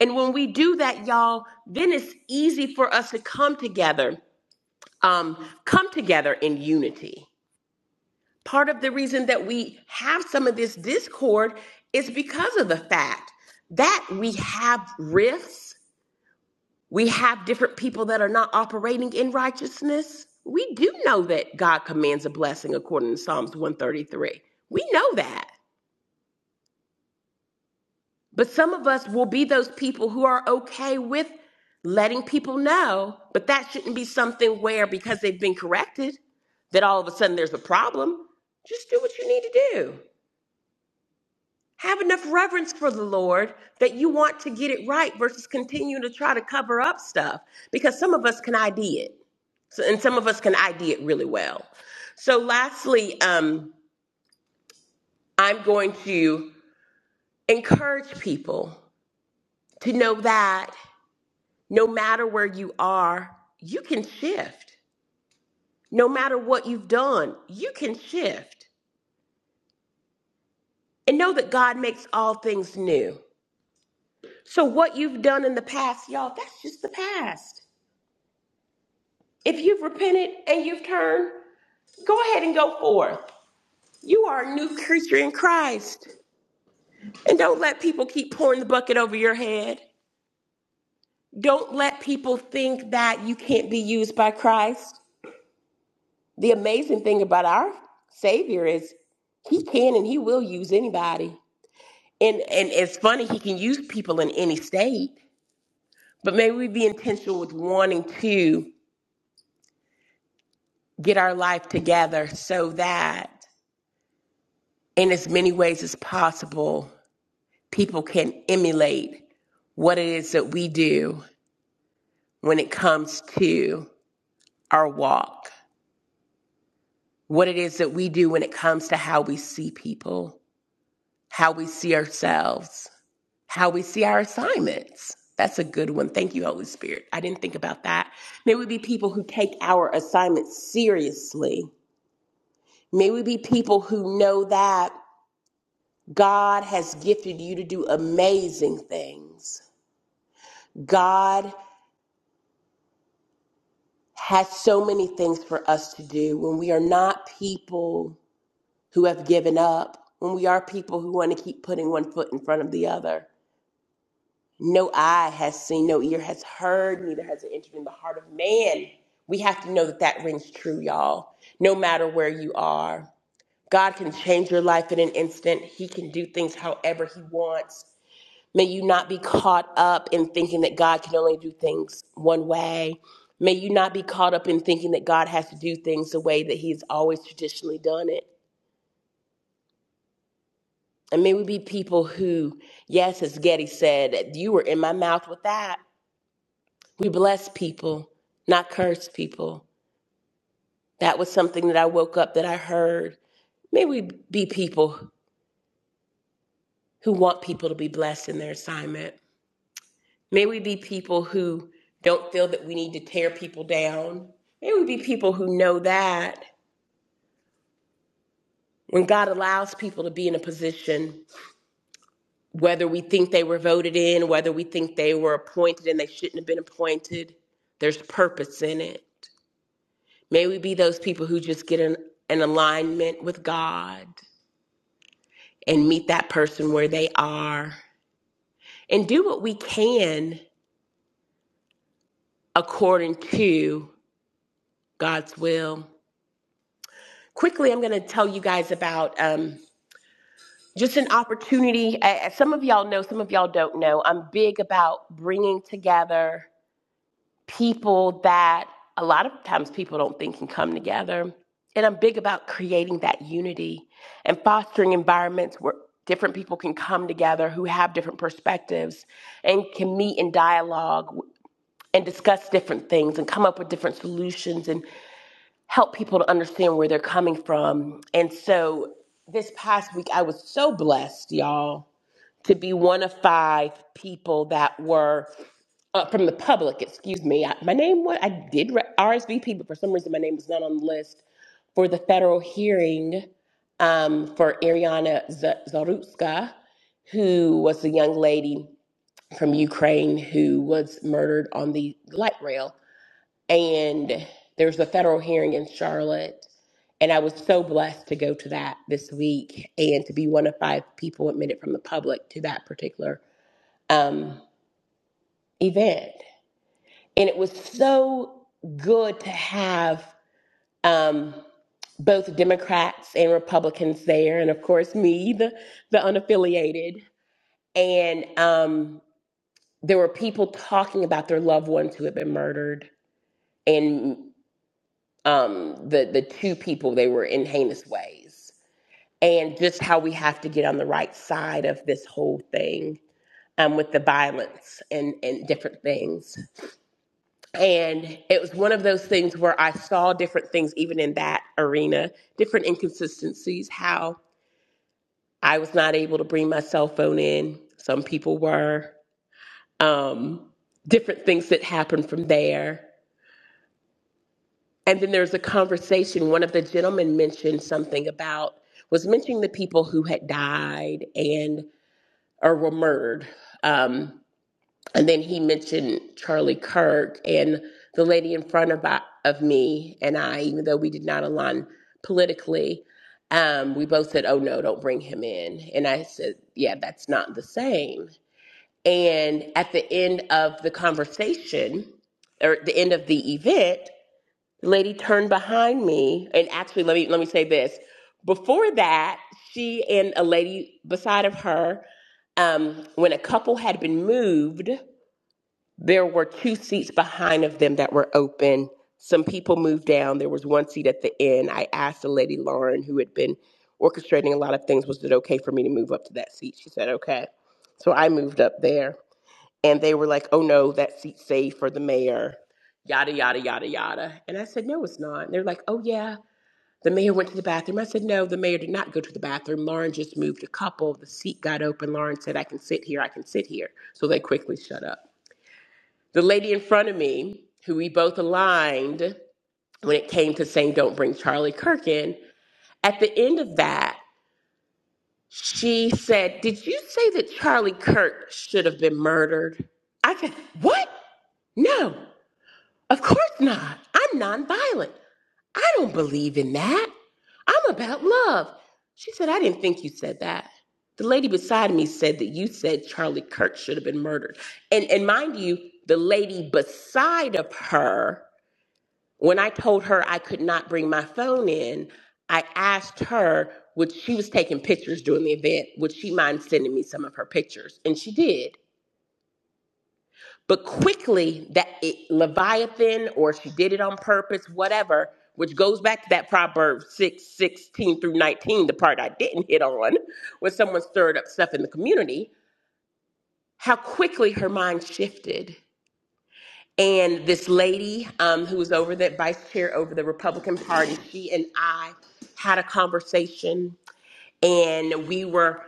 And when we do that, y'all, then it's easy for us to come together, um, come together in unity. Part of the reason that we have some of this discord is because of the fact that we have rifts we have different people that are not operating in righteousness. We do know that God commands a blessing according to Psalms 133. We know that. But some of us will be those people who are okay with letting people know, but that shouldn't be something where because they've been corrected that all of a sudden there's a problem. Just do what you need to do. Have enough reverence for the Lord that you want to get it right versus continue to try to cover up stuff because some of us can ID it. So, and some of us can ID it really well. So, lastly, um, I'm going to encourage people to know that no matter where you are, you can shift. No matter what you've done, you can shift. And know that God makes all things new. So, what you've done in the past, y'all, that's just the past. If you've repented and you've turned, go ahead and go forth. You are a new creature in Christ. And don't let people keep pouring the bucket over your head. Don't let people think that you can't be used by Christ. The amazing thing about our Savior is he can and he will use anybody. And and it's funny he can use people in any state, but maybe we be intentional with wanting to get our life together so that in as many ways as possible people can emulate what it is that we do when it comes to our walk, what it is that we do when it comes to how we see people, how we see ourselves, how we see our assignments. That's a good one. Thank you, Holy Spirit. I didn't think about that. May we be people who take our assignments seriously. May we be people who know that God has gifted you to do amazing things. God has so many things for us to do when we are not people who have given up, when we are people who want to keep putting one foot in front of the other. No eye has seen, no ear has heard, neither has it entered in the heart of man. We have to know that that rings true, y'all, no matter where you are. God can change your life in an instant. He can do things however He wants. May you not be caught up in thinking that God can only do things one way. May you not be caught up in thinking that God has to do things the way that He's always traditionally done it. And may we be people who, yes, as Getty said, you were in my mouth with that. We bless people, not curse people. That was something that I woke up that I heard. May we be people who want people to be blessed in their assignment. May we be people who don't feel that we need to tear people down. May we be people who know that when God allows people to be in a position, whether we think they were voted in, whether we think they were appointed and they shouldn't have been appointed, there's purpose in it. May we be those people who just get an, an alignment with God and meet that person where they are and do what we can according to God's will. Quickly, I'm going to tell you guys about. Um, just an opportunity. As some of y'all know, some of y'all don't know. I'm big about bringing together people that a lot of times people don't think can come together. And I'm big about creating that unity and fostering environments where different people can come together who have different perspectives and can meet in dialogue and discuss different things and come up with different solutions and help people to understand where they're coming from. And so this past week, I was so blessed, y'all to be one of five people that were uh, from the public. Excuse me. I, my name was I did re- RSVP, but for some reason my name was not on the list for the federal hearing um, for Ariana Z- Zarutska, who was the young lady from Ukraine who was murdered on the light rail. And there was a federal hearing in Charlotte. And I was so blessed to go to that this week and to be one of five people admitted from the public to that particular um, event. And it was so good to have um, both Democrats and Republicans there, and of course, me, the, the unaffiliated. And um, there were people talking about their loved ones who had been murdered and um, the, the two people they were in heinous ways, and just how we have to get on the right side of this whole thing um, with the violence and, and different things. And it was one of those things where I saw different things, even in that arena, different inconsistencies, how I was not able to bring my cell phone in. Some people were, um, different things that happened from there. And then there's a conversation. One of the gentlemen mentioned something about, was mentioning the people who had died and, or were murdered. Um, And then he mentioned Charlie Kirk and the lady in front of, of me and I, even though we did not align politically, um, we both said, oh no, don't bring him in. And I said, yeah, that's not the same. And at the end of the conversation, or at the end of the event, the lady turned behind me. And actually, let me let me say this. Before that, she and a lady beside of her, um, when a couple had been moved, there were two seats behind of them that were open. Some people moved down. There was one seat at the end. I asked the lady Lauren, who had been orchestrating a lot of things, was it okay for me to move up to that seat? She said, okay. So I moved up there. And they were like, oh no, that seat's saved for the mayor, yada, yada, yada, yada. And I said, no, it's not. And they're like, oh yeah, the mayor went to the bathroom. I said, no, the mayor did not go to the bathroom. Lauren just moved a couple. The seat got open. Lauren said, I can sit here. I can sit here. So they quickly shut up. The lady in front of me, who we both aligned when it came to saying don't bring Charlie Kirk in, at the end of that, she said, Did you say that Charlie Kirk should have been murdered? I said, What? No, of course not. I'm nonviolent. I don't believe in that. I'm about love. She said, I didn't think you said that. The lady beside me said that you said Charlie Kirk should have been murdered. And and mind you, the lady beside of her When I told her I could not bring my phone in, I asked her, would she was taking pictures during the event, would she mind sending me some of her pictures? And she did. But quickly, that it, Leviathan, or she did it on purpose, whatever, which goes back to that proverb six sixteen through 19, the part I didn't hit on, when someone stirred up stuff in the community, how quickly her mind shifted And this lady um, who was over the vice chair over the Republican Party, she and I had a conversation, and we were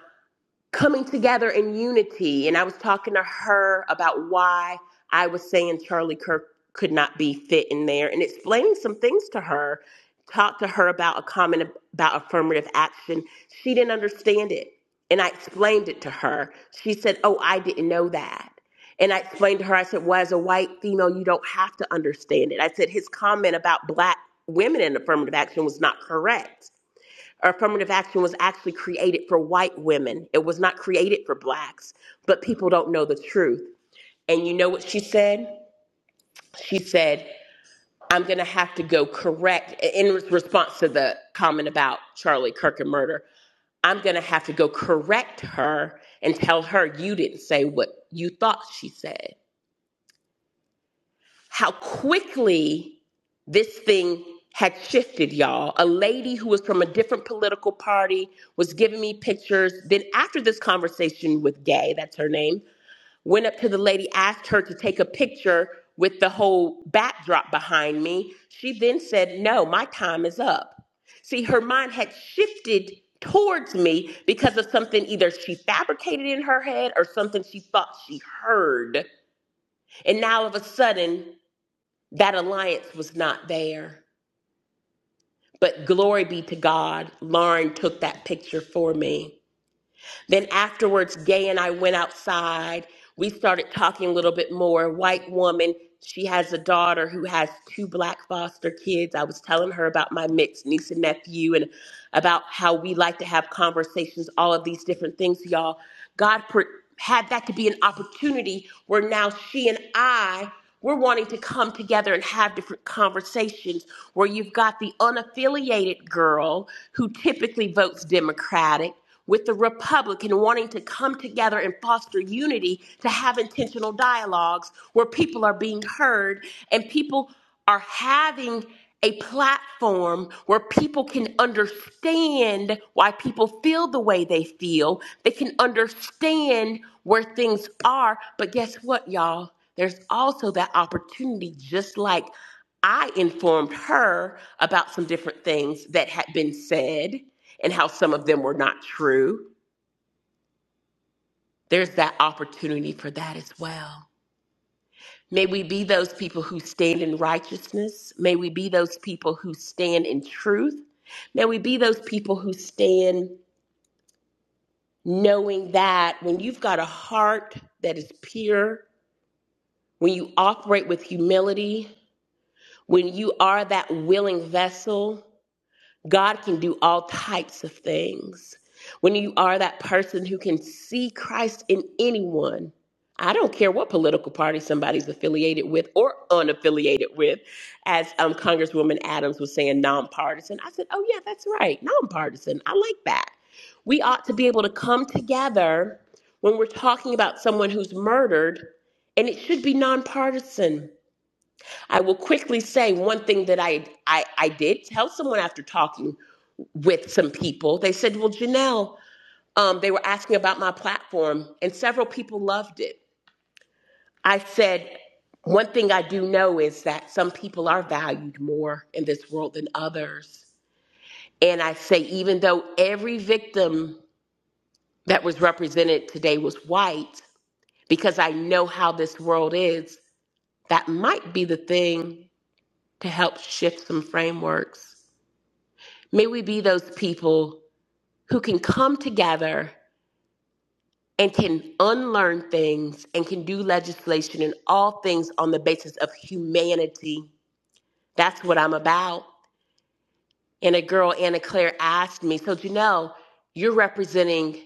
coming together in unity. And I was talking to her about why I was saying Charlie Kirk could not be fit in there and explaining some things to her. Talked to her about a comment about affirmative action. She didn't understand it. And I explained it to her. She said, Oh, I didn't know that. And I explained to her, I said, Well, as a white female, you don't have to understand it. I said, His comment about black women in affirmative action was not correct affirmative action was actually created for white women. It was not created for blacks, but people don't know the truth. And you know what she said? She said, I'm going to have to go correct, in response to the comment about Charlie Kirk and murder, I'm going to have to go correct her and tell her you didn't say what you thought she said. how quickly this thing had shifted, y'all. A lady who was from a different political party was giving me pictures. Then, after this conversation with Gay, that's her name, went up to the lady, asked her to take a picture with the whole backdrop behind me. She then said, No, my time is up. See, her mind had shifted towards me because of something either she fabricated in her head or something she thought she heard. And now, all of a sudden, that alliance was not there. But glory be to God, Lauren took that picture for me. Then afterwards, Gay and I went outside. We started talking a little bit more. White woman, she has a daughter who has two black foster kids. I was telling her about my mixed niece and nephew and about how we like to have conversations, all of these different things, y'all. God pre- had that to be an opportunity where now she and I we're wanting to come together and have different conversations where you've got the unaffiliated girl who typically votes Democratic with the Republican wanting to come together and foster unity to have intentional dialogues where people are being heard and people are having a platform where people can understand why people feel the way they feel. They can understand where things are. But guess what, y'all? There's also that opportunity, just like I informed her about some different things that had been said and how some of them were not true. There's that opportunity for that as well. May we be those people who stand in righteousness. May we be those people who stand in truth. May we be those people who stand knowing that when you've got a heart that is pure, when you operate with humility, when you are that willing vessel, God can do all types of things. When you are that person who can see Christ in anyone, I don't care what political party somebody's affiliated with or unaffiliated with, as um, Congresswoman Adams was saying, nonpartisan. I said, oh, yeah, that's right, nonpartisan. I like that. We ought to be able to come together when we're talking about someone who's murdered, and it should be nonpartisan. I will quickly say one thing that I, I, I did tell someone after talking with some people. They said, Well, Janelle, um, they were asking about my platform, and several people loved it. I said, One thing I do know is that some people are valued more in this world than others. And I say, even though every victim that was represented today was white, because I know how this world is, that might be the thing to help shift some frameworks May we be those people who can come together and can unlearn things and can do legislation and all things on the basis of humanity. That's what I'm about. And a girl, Anna Claire, asked me, So, Janelle, you're representing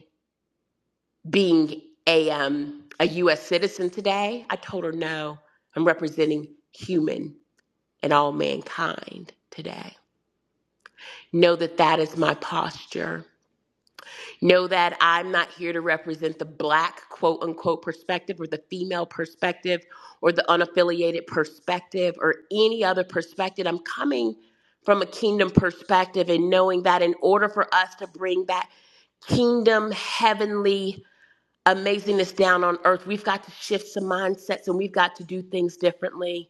being a, um, a U.S. citizen today? I told her, No, I'm representing human and all mankind today. Know that that is my posture. Know that I'm not here to represent the black quote unquote perspective or the female perspective or the unaffiliated perspective or any other perspective. I'm coming from a kingdom perspective and knowing that in order for us to bring that kingdom heavenly amazingness down on earth, we've got to shift some mindsets and we've got to do things differently.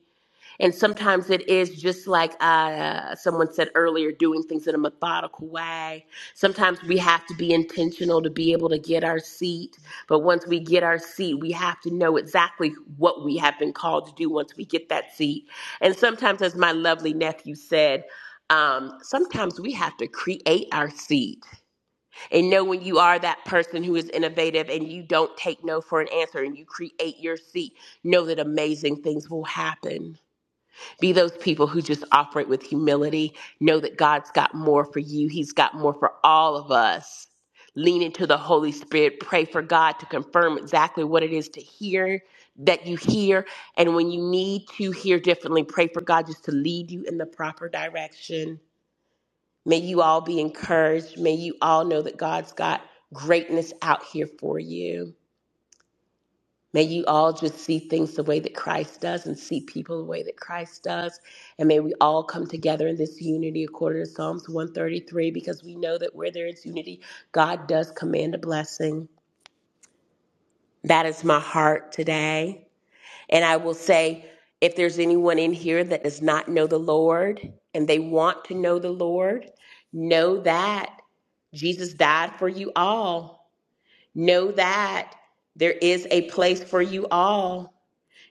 And sometimes it is just like uh, someone said earlier, doing things in a methodical way. Sometimes we have to be intentional to be able to get our seat. But once we get our seat, we have to know exactly what we have been called to do once we get that seat. And sometimes, as my lovely nephew said, um, sometimes we have to create our seat and know when you are that person who is innovative and you don't take no for an answer and you create your seat, know that amazing things will happen. Be those people who just operate with humility. Know that God's got more for you, He's got more for all of us. Lean into the Holy Spirit. Pray for God to confirm exactly what it is to hear that you hear. And when you need to hear differently, pray for God just to lead you in the proper direction. May you all be encouraged. May you all know that God's got greatness out here for you. May you all just see things the way that Christ does and see people the way that Christ does. And may we all come together in this unity according to Psalms 133 because we know that where there is unity, God does command a blessing. That is my heart today. And I will say, if there's anyone in here that does not know the Lord and they want to know the Lord, know that Jesus died for you all. Know that there is a place for you all.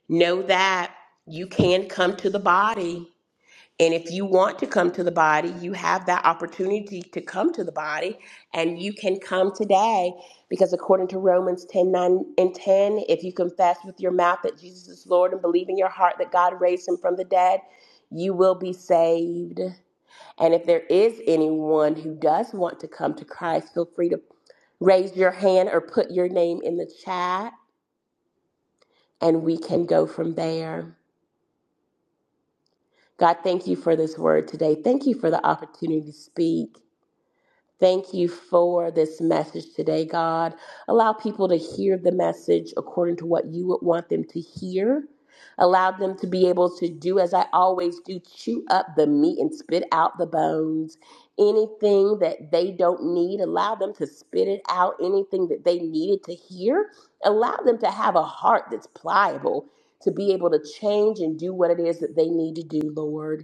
Know that you can come to the body. And if you want to come to the body, you have that opportunity to come to the body and you can come today because according to Romans 10 9 and 10, if you confess with your mouth that Jesus is Lord and believe in your heart that God raised him from the dead, you will be saved. And if there is anyone who does want to come to Christ, feel free to raise your hand or put your name in the chat and we can go from there. God, thank you for this word today. Thank you for the opportunity to speak. Thank you for this message today, God. Allow people to hear the message according to what you would want them to hear. Allow them to be able to do as I always do chew up the meat and spit out the bones. Anything that they don't need, allow them to spit it out. Anything that they needed to hear, allow them to have a heart that's pliable to be able to change and do what it is that they need to do, Lord.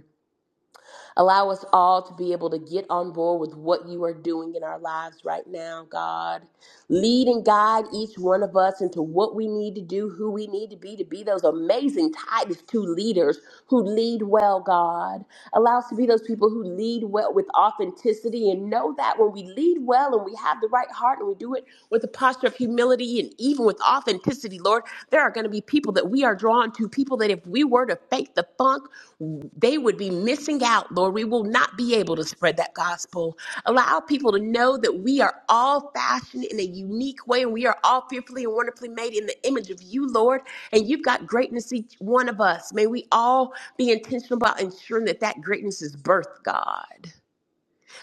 Allow us all to be able to get on board with what you are doing in our lives right now, God. Lead and guide each one of us into what we need to do, who we need to be, to be those amazing Titus 2 leaders who lead well, God. Allow us to be those people who lead well with authenticity and know that when we lead well and we have the right heart and we do it with a posture of humility and even with authenticity, Lord, there are going to be people that we are drawn to, people that if we were to fake the funk, they would be missing out, Lord. We will not be able to spread that gospel. Allow people to know that we are all fashioned in a unique way and we are all fearfully and wonderfully made in the image of you, Lord. And you've got greatness in each one of us. May we all be intentional about ensuring that that greatness is birthed, God.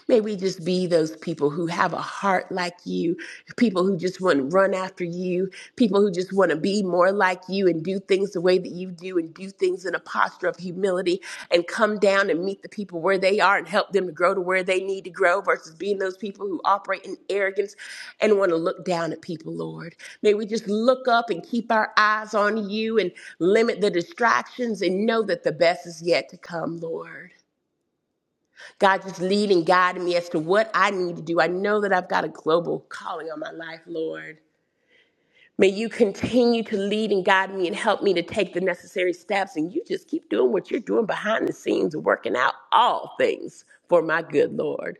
May we just be those people who have a heart like you, people who just want to run after you, people who just want to be more like you and do things the way that you do and do things in a posture of humility and come down and meet the people where they are and help them to grow to where they need to grow versus being those people who operate in arrogance and want to look down at people, Lord. May we just look up and keep our eyes on you and limit the distractions and know that the best is yet to come, Lord. God just lead and guide me as to what I need to do. I know that I've got a global calling on my life, Lord. May you continue to lead and guide me and help me to take the necessary steps. And you just keep doing what you're doing behind the scenes, working out all things for my good, Lord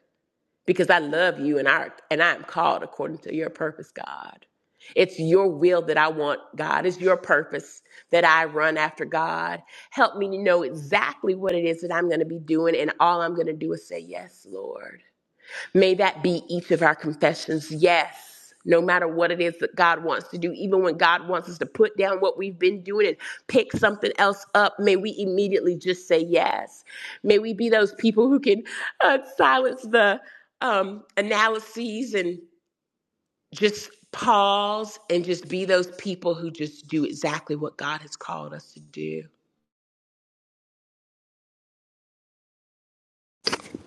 because I love you and I and I am called according to your purpose, God. It's your will that I want, God. It's your purpose that I run after, God. Help me to know exactly what it is that I'm going to be doing, and all I'm going to do is say yes, Lord. May that be each of our confessions. Yes, no matter what it is that God wants to do, even when God wants us to put down what we've been doing and pick something else up, may we immediately just say yes. May we be those people who can uh, silence the um, analyses and just pause and just be those people who just do exactly what God has called us to do.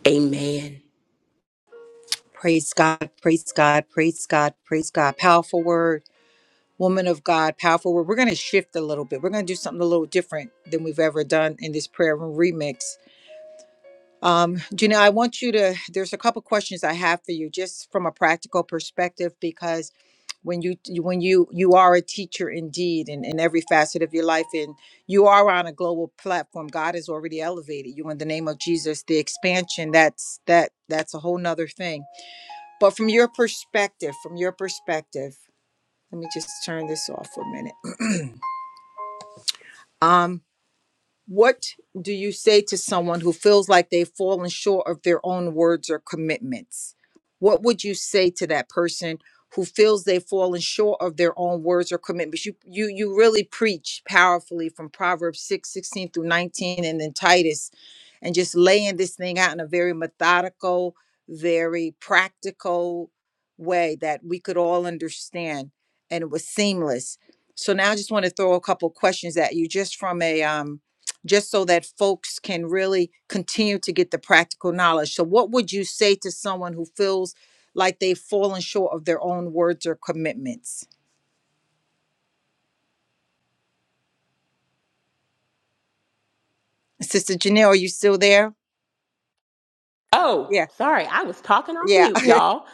Amen.
Praise God, praise God, praise God, praise God. Powerful word. woman of God, powerful word. We're going to shift a little bit. We're going to do something a little different than we've ever done in this prayer room remix. Um, Janelle, I want you to, there's a couple questions I have for you just from a practical perspective because when you when you you are a teacher indeed in, in every facet of your life and you are on a global platform god has already elevated you in the name of jesus the expansion that's that that's a whole nother thing but from your perspective from your perspective let me just turn this off for a minute Um. What do you say to someone who feels like they've fallen short of their own words or commitments? What would you say to that person who feels they've fallen short of their own words or commitments? You you you really preach powerfully from Proverbs 6 16 through 19 and then Titus and just laying this thing out in a very methodical, very practical way that we could all understand. And it was seamless. So now I just want to throw a couple questions at you just from a um just so that folks can really continue to get the practical knowledge. So, what would you say to someone who feels like they've fallen short of their own words or commitments? Sister Janelle, are you still there?
Oh,
Yeah,
sorry, I was talking on
yeah.
mute, y'all.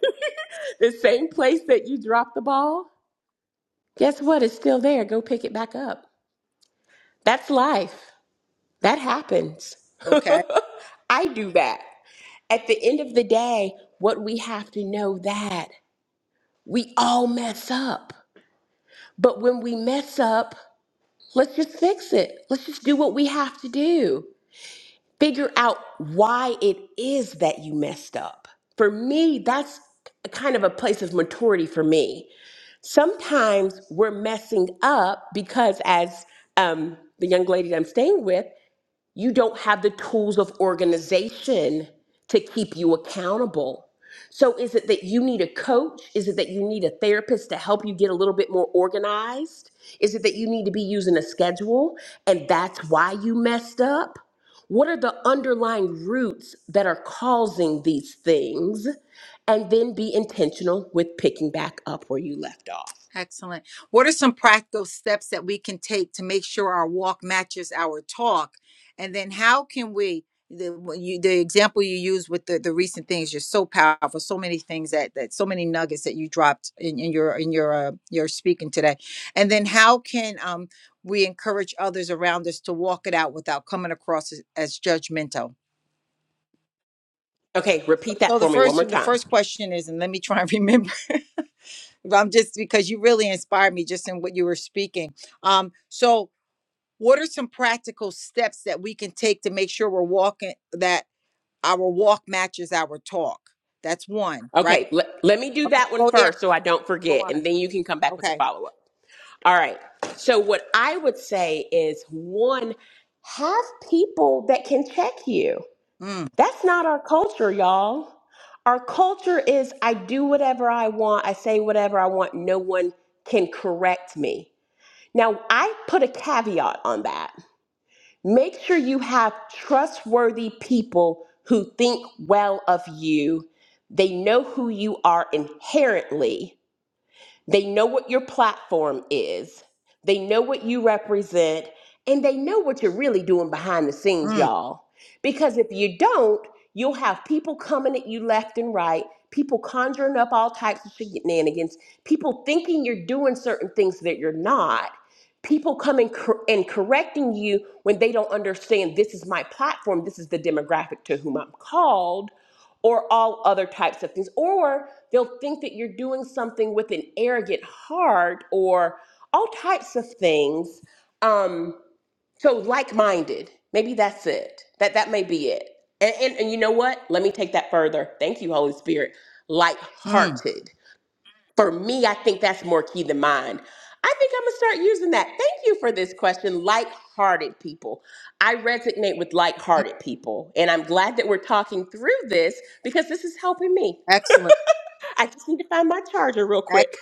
the same place that you dropped the ball, guess what? It's still there. Go pick it back up. That's life. That happens.
okay.
I do that. At the end of the day, what we have to know that we all mess up. But when we mess up, let's just fix it. Let's just do what we have to do. figure out why it is that you messed up. For me, that's a kind of a place of maturity for me. Sometimes we're messing up because, as um, the young lady that I'm staying with, you don't have the tools of organization to keep you accountable. So, is it that you need a coach? Is it that you need a therapist to help you get a little bit more organized? Is it that you need to be using a schedule and that's why you messed up? What are the underlying roots that are causing these things? And then be intentional with picking back up where you left off.
Excellent. What are some practical steps that we can take to make sure our walk matches our talk? And then how can we the what you, the example you use with the, the recent things you're so powerful so many things that that so many nuggets that you dropped in, in your in your uh, your speaking today and then how can um we encourage others around us to walk it out without coming across as, as judgmental
Okay,
so,
repeat
so
that
the
for me one
first
more
the
time.
first question is and let me try and remember I'm just because you really inspired me just in what you were speaking. Um, so what are some practical steps that we can take to make sure we're walking that our walk matches our talk? That's one, right?
Okay, let, let me do
Okay,
that one
go there,
first so I don't
go
forget,
on.
and then you can come back with the
Okay.
follow up. All right. So, what I would say is one, have people that can check you.
Mm,
That's not our culture, y'all. Our culture is I do whatever I want, I say whatever I want, no one can correct me. Now, I put a caveat on that. Make sure you have trustworthy people who think well of you. They know who you are inherently they know what your platform is, they know what you represent, and they know what you're really doing behind the scenes,
mm,
y'all. Because if you don't, you'll have people coming at you left and right, people conjuring up all types of shenanigans, people thinking you're doing certain things that you're not. People coming cor- and correcting you when they don't understand this is my platform, this is the demographic to whom I'm called or all other types of things. Or they'll think that you're doing something with an arrogant heart or all types of things. Um, so like-minded, maybe that's it. That that may be it. And, and, and you know what? Let me take that further. Thank you, Holy Spirit.
mm,
Like-hearted for me, I think that's more key than mine. I think I'm gonna start using that. Thank you for this question. Like-hearted people. I resonate with
mm.
like-hearted people. And I'm glad that we're talking through this because this is helping me.
Excellent.
I just need to find my charger real quick.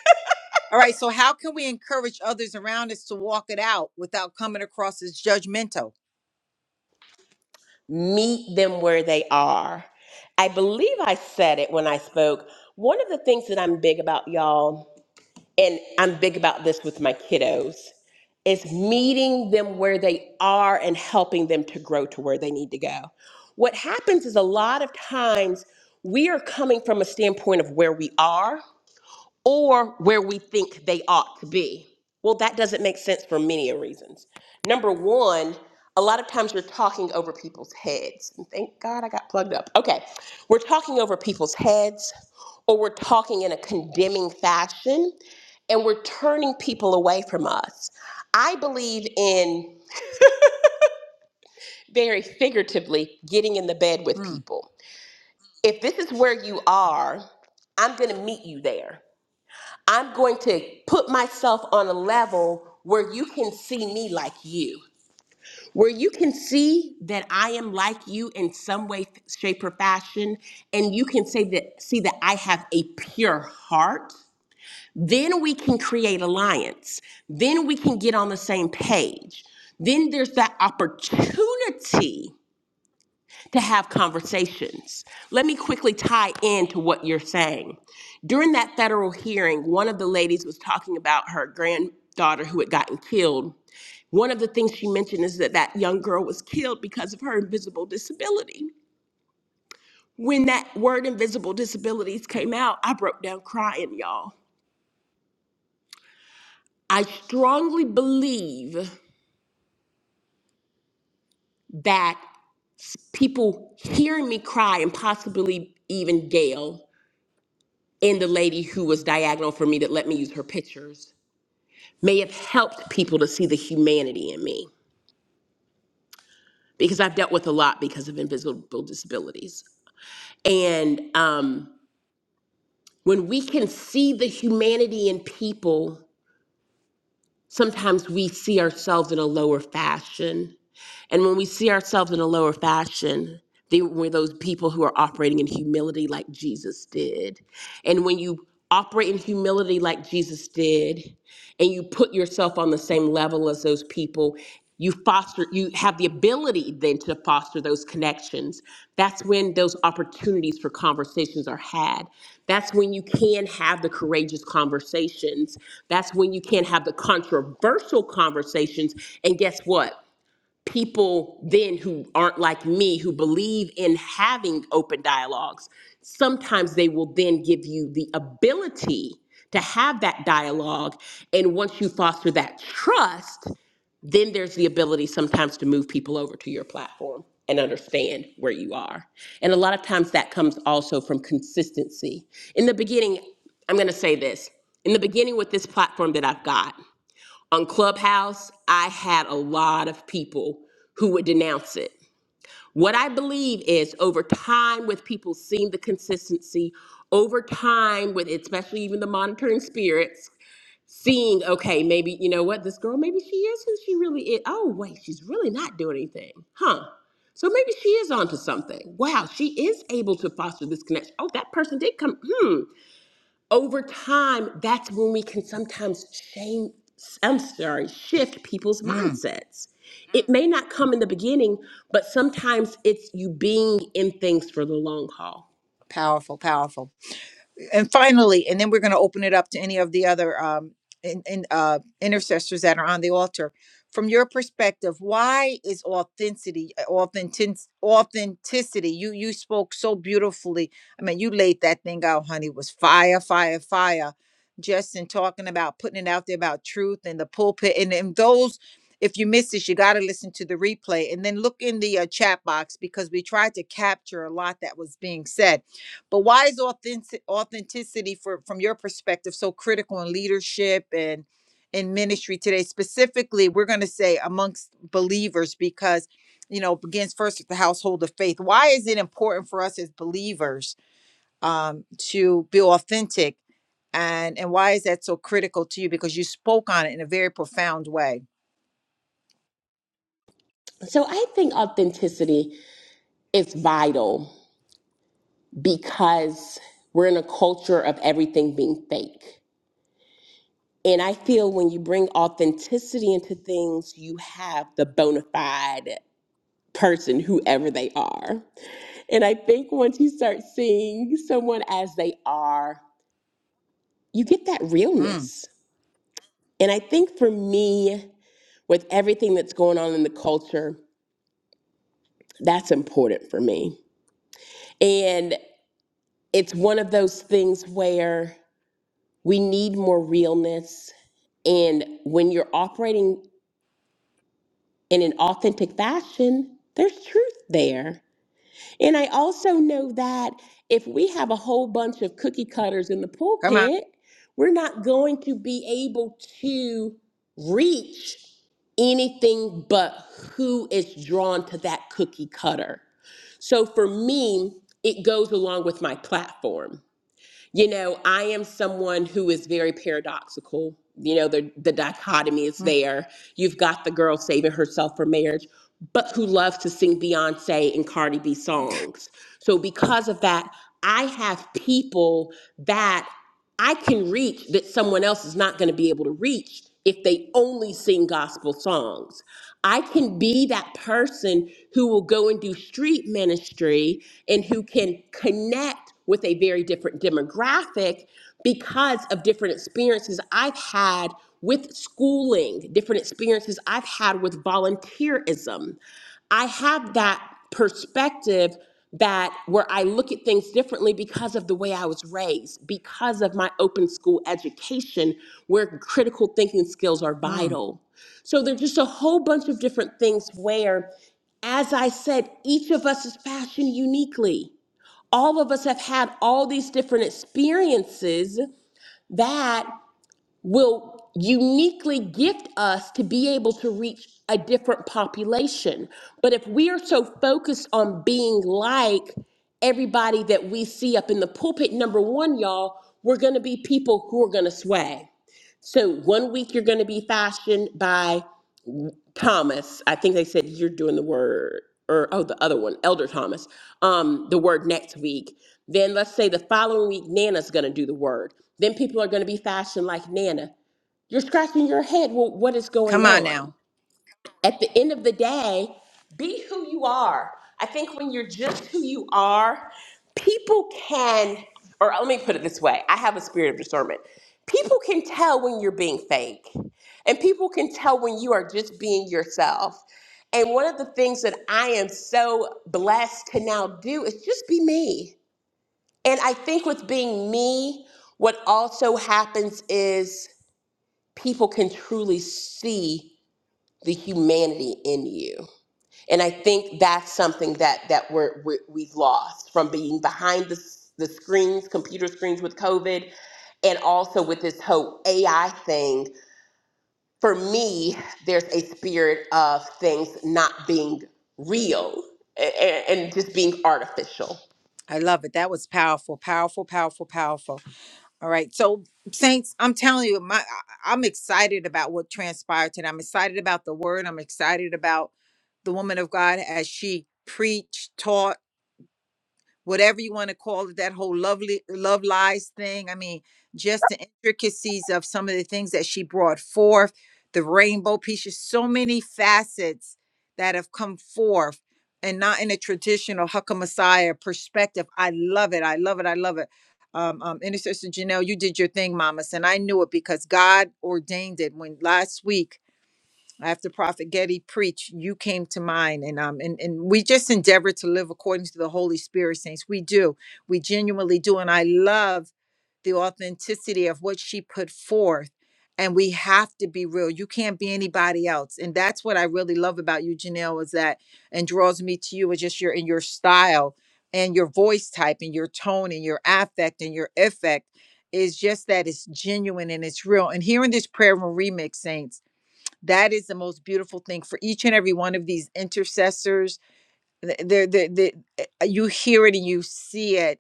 All right, so how can we encourage others around us to walk it out without coming across as judgmental?
Meet them where they are. I believe I said it when I spoke. One of the things that I'm big about, y'all. and I'm big about this with my kiddos, is meeting them where they are and helping them to grow to where they need to go. What happens is a lot of times we are coming from a standpoint of where we are or where we think they ought to be. Well, that doesn't make sense for many reasons. Number one, a lot of times we're talking over people's heads. And thank God I got plugged up. Okay, we're talking over people's heads, or we're talking in a condemning fashion, and we're turning people away from us. I believe in very figuratively getting in the bed with
Mm,
people. If this is where you are, I'm going to meet you there. I'm going to put myself on a level where you can see me like you, where you can see that I am like you in some way, shape, or fashion, and you can say that see that I have a pure heart. Then we can create alliance. Then we can get on the same page. Then there's that opportunity to have conversations. Let me quickly tie into what you're saying. During that federal hearing, one of the ladies was talking about her granddaughter who had gotten killed. One of the things she mentioned is that that young girl was killed because of her invisible disability. When that word invisible disabilities came out, I broke down crying, y'all. I strongly believe that people hearing me cry and possibly even Gail and the lady who was diagonal for me that let me use her pictures may have helped people to see the humanity in me because I've dealt with a lot because of invisible disabilities. And um, when we can see the humanity in people, sometimes we see ourselves in a lower fashion And when we see ourselves in a lower fashion, they were those people who are operating in humility like Jesus did. And when you operate in humility like Jesus did, and you put yourself on the same level as those people, you foster you have the ability then to foster those connections. That's when those opportunities for conversations are had. That's when you can have the courageous conversations. That's when you can have the controversial conversations. And guess what? people then who aren't like me who believe in having open dialogues sometimes they will then give you the ability to have that dialogue and once you foster that trust then there's the ability sometimes to move people over to your platform and understand where you are and a lot of times that comes also from consistency in the beginning i'm going to say this in the beginning with this platform that i've got on Clubhouse, I had a lot of people who would denounce it. What I believe is over time, with people seeing the consistency, over time, with especially even the monitoring spirits, seeing, okay, maybe, you know what, this girl, maybe she is who she really is. Oh, wait, she's really not doing anything. Huh. So maybe she is onto something. Wow, she is able to foster this connection. Oh, that person did come. Hmm over time, that's when we can sometimes change, I'm sorry, shift people's
mm.
mindsets. It may not come in the beginning, but sometimes it's you being in things for the long haul.
Powerful, powerful. and finally, and then we're going to open it up to any of the other um, in, in, uh, intercessors that are on the altar. From your perspective, why is authenticity, authentic, authenticity? You you spoke so beautifully. I mean, you laid that thing out, honey. It Was fire, fire, fire. Just in talking about putting it out there about truth and the pulpit, and, and those. If you missed this, you got to listen to the replay, and then look in the uh, chat box because we tried to capture a lot that was being said but why is authentic authenticity for from your perspective so critical in leadership and in ministry today? Specifically, we're going to say amongst believers because you know it begins first with the household of faith. Why is it important for us as believers um, to be authentic, and and why is that so critical to you? Because you spoke on it in a very profound way.
So I think authenticity is vital because we're in a culture of everything being fake. And I feel when you bring authenticity into things, you have the bona fide person, whoever they are. And I think once you start seeing someone as they are, you get that
Mm,
realness. And I think for me, with everything that's going on in the culture, that's important for me. And it's one of those things where we need more realness. And when you're operating in an authentic fashion, there's truth there. And I also know that if we have a whole bunch of cookie cutters in the
come on,
pulpit, we're not going to be able to reach anything but who is drawn to that cookie cutter. So for me, it goes along with my platform. You know, I am someone who is very paradoxical. You know, the, the dichotomy is
Mm,
there. You've got the girl saving herself for marriage, but who loves to sing Beyonce and Cardi B songs. So, because of that, I have people that I can reach that someone else is not going to be able to reach if they only sing gospel songs. I can be that person who will go and do street ministry and who can connect with a very different demographic because of different experiences I've had with schooling, different experiences I've had with volunteerism. I have that perspective that where I look at things differently because of the way I was raised, because of my open school education, where critical thinking skills are
mm.
vital. So there's just a whole bunch of different things where, as I said, each of us is fashioned uniquely. All of us have had all these different experiences that will uniquely gift us to be able to reach a different population. But if we are so focused on being like everybody that we see up in the pulpit, number one, y'all, we're going to be people who are going to sway. So one week you're going to be fashioned by Thomas. I think they said you're doing the word or oh the other one, Elder Thomas. Um the word next week. Then let's say the following week Nana's going to do the word. Then people are going to be fashioned like Nana. You're scratching your head. Well, what is going
come on
on?
now.
At the end of the day, be who you are. I think when you're just who you are, people can, or let me put it this way I have a spirit of discernment. People can tell when you're being fake, and people can tell when you are just being yourself. And one of the things that I am so blessed to now do is just be me. And I think with being me, what also happens is people can truly see the humanity in you and i think that's something that that we're, we we've lost from being behind the, s- the screens computer screens with covid and also with this whole ai thing for me there's a spirit of things not being real and, and just being artificial
I love it. That was powerful, powerful, powerful, powerful. All right. So, Saints, I'm telling you, my I- I'm excited about what transpired today. I'm excited about the word. I'm excited about the woman of God as she preached, taught, whatever you want to call it, that whole lovely love lies thing. I mean, just the intricacies of some of the things that she brought forth, the rainbow pieces, so many facets that have come forth and not in a traditional Hakka Messiah perspective. I love it. I love it. I love it. Um, um, Intercessor Janelle, you did your thing, mamas, and I knew it because God ordained it when last week after Prophet Getty preached, you came to mind, and um, and and we just endeavor to live according to the Holy Spirit, saints. We do, we genuinely do, and I love the authenticity of what she put forth. And we have to be real. You can't be anybody else, and that's what I really love about you, Janelle, is that and draws me to you is just your in your style and your voice type and your tone and your affect and your effect is just that it's genuine and it's real. And here in this prayer room remix, saints. That is the most beautiful thing for each and every one of these intercessors th- there the, the, uh, you hear it and you see it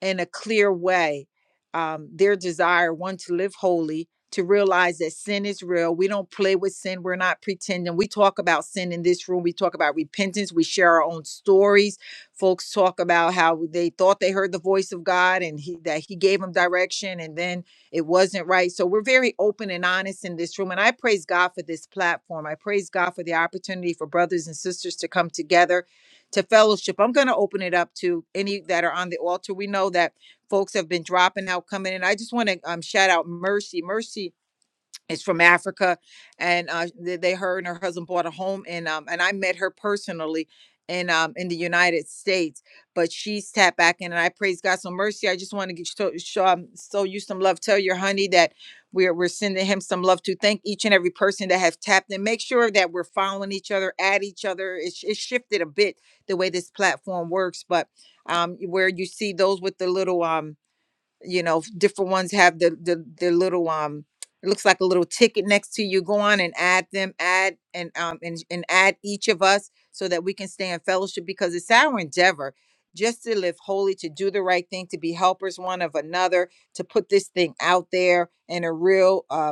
in a clear way um, their desire one to live holy to realize that sin is real we don't play with sin we're not pretending we talk about sin in this room we talk about repentance we share our own stories folks talk about how they thought they heard the voice of god and he, that he gave them direction and then it wasn't right so we're very open and honest in this room and i praise god for this platform i praise god for the opportunity for brothers and sisters to come together to fellowship. I'm going to open it up to any that are on the altar. We know that folks have been dropping out, coming in. I just want to um, shout out Mercy. Mercy is from Africa, and uh, they, they her and her husband bought a home in um, and I met her personally in um in the United States, but she's tapped back in, and I praise God so mercy. I just want to get show, show, um, show you some love. Tell your honey that we're we're sending him some love to thank each and every person that have tapped in. Make sure that we're following each other, at each other. It's it's shifted a bit the way this platform works, but um where you see those with the little um you know different ones have the the, the little um it looks like a little ticket next to you go on and add them add and um and, and add each of us so that we can stay in fellowship because it's our endeavor just to live holy to do the right thing to be helpers one of another to put this thing out there in a real um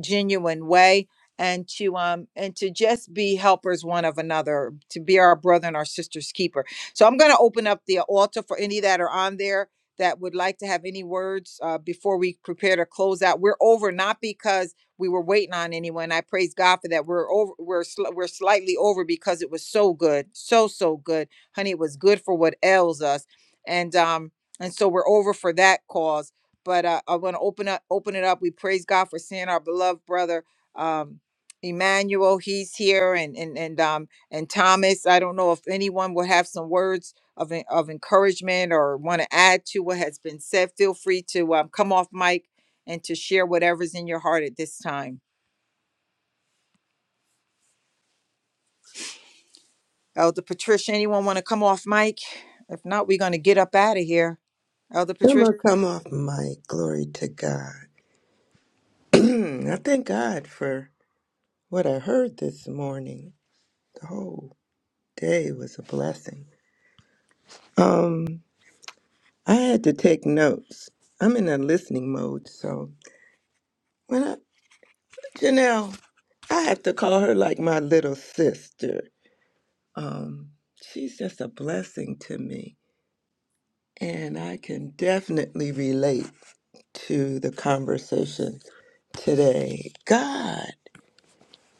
genuine way and to um and to just be helpers one of another to be our brother and our sister's keeper so i'm going to open up the altar for any that are on there that would like to have any words uh, before we prepare to close out we're over not because we were waiting on anyone i praise god for that we're over we're sli- we're slightly over because it was so good so so good honey it was good for what ails us and um and so we're over for that cause but uh, I want to open up, open it up. We praise God for seeing our beloved brother um, Emmanuel. He's here, and and and um and Thomas. I don't know if anyone would have some words of en- of encouragement or want to add to what has been said. Feel free to um, come off mic and to share whatever's in your heart at this time. Elder Patricia, anyone want to come off mic? If not, we're going to get up out of here. Elder Patricia,
gonna come off my glory to God. I thank God for what I heard this morning. The whole day was a blessing. Um, I had to take notes. I'm in a listening mode, so when I Janelle, I have to call her like my little sister. Um, she's just a blessing to me, and I can definitely relate to the conversation today. God.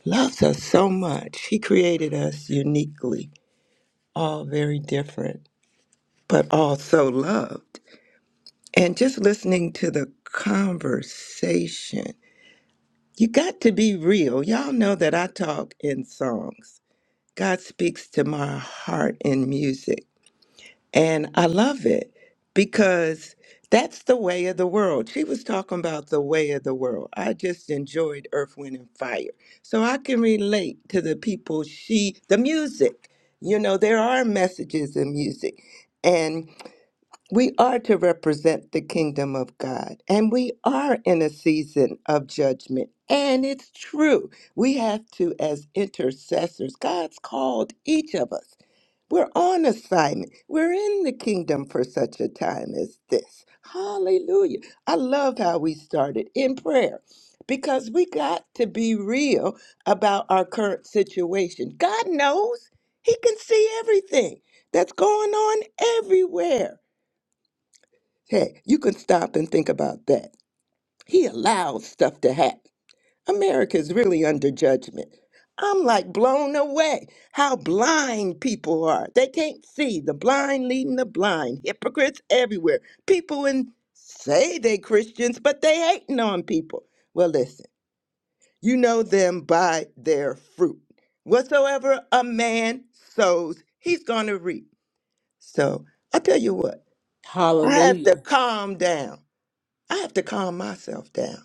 loves us so much. He created us uniquely, all very different, but all so loved. And just listening to the conversation, you got to be real. Y'all know that I talk in songs. God speaks to my heart in music. And I love it because that's the way of the world. She was talking about the way of the world. I just enjoyed Earth, Wind, and Fire. So I can relate to the people she, the music. You know, there are messages in music. and. We are to represent the kingdom of God, and we are in a season of judgment. And it's true. We have to, as intercessors, God's called each of us. We're on assignment. We're in the kingdom for such a time as this. Hallelujah. I love how we started in prayer because we got to be real about our current situation. God knows, He can see everything that's going on everywhere. Hey, you can stop and think about that. He allows stuff to happen. America is really under judgment. I'm like blown away how blind people are. They can't see the blind leading the blind, hypocrites everywhere. People in say they Christians, but they hating on people. Well, listen, you know them by their fruit. Whatsoever a man sows, he's gonna reap. So I tell you what, I have to calm down. I have to calm myself down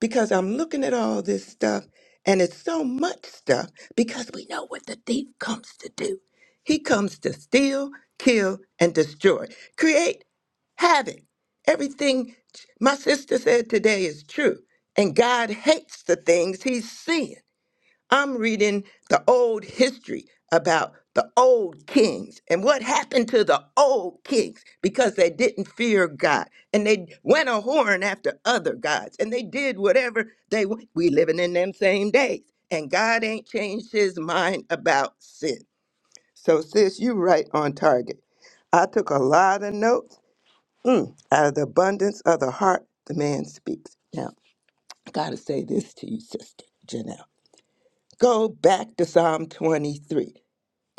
because I'm looking at all this stuff and it's so much stuff because we know what the thief comes to do. He comes to steal, kill, and destroy, create havoc. Everything my sister said today is true. And God hates the things he's seeing. I'm reading the old history about the old kings and what happened to the old kings because they didn't fear God and they went a horn after other gods and they did whatever they wa- we living in them same days and God ain't changed his mind about sin. So sis, you right on target. I took a lot of notes. Mm, out of the abundance of the heart, the man speaks. Now, I gotta say this to you, sister Janelle. Go back to Psalm 23.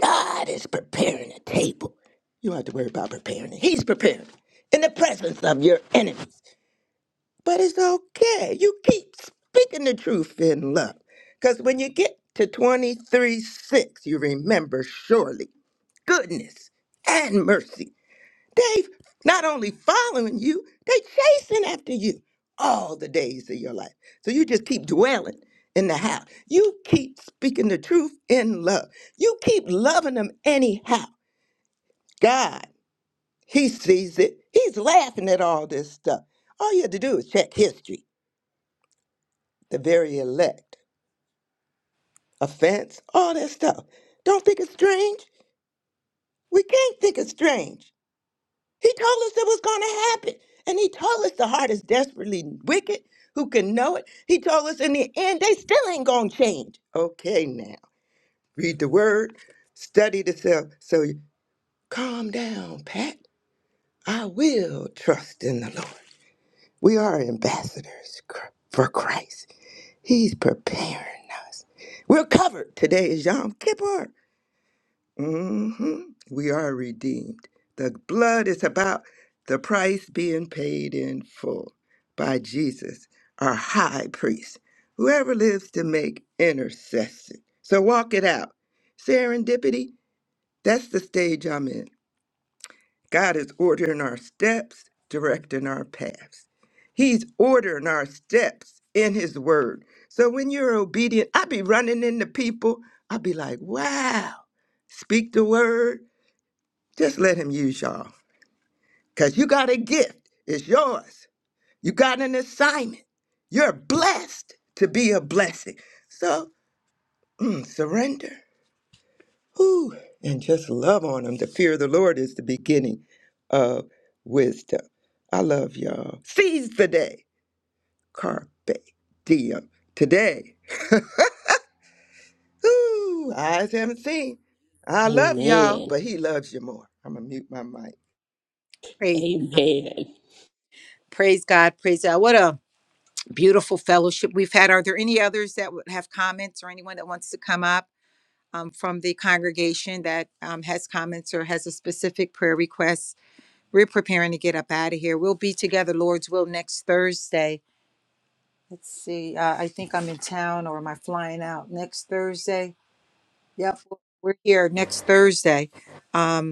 God is preparing a table. You don't have to worry about preparing it. He's preparing in the presence of your enemies. But it's okay. You keep speaking the truth in love. Because when you get to 23 6, you remember surely goodness and mercy They've not only following you, they chasing after you all the days of your life. So you just keep dwelling in the house. You keep speaking the truth in love. You keep loving them anyhow. God, He sees it. He's laughing at all this stuff. All you have to do is check history. The very elect, offense, all that stuff. Don't think it's strange. We can't think it's strange. He told us it was going to happen. And he told us the heart is desperately wicked. Who can know it? He told us in the end, they still ain't going to change. Okay, now read the word, study the self. So you- calm down, Pat. I will trust in the Lord. We are ambassadors cr- for Christ. He's preparing us. We're covered. Today is Yom Kippur hmm We are redeemed. The blood is about the price being paid in full by Jesus, our high priest, whoever lives to make intercession. So walk it out. Serendipity, that's the stage I'm in. God is ordering our steps, directing our paths. He's ordering our steps in His Word. So when you're obedient, I be running into people. I be like, wow, speak the word just let him use y'all. Because you got a gift. It's yours. You got an assignment. You're blessed to be a blessing. So mm, surrender. Whew. And just love on him. The fear of the Lord is the beginning of wisdom. I love y'all. Seize the day. Carpe diem. Today. Ooh, eyes haven't seen. I love y'all,
Amen.
but he loves you more. I'm going to mute my mic.
praise,
Amen.
praise God, praise God. What a beautiful fellowship we've had. Are there any others that would have comments or anyone that wants to come up um, from the congregation that um, has comments or has a specific prayer request? We're preparing to get up out of here. We'll be together, Lord's will, next Thursday. Let's see. Uh, I think I'm in town or am I flying out next Thursday? Yep, we're here next Thursday. Um,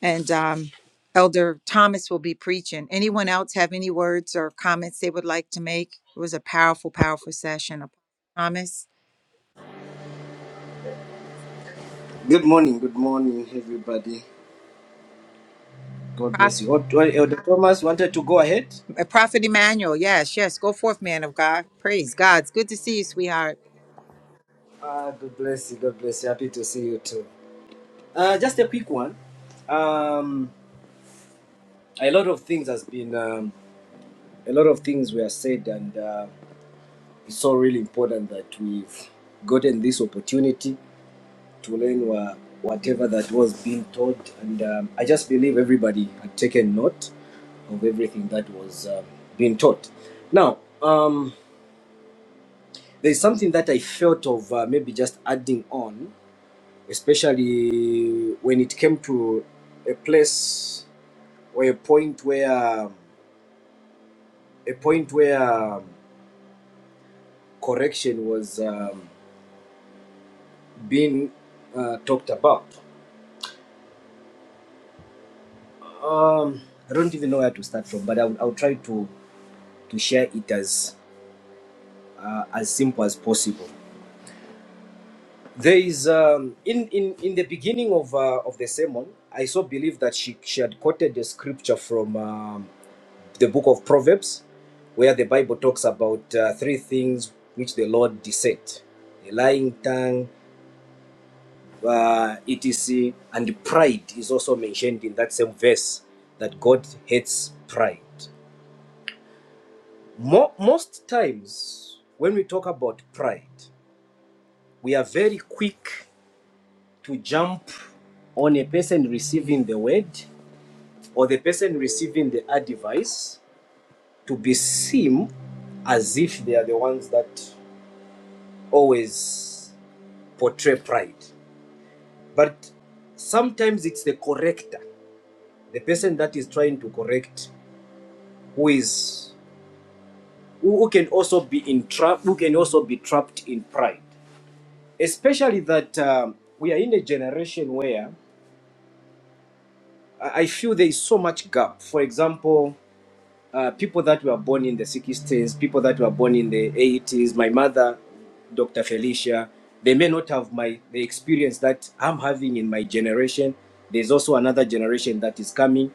and um, Elder Thomas will be preaching. Anyone else have any words or comments they would like to make? It was a powerful, powerful session. Apostle Thomas,
Good morning, good morning, everybody. God bless
Prophet,
you. Oh, Elder Thomas wanted to go ahead.
uh, Prophet Emmanuel, yes, yes, go forth, man of God. Praise God. It's good to see you, sweetheart.
Ah, God bless you. God bless you. Happy to see you too. Uh, just a quick one. Um, a lot of things has been, um, a lot of things were said, and uh, it's so really important that we've gotten this opportunity to learn wha- whatever that was being taught, and um, I just believe everybody had taken note of everything that was um being taught. Now. Um, there's something that I felt of uh, maybe just adding on, especially when it came to a place or a point where um, a point where um, correction was um, being uh, talked about. Um, I don't even know where to start from, but I'll, I'll try to to share it as uh, as simple as possible. There is um, in in in the beginning of uh, of the sermon, I so believe that she she had quoted the scripture from. Um, the book of Proverbs, where the Bible talks about uh, three things which the Lord dissect a lying tongue, uh, etc. And pride is also mentioned in that same verse that God hates pride. Mo- most times, when we talk about pride, we are very quick to jump on a person receiving the word or the person receiving the advice to be seen as if they are the ones that always portray pride. But sometimes it's the corrector, the person that is trying to correct, who is who, who can also be in trap, who can also be trapped in pride. Especially that um, we are in a generation where I I feel there is so much gap. For example, uh, people that were born in the 60s, people that were born in the 80s, my mother, Dr. Felicia, they may not have my the experience that I'm having in my generation. There's also another generation that is coming.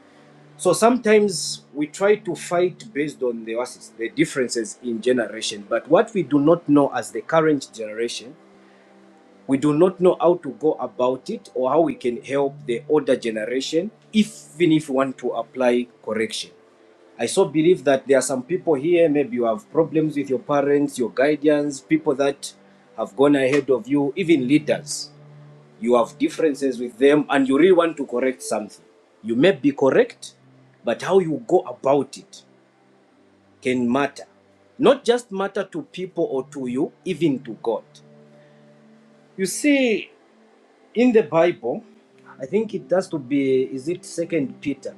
So sometimes we try to fight based on the, the differences in generation, but what we do not know as the current generation, we do not know how to go about it or how we can help the older generation, if, even if we want to apply correction. I so believe that there are some people here, maybe you have problems with your parents, your guardians, people that have gone ahead of you, even leaders. You have differences with them and you really want to correct something. You may be correct, but how you go about it can matter. Not just matter to people or to you, even to God. You see, in the Bible, I think it has to be, is it Second Peter?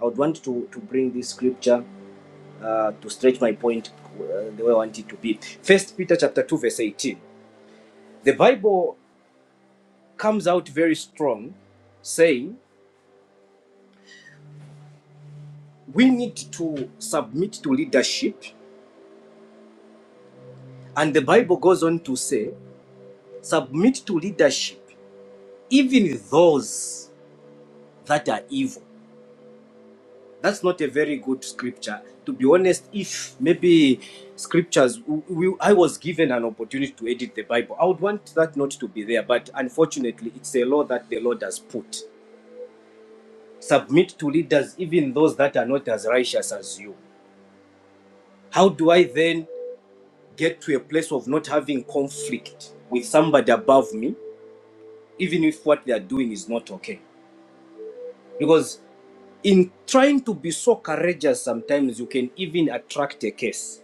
I would want to, to bring this scripture uh, to stretch my point uh, the way I want it to be. First Peter chapter 2 verse 18. The Bible comes out very strong saying we need to submit to leadership and the Bible goes on to say submit to leadership even those that are evil. That's not a very good scripture. To be honest, if maybe scriptures, we, I was given an opportunity to edit the Bible, I would want that not to be there. But unfortunately, it's a law that the Lord has put. submit to leaders, even those that are not as righteous as you? How do I then get to a place of not having conflict with somebody above me, even if what they are doing is not okay? Because in trying to be so courageous, sometimes you can even attract a case.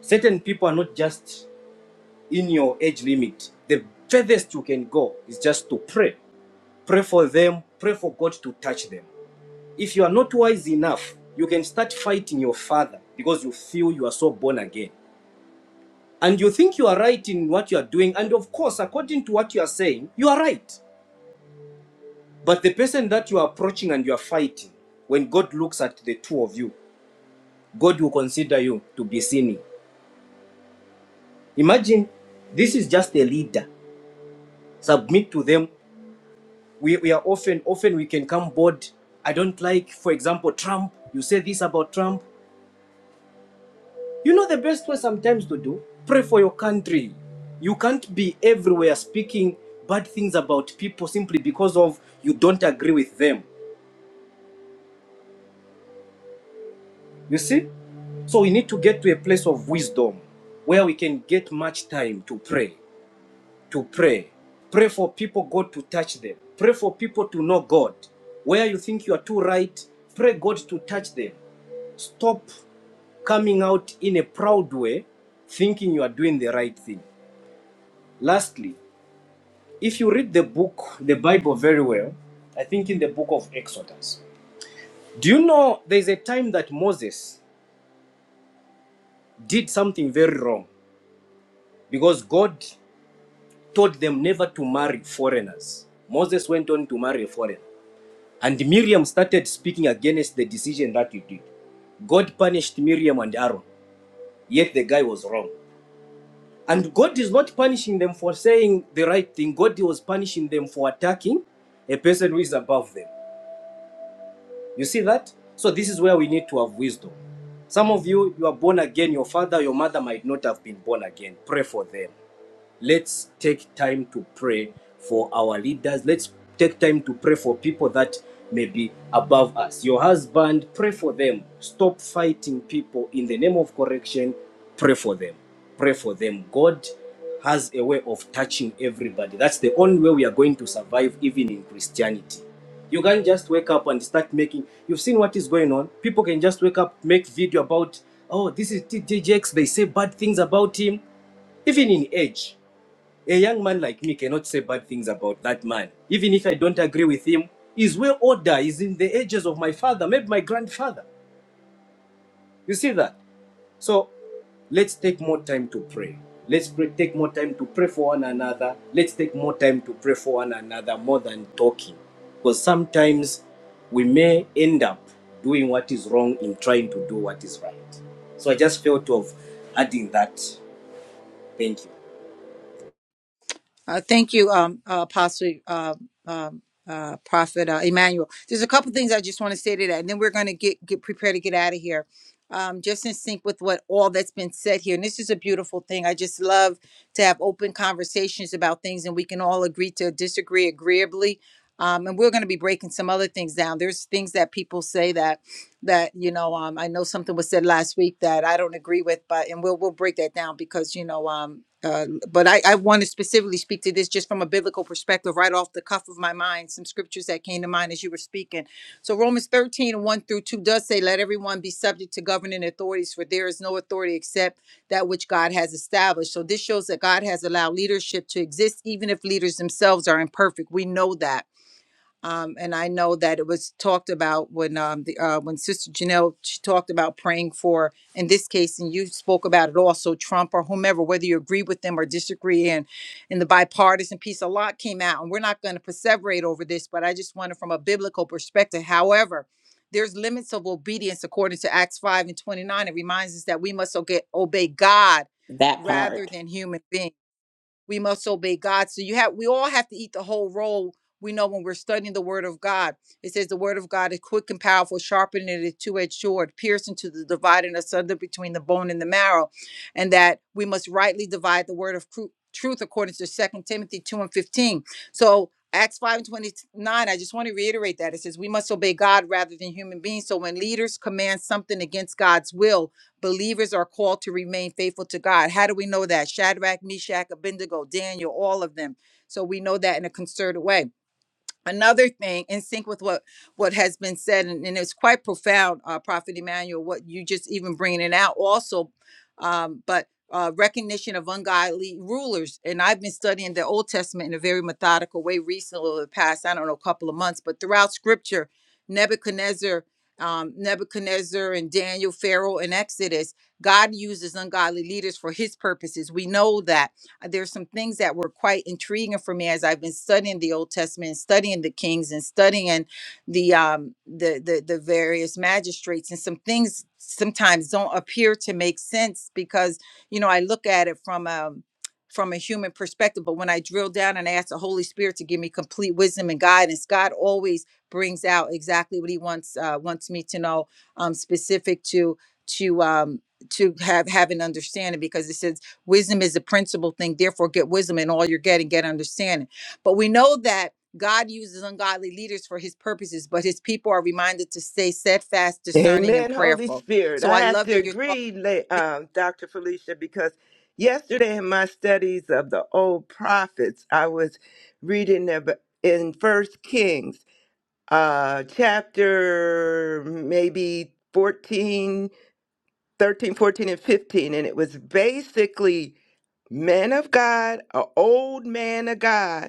Certain people are not just in your age limit. The furthest you can go is just to pray. Pray for them, pray for God to touch them. If you are not wise enough, you can start fighting your father because you feel you are so born again. And you think you are right in what you are doing. And of course, according to what you are saying, you are right. But the person that you are approaching and you are fighting, when God looks at the two of you, God will consider you to be sinning. Imagine this is just a leader. Submit to them. We, we are often, often we can come bored. I don't like, for example, Trump. You say this about Trump. You know the best way sometimes to do? Pray for your country. You can't be everywhere speaking bad things about people simply because of you don't agree with them. You see? So we need to get to a place of wisdom where we can get much time to pray, to pray. Pray for people, God to touch them. Pray for people to know God. Where you think you are too right, pray God to touch them. Stop coming out in a proud way, thinking you are doing the right thing. Lastly, If you read the book, the Bible very well, I think in the book of Exodus, do you know there's a time that Moses did something very wrong because God told them never to marry foreigners. Moses went on to marry a foreigner. And Miriam started speaking against the decision that he did. God punished Miriam and Aaron, yet the guy was wrong. And God is not punishing them for saying the right thing, God was punishing them for attacking a person who is above them. You see that? So this is where we need to have wisdom. Some of you, you are born again. Your father, your mother might not have been born again. Pray for them. Let's take time to pray for our leaders. Let's take time to pray for people that may be above us. Your husband, pray for them. Stop fighting people in the name of correction. Pray for them. Pray for them. God has a way of touching everybody. That's the only way we are going to survive, even in Christianity. You can't just wake up and start making. You've seen what is going on. People can just wake up, make video about, oh, this is TJ Jakes. They say bad things about him, even in age. A young man like me cannot say bad things about that man. Even if I don't agree with him, his way order is in the ages of my father, maybe my grandfather. You see that? So let's take more time to pray. Let's pray, take more time to pray for one another. Let's take more time to pray for one another more than talking. Because sometimes we may end up doing what is wrong in trying to do what is right. So I just felt of adding that. Thank you.
Uh, thank you, um, uh, Apostle uh, um, uh, Prophet uh, Emmanuel. There's a couple things I just want to say to that, and then we're going to get get prepared to get out of here. Um, just in sync with what all that's been said here, and this is a beautiful thing. I just love to have open conversations about things, and we can all agree to disagree agreeably. Um, and we're going to be breaking some other things down. There's things that people say that that you know um i know something was said last week that i don't agree with but and we'll we'll break that down because you know um uh, but I, I want to specifically speak to this just from a biblical perspective, right off the cuff of my mind, some scriptures that came to mind as you were speaking. So, Romans thirteen one through 2 does say, Let everyone be subject to governing authorities, for there is no authority except that which God has established. So, this shows that God has allowed leadership to exist, even if leaders themselves are imperfect. We know that. Um, and I know that it was talked about when um, the uh, when Sister Janelle she talked about praying for in this case, and you spoke about it also Trump or whomever, whether you agree with them or disagree. And in the bipartisan piece, a lot came out, and we're not going to perseverate over this, but I just wanted from a biblical perspective. However, there's limits of obedience according to Acts five and twenty nine. It reminds us that we must oge- obey God
That
rather
part.
than human beings we must obey God. So you have we all have to eat the whole roll. We know when we're studying the word of God. It says the word of God is quick and powerful, sharpening it a two-edged sword, piercing to the dividing asunder between the bone and the marrow, and that we must rightly divide the word of cru- truth according to Second Timothy 2 and 15. So Acts 5 and 29, I just want to reiterate that. It says we must obey God rather than human beings. So when leaders command something against God's will, Believers are called to remain faithful to God. How do we know that? Shadrach, Meshach, Abednego, Daniel, all of them. So we know that in a concerted way another thing in sync with what what has been said and, and it's quite profound uh, prophet emmanuel what you just even bringing it out also um, but uh, recognition of ungodly rulers and i've been studying the old testament in a very methodical way recently over the past i don't know couple of months but throughout scripture nebuchadnezzar um, nebuchadnezzar and daniel pharaoh and exodus god uses ungodly leaders for his purposes we know that uh, there's some things that were quite intriguing for me as I've been studying the Old Testament, and studying the kings, and studying the um the the, the various magistrates, and some things sometimes don't appear to make sense because you know I look at it from a from a human perspective, but when I drill down and I ask the Holy Spirit to give me complete wisdom and guidance, God always brings out exactly what He wants uh, wants me to know, um, specific to to um, to have have an understanding. Because it says. Wisdom is the principal thing. Therefore, get wisdom in all you're getting, get understanding. But we know that God uses ungodly leaders for his purposes, but his people are reminded to stay steadfast, discerning, and
Amen, Holy
prayerful.
Spirit.
So
I
I
have
love
to
that you're talking,
agree, la- um, Dr. Felicia, because yesterday in my studies of the old prophets, I was reading ab- in First Kings, uh, chapter maybe 14, 13, 14, and 15, and it was basically men of God, an old man of God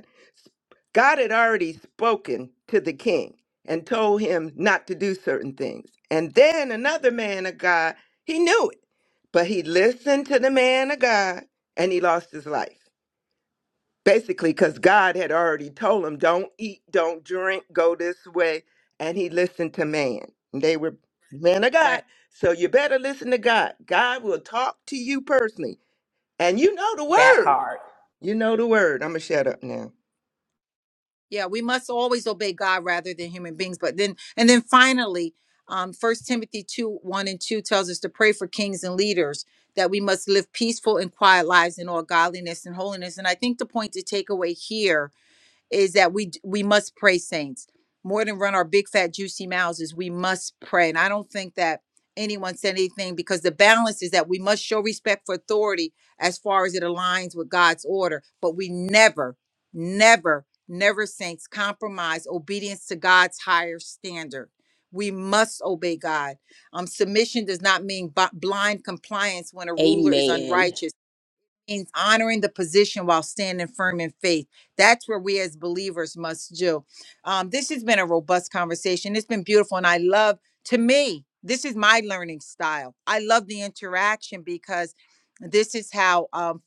God had already spoken to the king and told him not to do certain things. And then another man of God, he knew it, but he listened to the man of God and he lost his life. Basically, because God had already told him, don't eat, don't drink, go this way. And he listened to man. And They were men of God.
right?
So you better listen to God. God will talk to you personally. And you know the
that
word.
part
You know the word. I'm going to shut up now.
Yeah, we must always obey God rather than human beings. But then, and then finally, um, 1 Timothy 2 1 and 2 tells us to pray for kings and leaders, that we must live peaceful and quiet lives in all godliness and holiness. And I think the point to take away here is that we we must pray saints more than run our big fat juicy mouths is we must pray and i don't think that anyone said anything because the balance is that we must show respect for authority as far as it aligns with god's order but we never never never saints compromise obedience to god's higher standard we must obey god um, submission does not mean bi- blind compliance when a ruler is
Amen.
unrighteous means honoring the position while standing firm in faith. That's where we as believers must do. Um, this has been a robust conversation. It's been beautiful. And I love, to me, this is my learning style. I love the interaction because this is how. Um,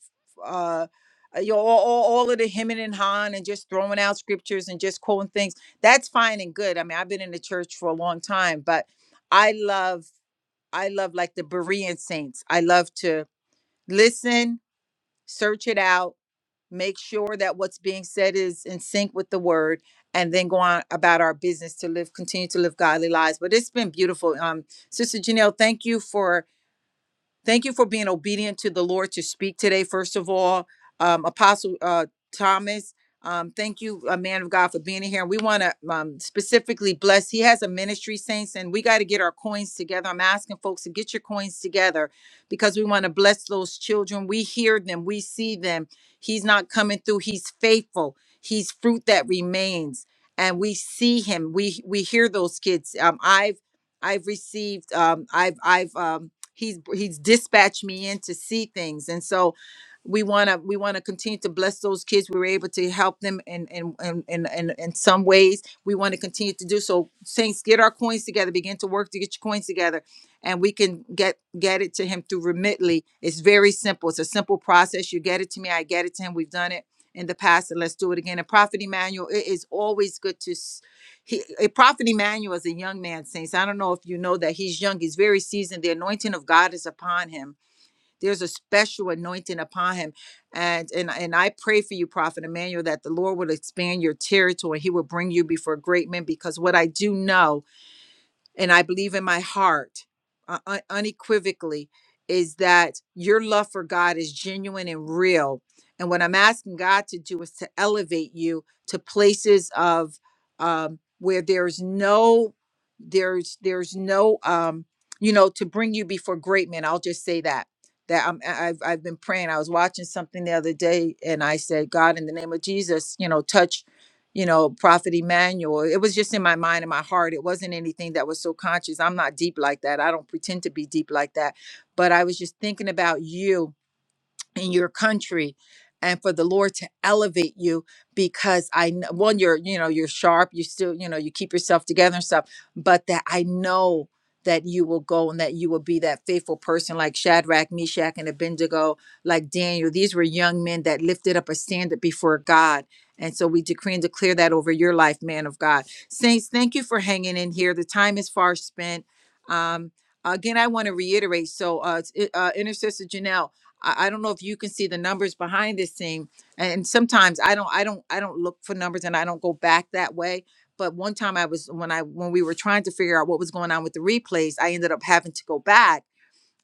f- uh, uh, you know, all, all all of the hemming and hawing and just throwing out scriptures and just quoting things that's fine and good i mean i've been in the church for a long time but i love i love like the berean saints i love to listen search it out, make sure that what's being said is in sync with the word, and then go on about our business to live, continue to live godly lives. But it's been beautiful. Um, Sister Janelle, thank you for Thank you for being obedient to the Lord to speak today, first of all. Um, Apostle uh, Thomas, um, thank you, a man of God, for being here. And We want to um, specifically bless. He has a ministry, saints, and we got to get our coins together. I'm asking folks to get your coins together because we want to bless those children. We hear them, we see them. He's not coming through, he's faithful, he's fruit that remains. And we see him. We we hear those kids. Um, I've I've received. Um, I've I've um, he's he's dispatched me in to see things and so we want to we want to continue to bless those kids we were able to help them in in in in, in, in some ways we want to continue to do so saints get our coins together begin to work to get your coins together and we can get get it to him through remitly it's very simple it's a simple process you get it to me i get it to him we've done it in the past and let's do it again and prophet emmanuel it is always good to he a prophet Emmanuel is a young man, saints. I don't know if you know that he's young, he's very seasoned. The anointing of God is upon him. There's a special anointing upon him. And and, and I pray for you, Prophet Emmanuel, that the Lord will expand your territory. He will bring you before great men. Because what I do know and I believe in my heart uh, un- unequivocally is that your love for God is genuine and real. And what I'm asking God to do is to elevate you to places of um, where there's no, there's there's no, um, you know, to bring you before great men. I'll just say that that I'm, I- I've I've been praying. I was watching something the other day, and I said, God, in the name of Jesus, you know, touch you know, Prophet Emmanuel. It was just in my mind and my heart. It wasn't anything that was so conscious. I'm not deep like that. I don't pretend to be deep like that. But I was just thinking about you in your country and for the lord to elevate you because i kn- one you're you know you're sharp you still you know you keep yourself together and stuff but that i know that you will go and that you will be that faithful person like shadrach meshach and abednego like daniel these were young men that lifted up a standard before god and so we decree and declare that over your life man of god saints thank you for hanging in here the time is far spent um again i want to reiterate so uh, it's- uh intercessor janelle I, I don't know if you can see the numbers behind this thing. And sometimes I don't I don't I don't look for numbers and I don't go back that way. But one time I was when I when we were trying to figure out what was going on with the replays, I ended up having to go back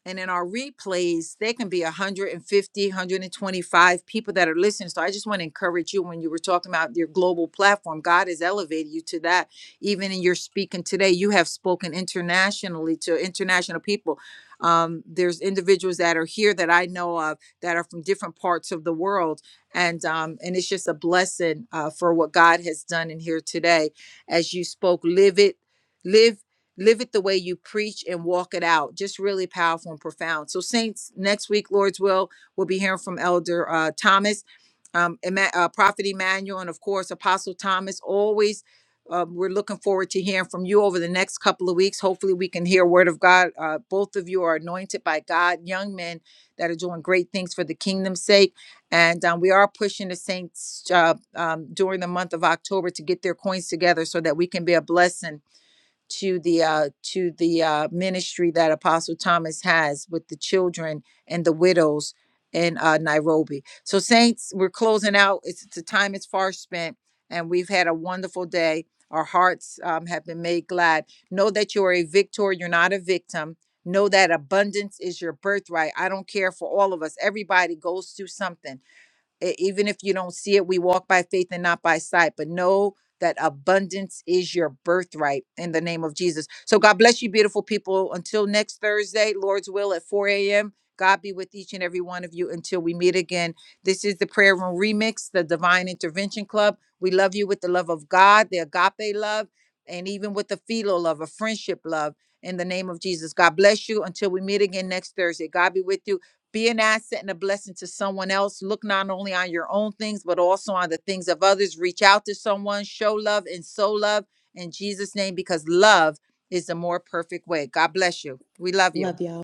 and in our replays there can be 150 125 people that are listening so i just want to encourage you when you were talking about your global platform god has elevated you to that even in your speaking today you have spoken internationally to international people um, there's individuals that are here that i know of that are from different parts of the world and um, and it's just a blessing uh, for what god has done in here today as you spoke live it live live it the way you preach and walk it out. Just really powerful and profound. So, Saints, next week, Lord's will, we'll be hearing from Elder uh, Thomas, um, Emma- uh, Prophet Emmanuel, and of course, Apostle Thomas. Always, um, we're looking forward to hearing from you over the next couple of weeks. Hopefully, we can hear Word of God. Uh, both of you are anointed by God, young men that are doing great things for the kingdom's sake. And um, we are pushing the Saints uh, um, during the month of October to get their coins together so that we can be a blessing to the uh, to the uh, ministry that Apostle Thomas has with the children and the widows in uh, Nairobi. So, saints, we're closing out. It's the time is far spent, and we've had a wonderful day. Our hearts um, have been made glad. Know that you are a victor. You're not a victim. Know that abundance is your birthright. I don't care for all of us. Everybody goes through something. E- even if you don't see it, we walk by faith and not by sight. But know that abundance is your birthright in the name of Jesus. So God bless you, beautiful people. Until next Thursday, Lord's will at 4 a.m. God be with each and every one of you until we meet again. This is the Prayer Room Remix, the Divine Intervention Club. We love you with the love of God, the agape love, and even with the filial love, a friendship love in the name of Jesus. God bless you until we meet again next Thursday. God be with you. Be an asset and a blessing to someone else. Look not only on your own things, but also on the things of others. Reach out to someone, show love, and sow love in Jesus' name because love is the more perfect way. God bless you. We love you.
Love y'all.